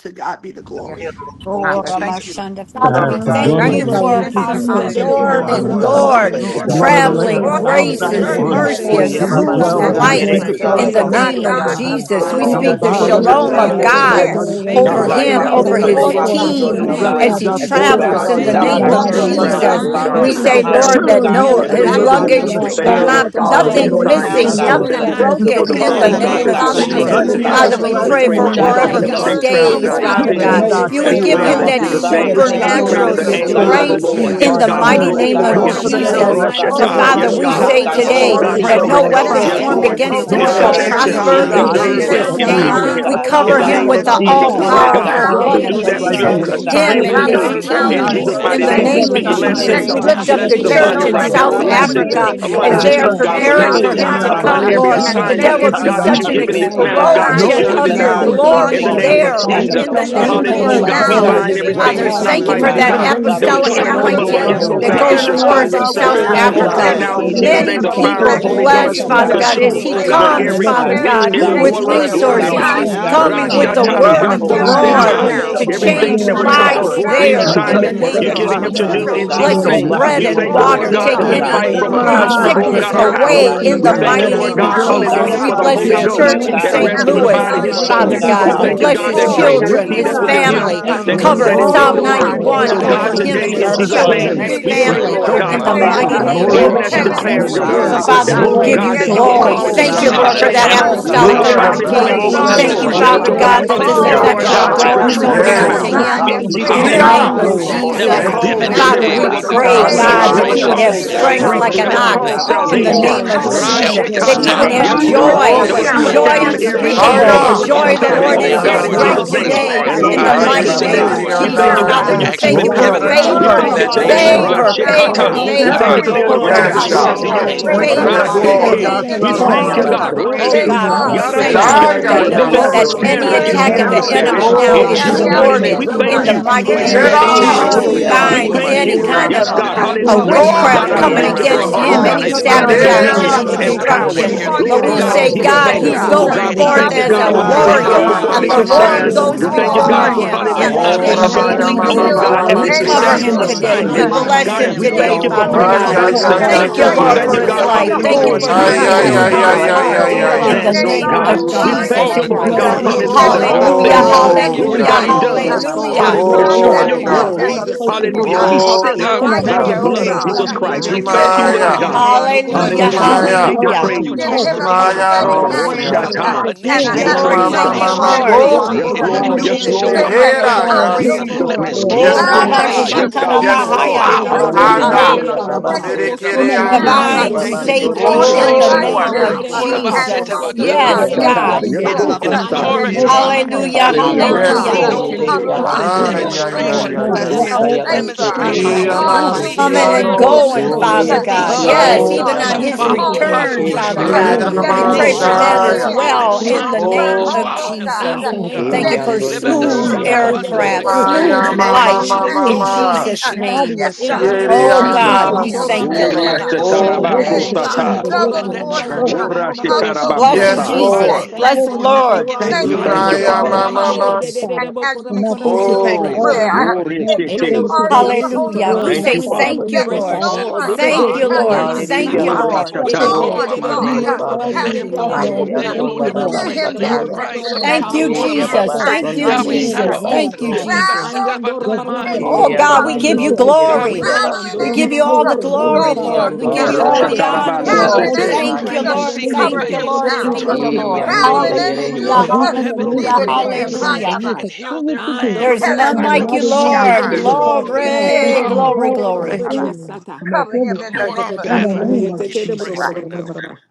To God be the
Yes.
Yeah,
glory.
Lord. Thank you,
Lord,
Father,
my
thank you,
Jesus.
Lord.
Shonda. Father,
Uh,
Hallelujah.
we
Cover
the
God
Father,
Sando
in
blood
thank
the
of
Thank
name
May
right
you
you
of
for
Father,
for
Jesus.
Jesus
we
roboria
give
over
sending,
you
the
Apostle
sanda
praise
de
house
now,
and
of
de
Thank you,
the
de
hallelujah,
de
honor
Lord,
and
shine,
corra
Jordan,
Apostle
for
you
God.
bro
Lord God,
bless
bro
we
bro
Lord,
Jordan,
you.
extending
thank
We
the
you,
his
ya
Lord,
thank
God,
blood
you,
of
for
the
santo
your
Father
borders
que
traveling
Lamb,
bro
God,
forth
son.
bro
as
bro
a
Psalms
in
bro
the
Hallelujah,
that
graces,
manda
Lord
name
you
servant
de
of
91,
have
de
God.
de
and
mercy,
an
bro
a
called
he
Oya
bro
The
Jesus.
you.
who
bro
son
smooth
Yes,
bro
ambassador
dwells
manda
and
Jordan,
babandonde
Father,
Apostle
in
and
God,
the
we
we
dia
flight
messenger.
thank
Jordan
pray,
you,
secret
santa
yerehia
God,
we
de
God,
that
in
place
forward
de
the
of
baba
at
no
the
thank
de
you.
this
Most
Our
hallelujah,
name
de
High
for
time,
of
soya.
the,
God
oh
God
of
God.
your
the
Jesus. We
Thank
harm,
We
shall
call
kingdom,
and
thank
Apostle
speak
Ondia
the
the
you that
abide
we
purpose
Razan
you
under
that
soya,
the
no,
you
shalom
decree
have
opened
and
of
God,
uh,
the
for
in
shadow
his
the
of
thing,
door,
the
God
name
life.
declare
of
Almighty
Jordan,
doorways
Jesus,
you
And
oh
for
over
that
God.
and
for
the
his
Yes,
God.
right
your
him,
traveling
Father,
steps
We
now,
we
hand
over
are
in
of
gateways
say
the
uh,
of
cover
and
the
the
his
mercies.
name
no
of
ordered
Lord,
Apostle
protection
and
by
portals
Jesus,
weapon
in
for
He's
the
team
Jordan,
your
oh
him
we
you,
formed
to
O
name
God,
pray
of
as
God,
refuge,
against
he
travel
our
him
as
to
he
that,
shall
Jesus.
Lord
fortress,
travels
God,
travels
station
and
our
in
you
to
that
would
the
prosper
Thank
in
he
South
you,
give
the
in
God.
the
name
them
Lord
of
Him
mighty
Oh,
walks
safe
Africa,
will
God.
in
let
oh
church.
name of
God,
travels,
God.
Jesus.
on
Lord
Jesus.
divine
God,
Father,
We
Hallelujah.
We
to
be the
plead
trust.
say,
the
South
purpose and
Everything
blood
Hallelujah.
pilot,
of
Lord,
No
oh
Africa.
that
grace.
we
Surely
Jesus
He
God,
no,
in
will
In
thank
the
enemy
over
you,
the
mechanical
his
name
him,
name
Father,
of
deliver
of
Father.
we
thought
him
failures
Father
he
or
Jesus,
from
luggage
Jesus,
the
thank
we
you
God,
oh
for
thank
will
you,
snare
God.
of
the
breakdown
planned
the
that
not,
with
Lord
the
has
you
God,
been
fowler,
for
Father,
the
the
we
authority
travel
planes.
nothing
and
thank
We
his
that
noisome
you
you,
assignment.
oh
Bless
thank
team
missing,
have
you,
God,
him,
that
We
for
canceled
is
pestilence.
given
Lord
Lord.
thank
nothing
you
blessing
unto
God.
that
him
traveling
Cover
You
to
him.
with
him.
for
shall
broken
get
the
him,
there
Peace
in
cover
in
the
purpose,
the
Father.
him
on
safely,
with
God,
oh
name
And
name
that
His
those
of
you
of
God.
have
Father,
We
Give the
feathers.
as
Protect
planes
thank
him
Jesus.
he
in
entrusted
blood
you,
the
Jesus.
on
to
oh
of
his
Underneath
God,
God,
him.
name
for
thy
of
Jesus
Father,
that you
we
traveled
over
go
And
blessing
we
the
assignment.
Jesus.
him
pray
A
everlasting
pray
to
for
that
before
to
you
wings
proper
airplane,
have
would
a
shall
him,
give
wherever
he
Father
him
he
You
takeoff.
God,
trust.
safe
Johannesburg,
said,
productive
for
making
travel,
trip,
South
We
the
Except
His
stays,
the
God,
oh
his
thank
truth
crooked
God,
Father
you
Lord
in
from
the
the
shall
Africa,
God.
be
build
team
for
the
places
name of
thy
nose
this
You
as
we
would
day,
straight,
all
house,
a
Jesus,
the
shield
oh
way
give
they
and
well
pray
him
that
God.
God.
proper
down
in
that
to
Jesus'
buckler,
the
now.
labor
landing.
Father,
in
uh,
rudder,
In
we
name.
the
which
thank
Father
you
name
thou
We
for
of
vain
we
shalt
There
the
God,
pray
that
that
for
not
supernatural
Jesus,
is
be
the
the
plead
your
people, oh
build
the
it.
God,
angels
glory
afraid
that
blood
of
of
blood
to
he
the
of
the
the
strength
of
will
Lord,
wings,
terrors
to
yes,
in
the
and
impart
the
Jesus
Jesus
by
God,
time
would
We
you
night
mighty
into,
go
over
oh
see
Except the
name
thank
the
his
before
you,
God.
of
nor
whole
Lord
Lord.
him.
Lord
for
life,
covers
keep
the
We
the
God,
uh,
him
in
together
thank
the
arrow
you,
Jesus.
city,
oh
that
Rosh
the
mighty
God, for
So,
flies
over
name
over
Hashanah,
watchman
by
those
of
the
every
Father,
who
yes,
Wash
are
day,
we
waketh
over
God.
there,
flight,
nor
but
oh
Jesus.
him
in
say
oh
for
and
God,
the
his
Thank
that
God,
vain.
you,
will
Oh,
today
like
We
We
Lord
God,
over
thee,
pestilence
church,
pray
receive
know
that
God
that
every
that
cover
for
him,
no
Father,
the
his
that
the
walks
will
him.
in
those
weapon
other
that
that
Yes,
labor
are
connection,
receive
as
is
formed
his
darkness,
not
travel,
their
Lord,
going
in
passages,
with
keep
no
against
him,
over
vain.
him
the
ministry,
Father,
him,
nor
oh
the
the
for
every
shall
God.
the
God.
soles
other
protect
of
air,
their
him,
atmosphere,
Strengthen
meeting,
prosper
In
the
God,
destruction
the
feet
them.
the
that
in
And
God,
hit
we
the
and
atmosphere,
preserve
name
dead
the
land,
wastes
ask
the
him,
every
you,
Jesus'
of
at
ground,
Father,
it
God,
sea.
name.
noon.
Jesus,
give
empower
stratosphere,
that
oh
them
divine
becomes
him.
We
A
God.
holy
the
In
cover
the
thousand
Father,
him
name
shall
ground.
we
wisdom
with
of
encounter
you
We
the
thank
fall
would
on
you
troposphere,
the
Jesus,
and
that
all
for
thank you
you
his
protect him,
Father,
glory
side,
Shandalamasa.
to
life,
for
are
it
ten
God,
the
powerful
God.
discernment
this
We
allowed
thank
brother
to
blood
day
thousand
you
to
in
at
and
for
of
that
the
do
you
thy
that
what
Jesus
come
would
you're
which
right
name
be
you
Jesus,
of
forth.
insight
doing,
cousins,
have
hand,
uh,
oh
if
his
you
God.
Jesus.
We
but
him
assigned
it
know
and
thank
him
and
a
you
will
to
for
Father,
his
not
do.
Thank
every
word,
cousins,
you
vanguard,
for
come
God, of
surround
the
In
open
Father.
his
nigh
team
him
door,
Jesus'
him.
angels
with
oh
of
in
mighty
the
the
He's a
advancing
name,
God
encouragement
Lord
we
Only
blood
name
with
angels
speak
of
thy
in
of
force,
the
in
Jesus
encamping
the
eyes
over
Jesus.
name
round
blessings,
name
We
shall
protection.
of
he
of
that
Uh,
lift
ground,
you
see
about
would
up
such
blessings
them
and
Jesus,
be
the
there.
a
and
oh
his
Let
place
Jesus.
behold
going
upon
God.
church
no
of
the
him
in
rear
right
Father,
tears
before
guard
now,
weapon
South
oh
reward
God,
of
from
them.
the
that
the
form
God,
you
You
would
we
blessings
get
go
wicked.
against
the
Africa
airport
thank
and
him.
you,
and
the
you
oh
before
upon
Back
as
And
his
Uh,
God.
they
them.
glory
are
protect
team,
because
We
the
hotel,
he
God,
May
has
front
thank you,
the
preparing
and
made
God
and
the
Hallelujah,
place
the
for
Lord
the
blessings
where
that
him
back.
Lord
the
you
God,
to
in
thy
have
the
to
prosper.
We
honor
upon
come,
Uh,
promises
go
pray,
mighty
of
That
and
every
refuge,
you
to
Lord,
Father
name
go
God
even
of
are
be,
the
And
that
assignment.
let
out
there
Most
of
yea
before
will
Jesus,
if
and
his
every
High
him,
be
you
God,
in
that
thy
you
that
you.
such
meet
life,
you've
tongue
an
with
pave
the
a
given
rebuking
Amen,
that
this
oh
habitation,
way,
man
pastor
of
of
God.
the
out
fires
God
of the
and
church
Lord,
to
That
rises
that
explosion
no
do
the
you
in
church,
over
of
attacks
make
this
the
your
against
of
blessings
there
God.
evil
of
the
hour.
him,
the
crooked
shall
Lord
God,
road
inside,
enemy.
In
glory
the
make
in
We
befall
it
straight,
airport,
him,
name
take
rich
the
of
and
there
Lord,
judgment, uh,
that you
Father,
addeth
authority
neither
Jesus.
in
no
the
be
shall
That
over it
You
as
advance
in
you
sorrow
any
get
the
him
name
the
to
of
now
his
travel
name
Hallelujah,
on
in
condemned
plague
the
life,
glory
of
God.
in
the
come
oh
We
mighty
now
God.
name
Jesus.
near
In
Jesus.
roads
of
the
his
bind
in
and
Jesus'
Thank
in
the
name
the
the
Jesus.
of
everything
dwelling.
Father,
We
name.
name
that's
Lord.
of
Jesus,
not
darkness
thank
thank
For
you
oh
you,
and
Be a
like
in
for
you
Jesus.
the
you,
God.
Lord
give
that
Uh,
cloud
his
night,
God,
Hallelujah.
God, in
by
the
Father,
that
day
angels
We
would
we
as
name
apostolic
he
of
today,
try
thank
to
you for
Lord,
goes
charge
come
Jesus,
cancel
up
because
being
that
over
through
Have
anointing
there's
every
they'll
against,
your
be
not
oh
him.
Jehovah
that
much
way,
Keep
God,
for
it
Jireh,
plan
the
this
goes
led
your
in
oh
God.
of
by
the
all
the
son,
God,
forth
Shandalamahaya.
nations,
your
in
thy
for
Lord.
enemy,
Spirit
South
servant.
of
uh,
ways,
We
Have
Yes,
O
providing
We
God,
it's
your
thank
his
you
God.
where
pray
Africa.
to
every
every
right
way
now
go,
Tiko
in
need
now
Bear
Jesus'
when
Odarabasi.
Rabba
spirit
to
according
Many
name,
him
of
the
up
to
Shika
go,
your
in
fire of
in
people
their
the
the
riches
even
Tora
we
and
Holy
name
distraction,
hands,
of
Rabba
according
thank
Ghost.
lest
glory,
every
you,
blessed,
oh
to
he
Father
Lord
Kanda
God,
your
spirit
in
Jesus.
God,
of
God,
dashes
the
in the
as
word,
Bata.
his
Consume,
name
he
oh
foot
Lord.
of
mighty
God,
against
name
delay.
of
the
Father,
comes,
Jesus,
Ah,
every
oh
let
Bless,
Father
stone.
your
God.
Jesus,
God.
witch,
Every
spirit
God,
He
every
Father,
word
divine
bless
of
will
is
with
we
shatalamanduku.
danger
warlock.
thank
tread
going
that
prophecy
you,
in
would
oh
You
Glory
and
upon
direction
it's
to
a
God,
said,
and
for
resources.
being
try
God.
coming
safe
He's
to
Blessed
strength
lion
is the
and
out.
released
the
come,
travels
in
coming
the
adder.
with
God,
Rasha
there
nation
and
the
name
whose
of
and
The
knowledge
word
back,
God
we
be
is
of
young
the
oh
Jesus.
the
tarabako
cancel
God,
lion
Be
Lord,
and
and
out
in
within
a
the
Lord
seta.
the
him.
dragon
now.
to
shall
Yes,
name
people
he
of
And
whom
His
Lord.
he
Everything
change
have
trample
your
that
Jesus,
would
oh
journey,
try
God
to
chosen
God.
will
oh
lives
underfoot.
abort
for
We
God,
the
It's
his
continue
thank
And
to
shall
there
you
be
own
for
going
in
because
the
bless
the
assignment
in
he
and
the
it's
work
set
work
name
you're
that
his
of
of
peaceful.
inheritance,
he
coming
his
love
Uh,
giving
Lord.
will
him
out,
And
to
as
Jesus.
God.
upon
do,
he
hands.
do
In
oh
in
the
him,
goes
you're
to
God,
name
going
Jesus'
Bless
to
Lord,
of
break
his
let
shalom,
name.
the
while
deliver
the
ground
bread
people
We
Jesus,
he
him, O
is
and
thank
come
and
and
you,
God.
shalom
over
Lord
water.
of
till
there,
rejoice
God,
Take
You're
that
and
oh
going
ground
be
God.
we
have
to
your
God,
any
fight
and
way,
glad
set
in
from
him
a
the
Uh,
because
on
plow
Lord.
eh,
uh,
through
high
posture,
name
you
and
God,
oh
of
it
because
sickness
God,
he
of
have
has
shall
pioneer,
Jesus, oh
be
we
set
away
power.
God.
known your
in
things
We
release
the
a
Yeah,
in
name.
thank
Father,
productive
you,
yeah,
mighty
order
da
and
grace,
Lord
da
keep
in
name
He's
this
ma
of
God,
his,
going
wall
we
life
to
oh
of
God,
call
Jesus.
powerful
release
hallelujah,
shanda.
his
uh,
We
for
fire
the
upon
church
bless
you.
Holy
here
around
his
You're
supplications,
going
in
Ghost
family,
we
them.
oh
church
according
in
to
South
to
that
the
God,
release
answer
St.
rests
him.
and
Africa,
within the
prayers,
You're
his
going
Yeah,
Louis.
to
body,
Lord.
Father.
of
na
be
loved
apostolic
his
na na
with
ones,
And
I
him
ma
we
oh
Father
soul.
in
prophetic
thank
God.
We
exhort,
God.
uh,
you,
We
thank
trouble
Lord,
city.
you,
Lord,
through
bless
Hallelujah.
God,
In
his
to
the
that
for
call
name
that
greater
of
is
intercessions,
is
children,
deliver
the
Lord,
he
Jesus,
and
that
his
on
that's
work
oh
his
that
within
God.
thanks
honor
you
Yeah,
him
be
have
him
life.
family,
na
Uh,
As
na
Thank
made
given
he
you
and
na
than
for
him
ma
for
to
he
went
goes
your
that
covered
to
all
is
do,
do
the
in
spirit
city.
Psalm
oh
the
your
men.
church
We
work,
and
God,
leading
world.
the
oh
give
in
Oh,
them
you
long
91
and
yeah,
the
So,
God,
building
life
to
praise
Lord,
of
God,
over
name
And
I
the
do
will
for
of
I
guiding
you
him
go
your
and
them.
today
see.
Apostle
in
will,
on
spirit,
his
oh
Jesus,
Jesus'
uh,
down
God,
satisfy
Rasan
Your
in
here.
the
spirit
children,
hand
name,
him
and
name
and
his
the
of
we
the
Thank you,
we
Jesus,
and
pray,
Lord.
decree
oh
physical,
family,
assignment
and
Lord
on
show
God.
his
God,
in
him
Thank
so
the
you
life.
your
for
declare
your
Father,
mighty
hallelujah,
uh,
body
Ah!
can
cover
covering
name
that
Yes,
and
that
glorious
of
even as he
Father.
the
protect
collectively
him,
heaven
be
oh
declares
Jesus.
is
Oh
your
Yahshua,
God.
airwaves,
God,
oh
there
So,
we
word,
of
your
open.
God,
Father,
that,
Jesus,
thank
to
the
uh,
we
Hallelujah.
you.
oh
protection.
give
learn
you
God,
land
to
glorious
that
there's
be
Encamp
an
you
Oh
your
will
and the
glory.
taught
Lord,
of
angels
salvation,
you
open
cause
are
O
sea,
Thank
round
oh
you,
you,
heaven
God.
sending
Lord,
God.
about
a
for
all
in
him
Jesus,
the
and
Thank you,
that
keep
Rashata,
him
general
North
The
Lord.
Jesus.
to
covered
God,
apostolic
Father.
a
under
Johannesburg.
blood,
the
Uh,
the
Yeah,
nations.
fiery
Be
huh.
the
In
not
blood
blood
the
of
by
anointing.
Hey,
Oh,
flame,
strength
a
Lord,
name
of
God,
let
of
their
in
bless
in
Jesus,
Thank
shunning,
this
the
the
you,
not
him.
sword.
by
lives.
Jesus,
glory
Father
my
name
So
general,
region
let
of
God,
after
God,
Lord,
there
that
heart,
you're
that
go
this
Jesus,
call,
hallelujah,
continue
forth
sending
to
O
in
not
Father
Lord
him,
be
by
effectual
God.
God,
God.
God,
Cover,
to
might,
uh,
Father,
door
strength.
we
uh,
not
is
protrude
God.
by
from
thank
unity
Yes,
Let
open
his
him
let
and
Lord,
you.
go
unto
power,
Yes,
and
mouth
we
strength
God.
forth
God,
him
revival
crown
in
in
him with
Hallelujah
the
but
Jesus'
break
in
for
Rebuke
that
the
the
power.
who
name.
crown
you're
out
among
you
of
name
Let
plot,
are,
him
of
those
in
go
for
every
Yes.
moving,
glory
that
that
all
forth
Lord,
That
plan
that
by
will
of
you're
there
in
as
Jesus.
your
place
the
Thank
he
going
you,
to
cause
But,
enemy,
goes
God.
and
do,
demonstration.
spirit,
now.
Father,
oh
God.
Hey,
deliverance,
working
we
that
forth,
Hey,
God.
we
God.
will
O
together
Traveling
In
pray,
decree
God,
cause
the
hey
with
in
Anda
a
the
grace,
God,
healing,
Hallelujah
Success,
name
God,
that
we
that
joy
for
in
will
of
he
nation of
traveling
would
speak
demonstration
all
the
maroko
have
our
that
Jesus,
cause
mercy.
was
name
for
is
South
of
his
sedebe
success.
strength
unspeakable
already
and
Apostle
like
Jesus,
the
breakthrough,
Africa,
been
portion.
anda.
an
that
uh,
will
Jordan,
done, oh
oh
Father.
full
ox
Everything
cause
God.
of
We
that
God.
his
give
Paul,
in
And
you
the
where
glory.
hand
Oh,
salvation.
you
I
Father,
name
also
glory.
we
of
and
touches
The
here
thank
call
at
thank
you,
him
you
to
shall
God.
blood,
safe
Jesus,
home,
the
be
right
Lord,
that
you
now,
We
blood,
build,
he
the
return,
Rashekata,
would
uh,
God.
thank
leading
blood
have
yes,
established.
God,
of
you,
It-
the
in
Lord,
the
strengthen
joy
Jesus
Everything
No
church
the
that
name
that will
his
of
hallelujah.
weapon
covering
here,
Orabosha.
cut
hand
them.
formed
Joy
We
down
Father.
Jesus,
foundation
touches
against
of
We
him
every
that
bless
thank
God.
shall
your
you
shall
be
church,
unspeakable.
that
enemy
The
name.
oh
able
Haya.
to
prosper.
of
everything
joy of
is
the
God.
All
Uh,
Yando
prosper,
heaven,
that
Lord
ya
oh
you
Nedebe
That
is
oh
protected,
Everything,
put
God.
his
no
Hey,
God,
his
in
Lord,
God,
Jesus'
strength
wolves,
hands
with
delegation,
to
Lord,
anamas.
Cover
the
no
as
do,
rabasiande.
name.
your
uh,
today
far
blood,
as
God,
And
the
his
Pastor
like,
spirit,
Lord,
in
[LAUGHS]
we
the
uh,
blood,
eyes
Eh,
the
thank
ya
can
you
mighty
Cedric,
you
Hade
uh,
oh
baba.
blood,
see,
the
name
today.
wolves
God
bless
of
kedebe
of
him,
strengthen
Lord,
the
blood,
We
sheep
the
God,
Give
thank
Jesus.
you,
them
blood.
Lord,
God,
andaya.
ya
clothing,
Father,
we
for
Yes,
we
your
eyes
ask
foundation
A
you
to
no
with
thank
to
keeping
you
your
babasu.
Glory
see,
for
give
spirit
liars
at
it
oh
of
or
power.
the
unto
God,
word.
false
We
and
and
him
Uh,
favor,
keep
in
thank
unity.
top.
him,
ears
you
Onde
that
prophets
to
ya
and
today.
God,
hear.
nation.
in
tongues
strengthen the
Oh.
Hallelujah.
the
favor,
Father,
name
we
to
sonde
of
come
try
ya
favor,
to
Rashekata.
South
Oh
against
foundation
wait
with
We
to
any
Jesus.
thank
masaya.
favor
you
God,
Africa,
for
to
the
plan
oh
take
wisdom,
or
Lord,
over
oh
anointing
things
that
God.
Yes,
we
Onde
programmed
away
Apostle
God.
destroys
God.
send
the
from
your
Oh,
what
And
attack
Jordan,
yokes.
sikiando
you
ya
are
Raise
angels
voice
Lord,
in
up
go
right
the
have
built
the
your
favor
Yes,
now
and
to
forth,
mighty
rabase.
in
way.
the
oh
go
leaders
name
Lord.
established,
of
Rasheke.
of
God,
forth
name of
We
throughout
Jesus,
before
oh
Eki
Father,
thank
him
ya
all
you,
God.
to
Jesus.
intercessors.
And
here
we
Uh,
Mm.
God.
clear a
basonde
pray
Oh
eternity,
Roche.
path.
yere
oh
big
in the
God,
that
ya
you
God.
we
will
United
Lord,
God, uh,
God, I
even
States
The
raise
base.
and
thank
as
continue
you,
up
thank
to
you
Ya
mighty
also
Lord,
men
which
Spirit
ya
for
of
of
strengthen
is
that,
the
ya
Eki
servants,
valor
lifting
Thank
up
Apostle
uh,
you
a
si
that
Lord
established
went
yando
of
for
Jordan,
your
in
before
standard
any
God,
faith.
the
as
yere
against
No
you
David,
attack
wisdom,
ya
servants,
the
Have
of
land
your
Lord,
send
of
the
we
oh
him,
knowledge,
way,
adversary
enemy
God,
masoya.
ask
Africa,
who
Lord,
you
Father
will
now
counsel,
in
Father,
God,
that
is
to
in
your
carry
the
the
might,
Jesus'
out
Lord
mighty
name
angels
of
name.
the
would
thwarted
nations
We
boda.
vision.
go
yando
to
ya
in
Uh,
thank
Jesus,
the
revelation,
you
before
advance your
the
in
mighty
for
the
rabasa.
Apostle
name
Spirit
hey
Father,
kingdom,
of
name
of
oh
expanded
of
spirit
God,
Rasan,
of
God.
backlash
Yera
God,
Jesus.
or
Eti
We
oh
those
that
territory.
In
ya
they
the
that
witchcraft,
would
God.
We
do a
bind
name
sebeki
walk
of
in
thank
mandonde
Jesus.
retaliation.
mighty
any
you.
divination,
Oh,
yere
Jesus,
and,
kind
oh
work,
ya
and
Yes,
of
they
sekianda.
God.
integrity.
that
God.
and
they
Uh,
say
Father,
would
the
a
babaso.
till
creed,
cover
good
the
Hallelujah.
hey
and
him,
and
Mo
ground
evil,
and
God,
God,
witchcraft
and
I
oh
plow
oh
E
will
the
coming
thank
God.
ungodliness,
God.
you
ground
Let
of
and
ando
for,
the
unite
kurebesi.
his
against
ya
uh, uh,
hearts
him,
of the
God,
themselves
eyes
any
uncleanliness,
Lifting
men
be
up
rabase
and
ke
women
together
Father.
expanded
covered,
another
ya
that
oh
as
sabotage,
We
God.
Yes,
dominion
any
Let
listen,
come
babase.
Adea.
him
one
generation,
and
God.
oh
be
uh,
that
against
are
those
God.
going to
Yes,
power.
E
destruction
hear
Lord.
the
enemies
according
but
Glory
sensitive,
to
now,
to
ando
oh
we
word,
God
Yes,
Oh,
in
Father,
your
say,
God,
the
ya
in
to the
Lord,
the
Jesus'
Lord.
will,
that
God,
silver,
ya
they
oh
mighty
name.
will
the
he's
Yes,
spirit
be
God.
name
where
So,
of
gold,
he
Uh,
mamando
Lord.
going
the
God,
will
ya
we
Jesus,
ready.
hear
of
forth
thank
Father,
the
you,
diamonds
we
as
of
That
God,
a
say
rabasi.
for
your
God,
God
duration
how
thank
the
of
you
voice,
the
you
Yama
oh
go
E
warrior,
uh,
Divine
wealth
time
of
before
God,
mama
and
and
this,
arise,
the
a
for
purpose
your
e
that
and
mama
you
God
Lord
blessing
son.
e
strange
kingdom
the
dare
of
plans
ke
goes
voice
We
ya
resia.
he
his
even to
will
thank you,
soul
not
That
before
God,
they
uh,
leaves,
God.
enemies
being
would
for
follow,
babasunde
there,
be
be
him
of
ya
God.
that
Father.
hallelujah,
in
re
ready
the
a,
Oh,
to
So
Let
set
scattered.
him
Ora
He
a
name
being
reason
have
ya
of
bless
to
the
forth,
maya
receive,
complete,
coming
mama
transferred
coming
spirit,
in,
oh
Jesus.
of
He
yield,
God,
God,
forth
heart
God
bless
and
of
in
mama
a
We
when
the
it
into
hey
open,
the
name
goes
cover
Ora
of
God,
na
hands
kesi.
successful
him
discernment
na
much
out.
babase.
ma
kingdom.
today.
Jesus.
Glory
in
He
open,
fruit.
the
to
We
assignment
uh,
bless
your
in
Hallelujah.
the
mighty
name,
clean
bless
to
God,
name
land,
and
him
of
He
God.
we
hands and a
bless
It
yield
Ah,
thank
today,
Jesus,
in
you
all
the
pure
is
that
for
ya
he
Father
be
field.
means
bringing
heart,
souls.
Ay
him
uh,
uh,
God.
ya
covered,
back
babasunde
Father
ya
ya
spiritually,
that
Lord,
God,
re
Yes,
God,
are
ya
I
safely.
Thank
ya
ya
you,
thank
on
Lord.
you
We
babase.
ya
physically,
that
saved
Lord,
thank
and
every
for
Yes,
undefiled,
you,
ya.
you
his
God,
Lord.
filled
Lord.
[LAUGHS]
with
side
life.
financially,
the
oh
in
hallelujah,
the
Thank
Clear
E
you
God,
for
Holy
a
Go
in
his
for
in
ti
name
Ghost,
the
the
of
time
Ay
path,
Jesus'
uh,
and
Supernatural
full
ya
ando
Lord,
Jesus,
Do
name.
well
yes
ya
ya
it
armor
right
oh
for
in
ya
of
heart
your
now
his
in
God.
done
ya
the
God
mighty
ya
as
heart
rabasaya.
healed,
name
in
he
Oh,
ya
of
uh,
in
ya.
Father,
goes
glory.
the
we
and
advance,
and
he
oh
Jesus.
thank
name
you,
God
E
God.
of
and
travels,
Lord
ya
We
Father.
God
mind
mama
thank
Jesus
Oh,
you,
let
The
mando
Lord
renewed.
good
blood
Uh,
of
God,
Christ.
Mm.
that
work
ya
Glory,
he
Jesus
come
re
is
from
hallelujah,
ya
let
that
this,
covers
glory,
covered
your
by
all
what
God.
the
he
babaso.
Hallelujah,
eats,
things,
presence
glory.
what
God,
blood.
we
he
rest
Oh
give
glory
you
The
to
hallelujah,
drinks,
God,
blood
he
of
God.
E
praise.
Father.
mightily
ki
The,
ya
uh,
does,
Jesus
mama
goes
Oh,
what is
hallelujah,
we
mando
hallelujah,
the
is
before
bless
him,
upon
your
air,
ya
for
God.
that
re
The
Oh
your
name.
blood
Father
ya
church
of
discernment,
God.
as
glory,
your
God,
a
the
Jesus,
babaso.
place that he
oh
beacon
discernment,
hallelujah, and
uh,
God,
we
God.
Oh,
sleeps.
we
cover
of
seal it
I
God,
even
In
we
got
where
the
Oh
light
by
they'll
thank
mighty
the
God.
there,
you.
oh
blood
name
of
stay,
of
God.
to-
Lord,
Jesus
Uh,
and
We
where
Jesus,
being
Christ. We
they'll
he's
thank you
released
for
give
thank
the
you,
rest
upon
work
Lord
protected
that
Maya,
in
all
He's
the
Apostle
God,
of
and,
going to
them.
name
do.
Jordan
of
Let
and
it
fresh
be
hallelujah,
Jesus, oh
hallelujah.
God.
We
divine
Maya,
revelation.
give
fruitful.
Thank
[LAUGHS]
you
Uh,
you
Uh,
health
for
is
hallelujah.
the
his
You
give
told him
praise.
him
to
protection
portion,
a
be
of
Father
God.
Maya
fruitful
God.
prophetic
and
The
Ah,
prayers
Let
Rosia,
multiply.
accuracy
of
the
the
uh,
Roshata,
A
people
righteous
and
We
Thank
nation
hear,
an
A
give
and
you,
a
you
availeth
Father
Lord.
and
Mama
company
praise,
of
God,
much,
delegation
Thank
apostolic
oh
God.
you,
of
nations
God.
that
Mama
shall
strength,
your
Lord.
be
oh
unity.
of
Ko,
Word
Father,
will
Yes,
God,
thee,
uh,
doing a
and
continue
Lord,
to
new
Ramando
yes,
kings
over
thing
shall
and
there
equip
come
that
Lord.
out
and
of
new
thy
thing
Mihera
In
by
empower
loins.
his
your
Uh,
springing
Yasi.
Jesus'
Let
hands,
people.
forward
this
name,
Lord,
in
that
Oh,
the
Yes,
king, [LAUGHS]
it
uh,
is
mighty
Lord.
Rabba
Father,
this
set
Roshata,
name
we
of
yes,
in
general,
Shaka
God,
go
place
call
Yes,
forth
there
for
in
a
Jesus.
Lord.
In
for
power.
Abba
your good
refresher.
Kundi
hallelujah.
uh,
Haga,
Oh.
ando
pleasure,
ya
Father God.
refresh his
Shandilalabaha.
rabase.
In
spirit
Mirikiri
the
Oh,
E
mighty
now,
Father,
ki
name
uh,
ya
we
Andas.
of
divine
thank you
Jesus,
In
we
babando
today,
thank
safety
oh
ya
restore
you,
his
God,
in
re
Lord,
the
ya
that
for
you
demonstration.
Oh,
body
your
I
name
babaso.
grace,
cover
of
now,
thank
your
uh,
you,
Ora
God.
favor,
and
Apostle
baseta
Jesus.
Jordan.
badala
your
multiply
Yes,
Yedrakata,
every
makatala
blessings,
Ondia
God.
and your
sete
resource,
in
Yedoboko
uh,
fruitfulness
It's
sta.
and
yandia
your
se
and may
authority,
mercy,
his
Lord.
Hallelujah,
not in
obedience,
We
eya
Hallelujah.
oh
word and
Yes,
continue
God,
only
bandonde
deed
hallelujah.
uh,
to
you
Lord.
can
only,
yere
do,
but
prosper
God.
unlock
In
in
the
Ah,
him,
name
yabasoya
new
of
yeah, yeah,
Jesus,
Lord
we
demonstration.
doors
yeah,
God, and
bless
let
Let
uh,
him.
yes.
of
ota
the
all things
In
yabasete
favor,
the
uh,
continue to
demonstration of
be
the Holy
yandia
mighty,
God,
Ghost
established
so
new
be
mighty
his
Coming
Eero
doors
and
of
name
strength.
Romani
according to
going,
Dias
Iamasianosia.
your
Lord, you
influence.
Father
ondia
said
Uh,
word,
Soto
these
Father
Ramade
God.
siki
de
of
God.
yeah,
de
ando
Yes,
signs
de de
even
God,
Jesus.
And
as
on
shall
you
we
Ramana
have
his
de
thank
yarabase
de
follow
you,
de
called
Oh,
him
de
to
Lord,
de
the
Ramana
return,
Apostle
that
Father
kingdom.
the
eshi
Uh,
Rasan.
God.
Dias
In
Lord
the
and
We
amandonde
yes,
name
that our
of
These
pray
yere
Lord,
for
establishes
Witches
and
and
that
Jesus.
signs,
as
Miramashaya.
when
warlocks
uh,
let
yababasoya
well
being
he
your
in the
signs
brought
and
church,
return
name
wonders
Oh,
down
of
home,
follow
now.
oh
him
God,
In
now,
Jesus.
the
uh,
oh
Father
name
God.
of
Thank you
God.
let
eya
for
his
Jesus,
andonde
Each
yere
Shondo
smooth
return uh,
individual
be
aircraft,
yabasoya
Ramadandelebo
with
person,
Koromo
In
smooth
Lord,
the
Maya,
Korobara,
name
testimonies
of
Mama,
of
flight
Righteousness
Mama,
angels
is
in
being
exalts
the
Jesus.
a
Mama,
church,
transformation.
released
the
Jesus'
Uh,
nation,
now.
body
name.
but
of
yes,
In
sin
the
is
God,
a
Christ.
name of
reproach
thank
Oh
for
you
We
any
thank
Jesus,
God,
you,
we
jesus
testimony
people.
Shondo
of
Yerianas.
Father
thank
We
you,
God.
Ramado
come
Uria
Lord.
Roboro
against
Nehemiah.
Oh,
the
Roboro
that
sin of
the
Oh,
that
ba,
work
ba,
setarabako
will
Hey,
ba,
nation.
Mandedededede
God,
continue,
sata.
the
shaka,
Roboro
Lord,
la,
work
Roboro
la,
let
la,
double
will
la,
that
ba, ha,
Mandando
portion
church
ya.
flourish.
uh,
Roboro
Ora
be
Roboro
a
There
of
will
Roboro.
be
your
vessel
shetarabako
Bless him,
glory.
even
yes,
and
sa.
Andanda
a
We
Roboro
more
Roboro.
body
Jesus.
say
Lord.
Thank you
Bless
thank
him,
for
you.
Lord,
your
opening
that
up
Lord.
begins to
entourage
over
Thank
of
Thank
We
you,
there
you
in
thank
Lord.
angels.
for
you,
the
pioneer
what
in
Maya,
you
Soko
that
land
Father.
have
of
Mama,
nation.
called.
Mama.
Africa,
Ramadedededede
Father.
And as
And
Bokoroma
we
I
Oh,
thank
we
you,
give
seal
Koroboro
you
Roboro
Father,
Thank
this
you,
Oh,
praise,
all
Roboro.
prayer
their
God,
Lord.
God.
in the
needs
uh,
are
mighty
Uria
name
met
of
in the
Anoint
shete.
according
Jesus.
to
authority
your
of the
riches and
Holy
Hallelujah.
glory
We
Ghost,
by
Thank
uh,
say
you,
Christ
them
Father.
thank
with
you,
let
Jesus,
fresh
You
Lord.
Father,
no
said, if
oil
my
one,
this
for your
Thank
day
God,
you,
in
people,
the
hey,
glory,
Lord.
name of
because
[LAUGHS]
you
if
Thank
hallelujah
you,
are
my
uh,
Jesus.
our
Ora
Lord.
people which
shata.
are
shepherd,
no
glory
called
Lord.
by
to
one,
my
your
You
God,
name
name,
uh,
make
[LAUGHS] uh,
father
all
let
have
Thank
things
you,
the
him go
upper
Lord.
possible, and
forth
Andi
hand.
we
Uh,
there,
ando
thank
Lord,
you,
and
But
Lord,
give
proclaim the
him
And you
name
that
of
have
yarabasataya
a
uh,
Christ, [LAUGHS] uh,
plan
that
and
Thank
a
he
the
Cause
you,
their
Lord of
need
eya
purpose
in
eyes
Jesus.
hosts,
for
to
[LAUGHS] uh,
Thank
times
you,
babasonde
see
like
and
each
Yahweh
and
their
yere
these.
every
Uh,
Jesus.
ears to
one,
Sabaoth.
Thank
[LAUGHS] uh,
you,
yabaso
hear.
Father.
Rebbe
Jesus.
Sete
Travel
The
Vandelemai.
wisdom,
Oh,
eya
Father,
God, we give
is
angel,
you
for
babandonde
our
yere
God,
good.
we
glory.
thank
Traveling
you.
We
yabaso
We
give you
angels,
all
praise
uh,
the
your name,
go
glory,
Ondi
Father,
Lord.
forth
We
ando
You
give
ya
for
you
said
Aro
now.
if
all
all
they
Uh,
raba
would
the
that you're
humble
siki
honor,
ya
doing,
shetarabako
baba
Endo
Traveling
themselves
Lord.
all the
sete.
and
things
Thank
that
angels,
usataya.
you,
you
pray
uh,
and
Lord.
seek
continue
your
to
Thank
cover
you,
do.
him
face
Lord.
and
We
now.
Thank
Uh,
turn
thank
you,
from
you,
their
E
wicked
Lord.
Father
ando nde
Traveling
God,
ways,
yerehi
you will
ya
Hallelujah.
and
heal
angels,
baba
uh,
from
reaching the
heaven,
sonde
be
Hallelujah.
with
nations,
forgive their
yerehi
him.
Father God, that
sins,
Hallelujah.
you
and heal
Hayabasha.
continue
their
to
and
do.
land.
There's
ya
none
In
Shalom,
Lord,
the
mando
like
let
you,
this
ya
mighty name
raba
soldier
of
Thank
Lord.
go
si
you,
Ikelebakosiyama.
Jesus,
Lord.
forth
ando.
Father God,
in
thank
Glory,
you for
power.
glory,
help and
glory.
Thank you,
strength
Ikelebrokoshaba.
Lord.
and
Cover him
The
in the
mobility.
Lord, our
name of our
In
In the
the
banner.
son
name
We
name
of
of
Jesus
give you
the
praise
Jesus,
Christ.
right
thank
now
God.
for it.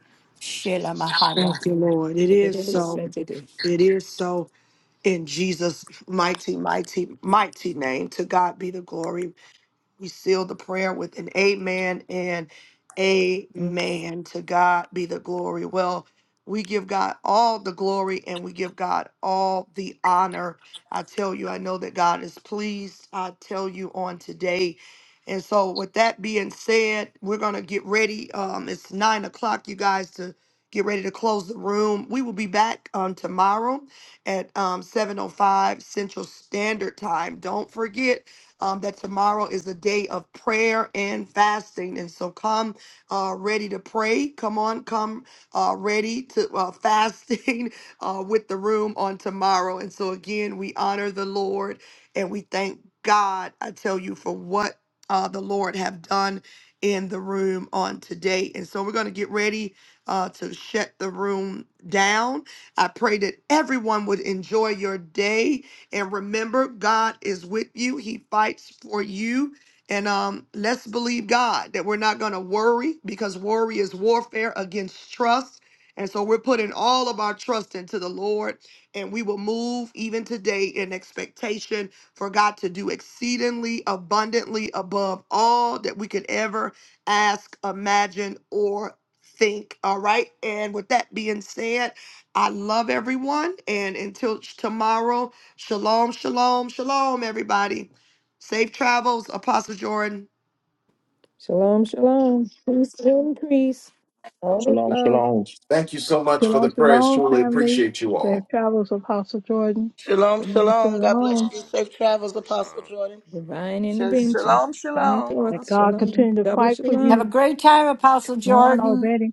In
Shela
Jesus' name.
Mahaya.
Thank you, Lord. It is so. It is so. In Jesus' mighty, mighty, mighty name, to God be the glory. We seal the prayer with an amen and amen. To God be the glory. Well, we give God all the glory and we give God all the honor. I tell you, I know that God is pleased. I tell you on today. And so, with that being said, we're going to get ready. Um, it's nine o'clock, you guys, to get ready to close the room. We will be back um, tomorrow at um, 7.05 Central Standard Time. Don't forget, um, that tomorrow is a day of prayer and fasting. And so come uh, ready to pray. Come on, come uh, ready to uh, fasting [LAUGHS] uh, with the room on tomorrow. And so again, we honor the Lord and we thank God, I tell you, for what uh, the Lord have done in the room on today. And so we're going to get ready uh, to shut the room down. I pray that everyone would enjoy your day. And remember, God is with you. He fights for you. And um, let's believe God that we're not going to worry because worry is warfare against trust. And so we're putting all of our trust into the Lord, and we will move even today in expectation for God to do exceedingly abundantly above all that we could ever ask, imagine, or think. All right. And with that being said, I love everyone. And until tomorrow, Shalom, shalom, shalom, everybody. Safe travels, Apostle Jordan.
shalom. Peace and increase. All of
Shalom,
love,
shalom.
Thank you so
Strength and
much for the
Shalom,
honor,
prayers.
Shalom,
Truly
family,
appreciate you all.
their travels, Apostle Jordan.
Shalom,
Shalom,
honor
shalom. God bless
Shalom.
you.
Apostle
Safe travels, Apostle
Rasan.
Jordan.
divine
Sh-
intervention
Shalom,
coming
shalom.
That
forth.
God
Shalom,
continue to
double
fight for
shalom.
Have a
you,
great time, Apostle
knowing
Jordan.
already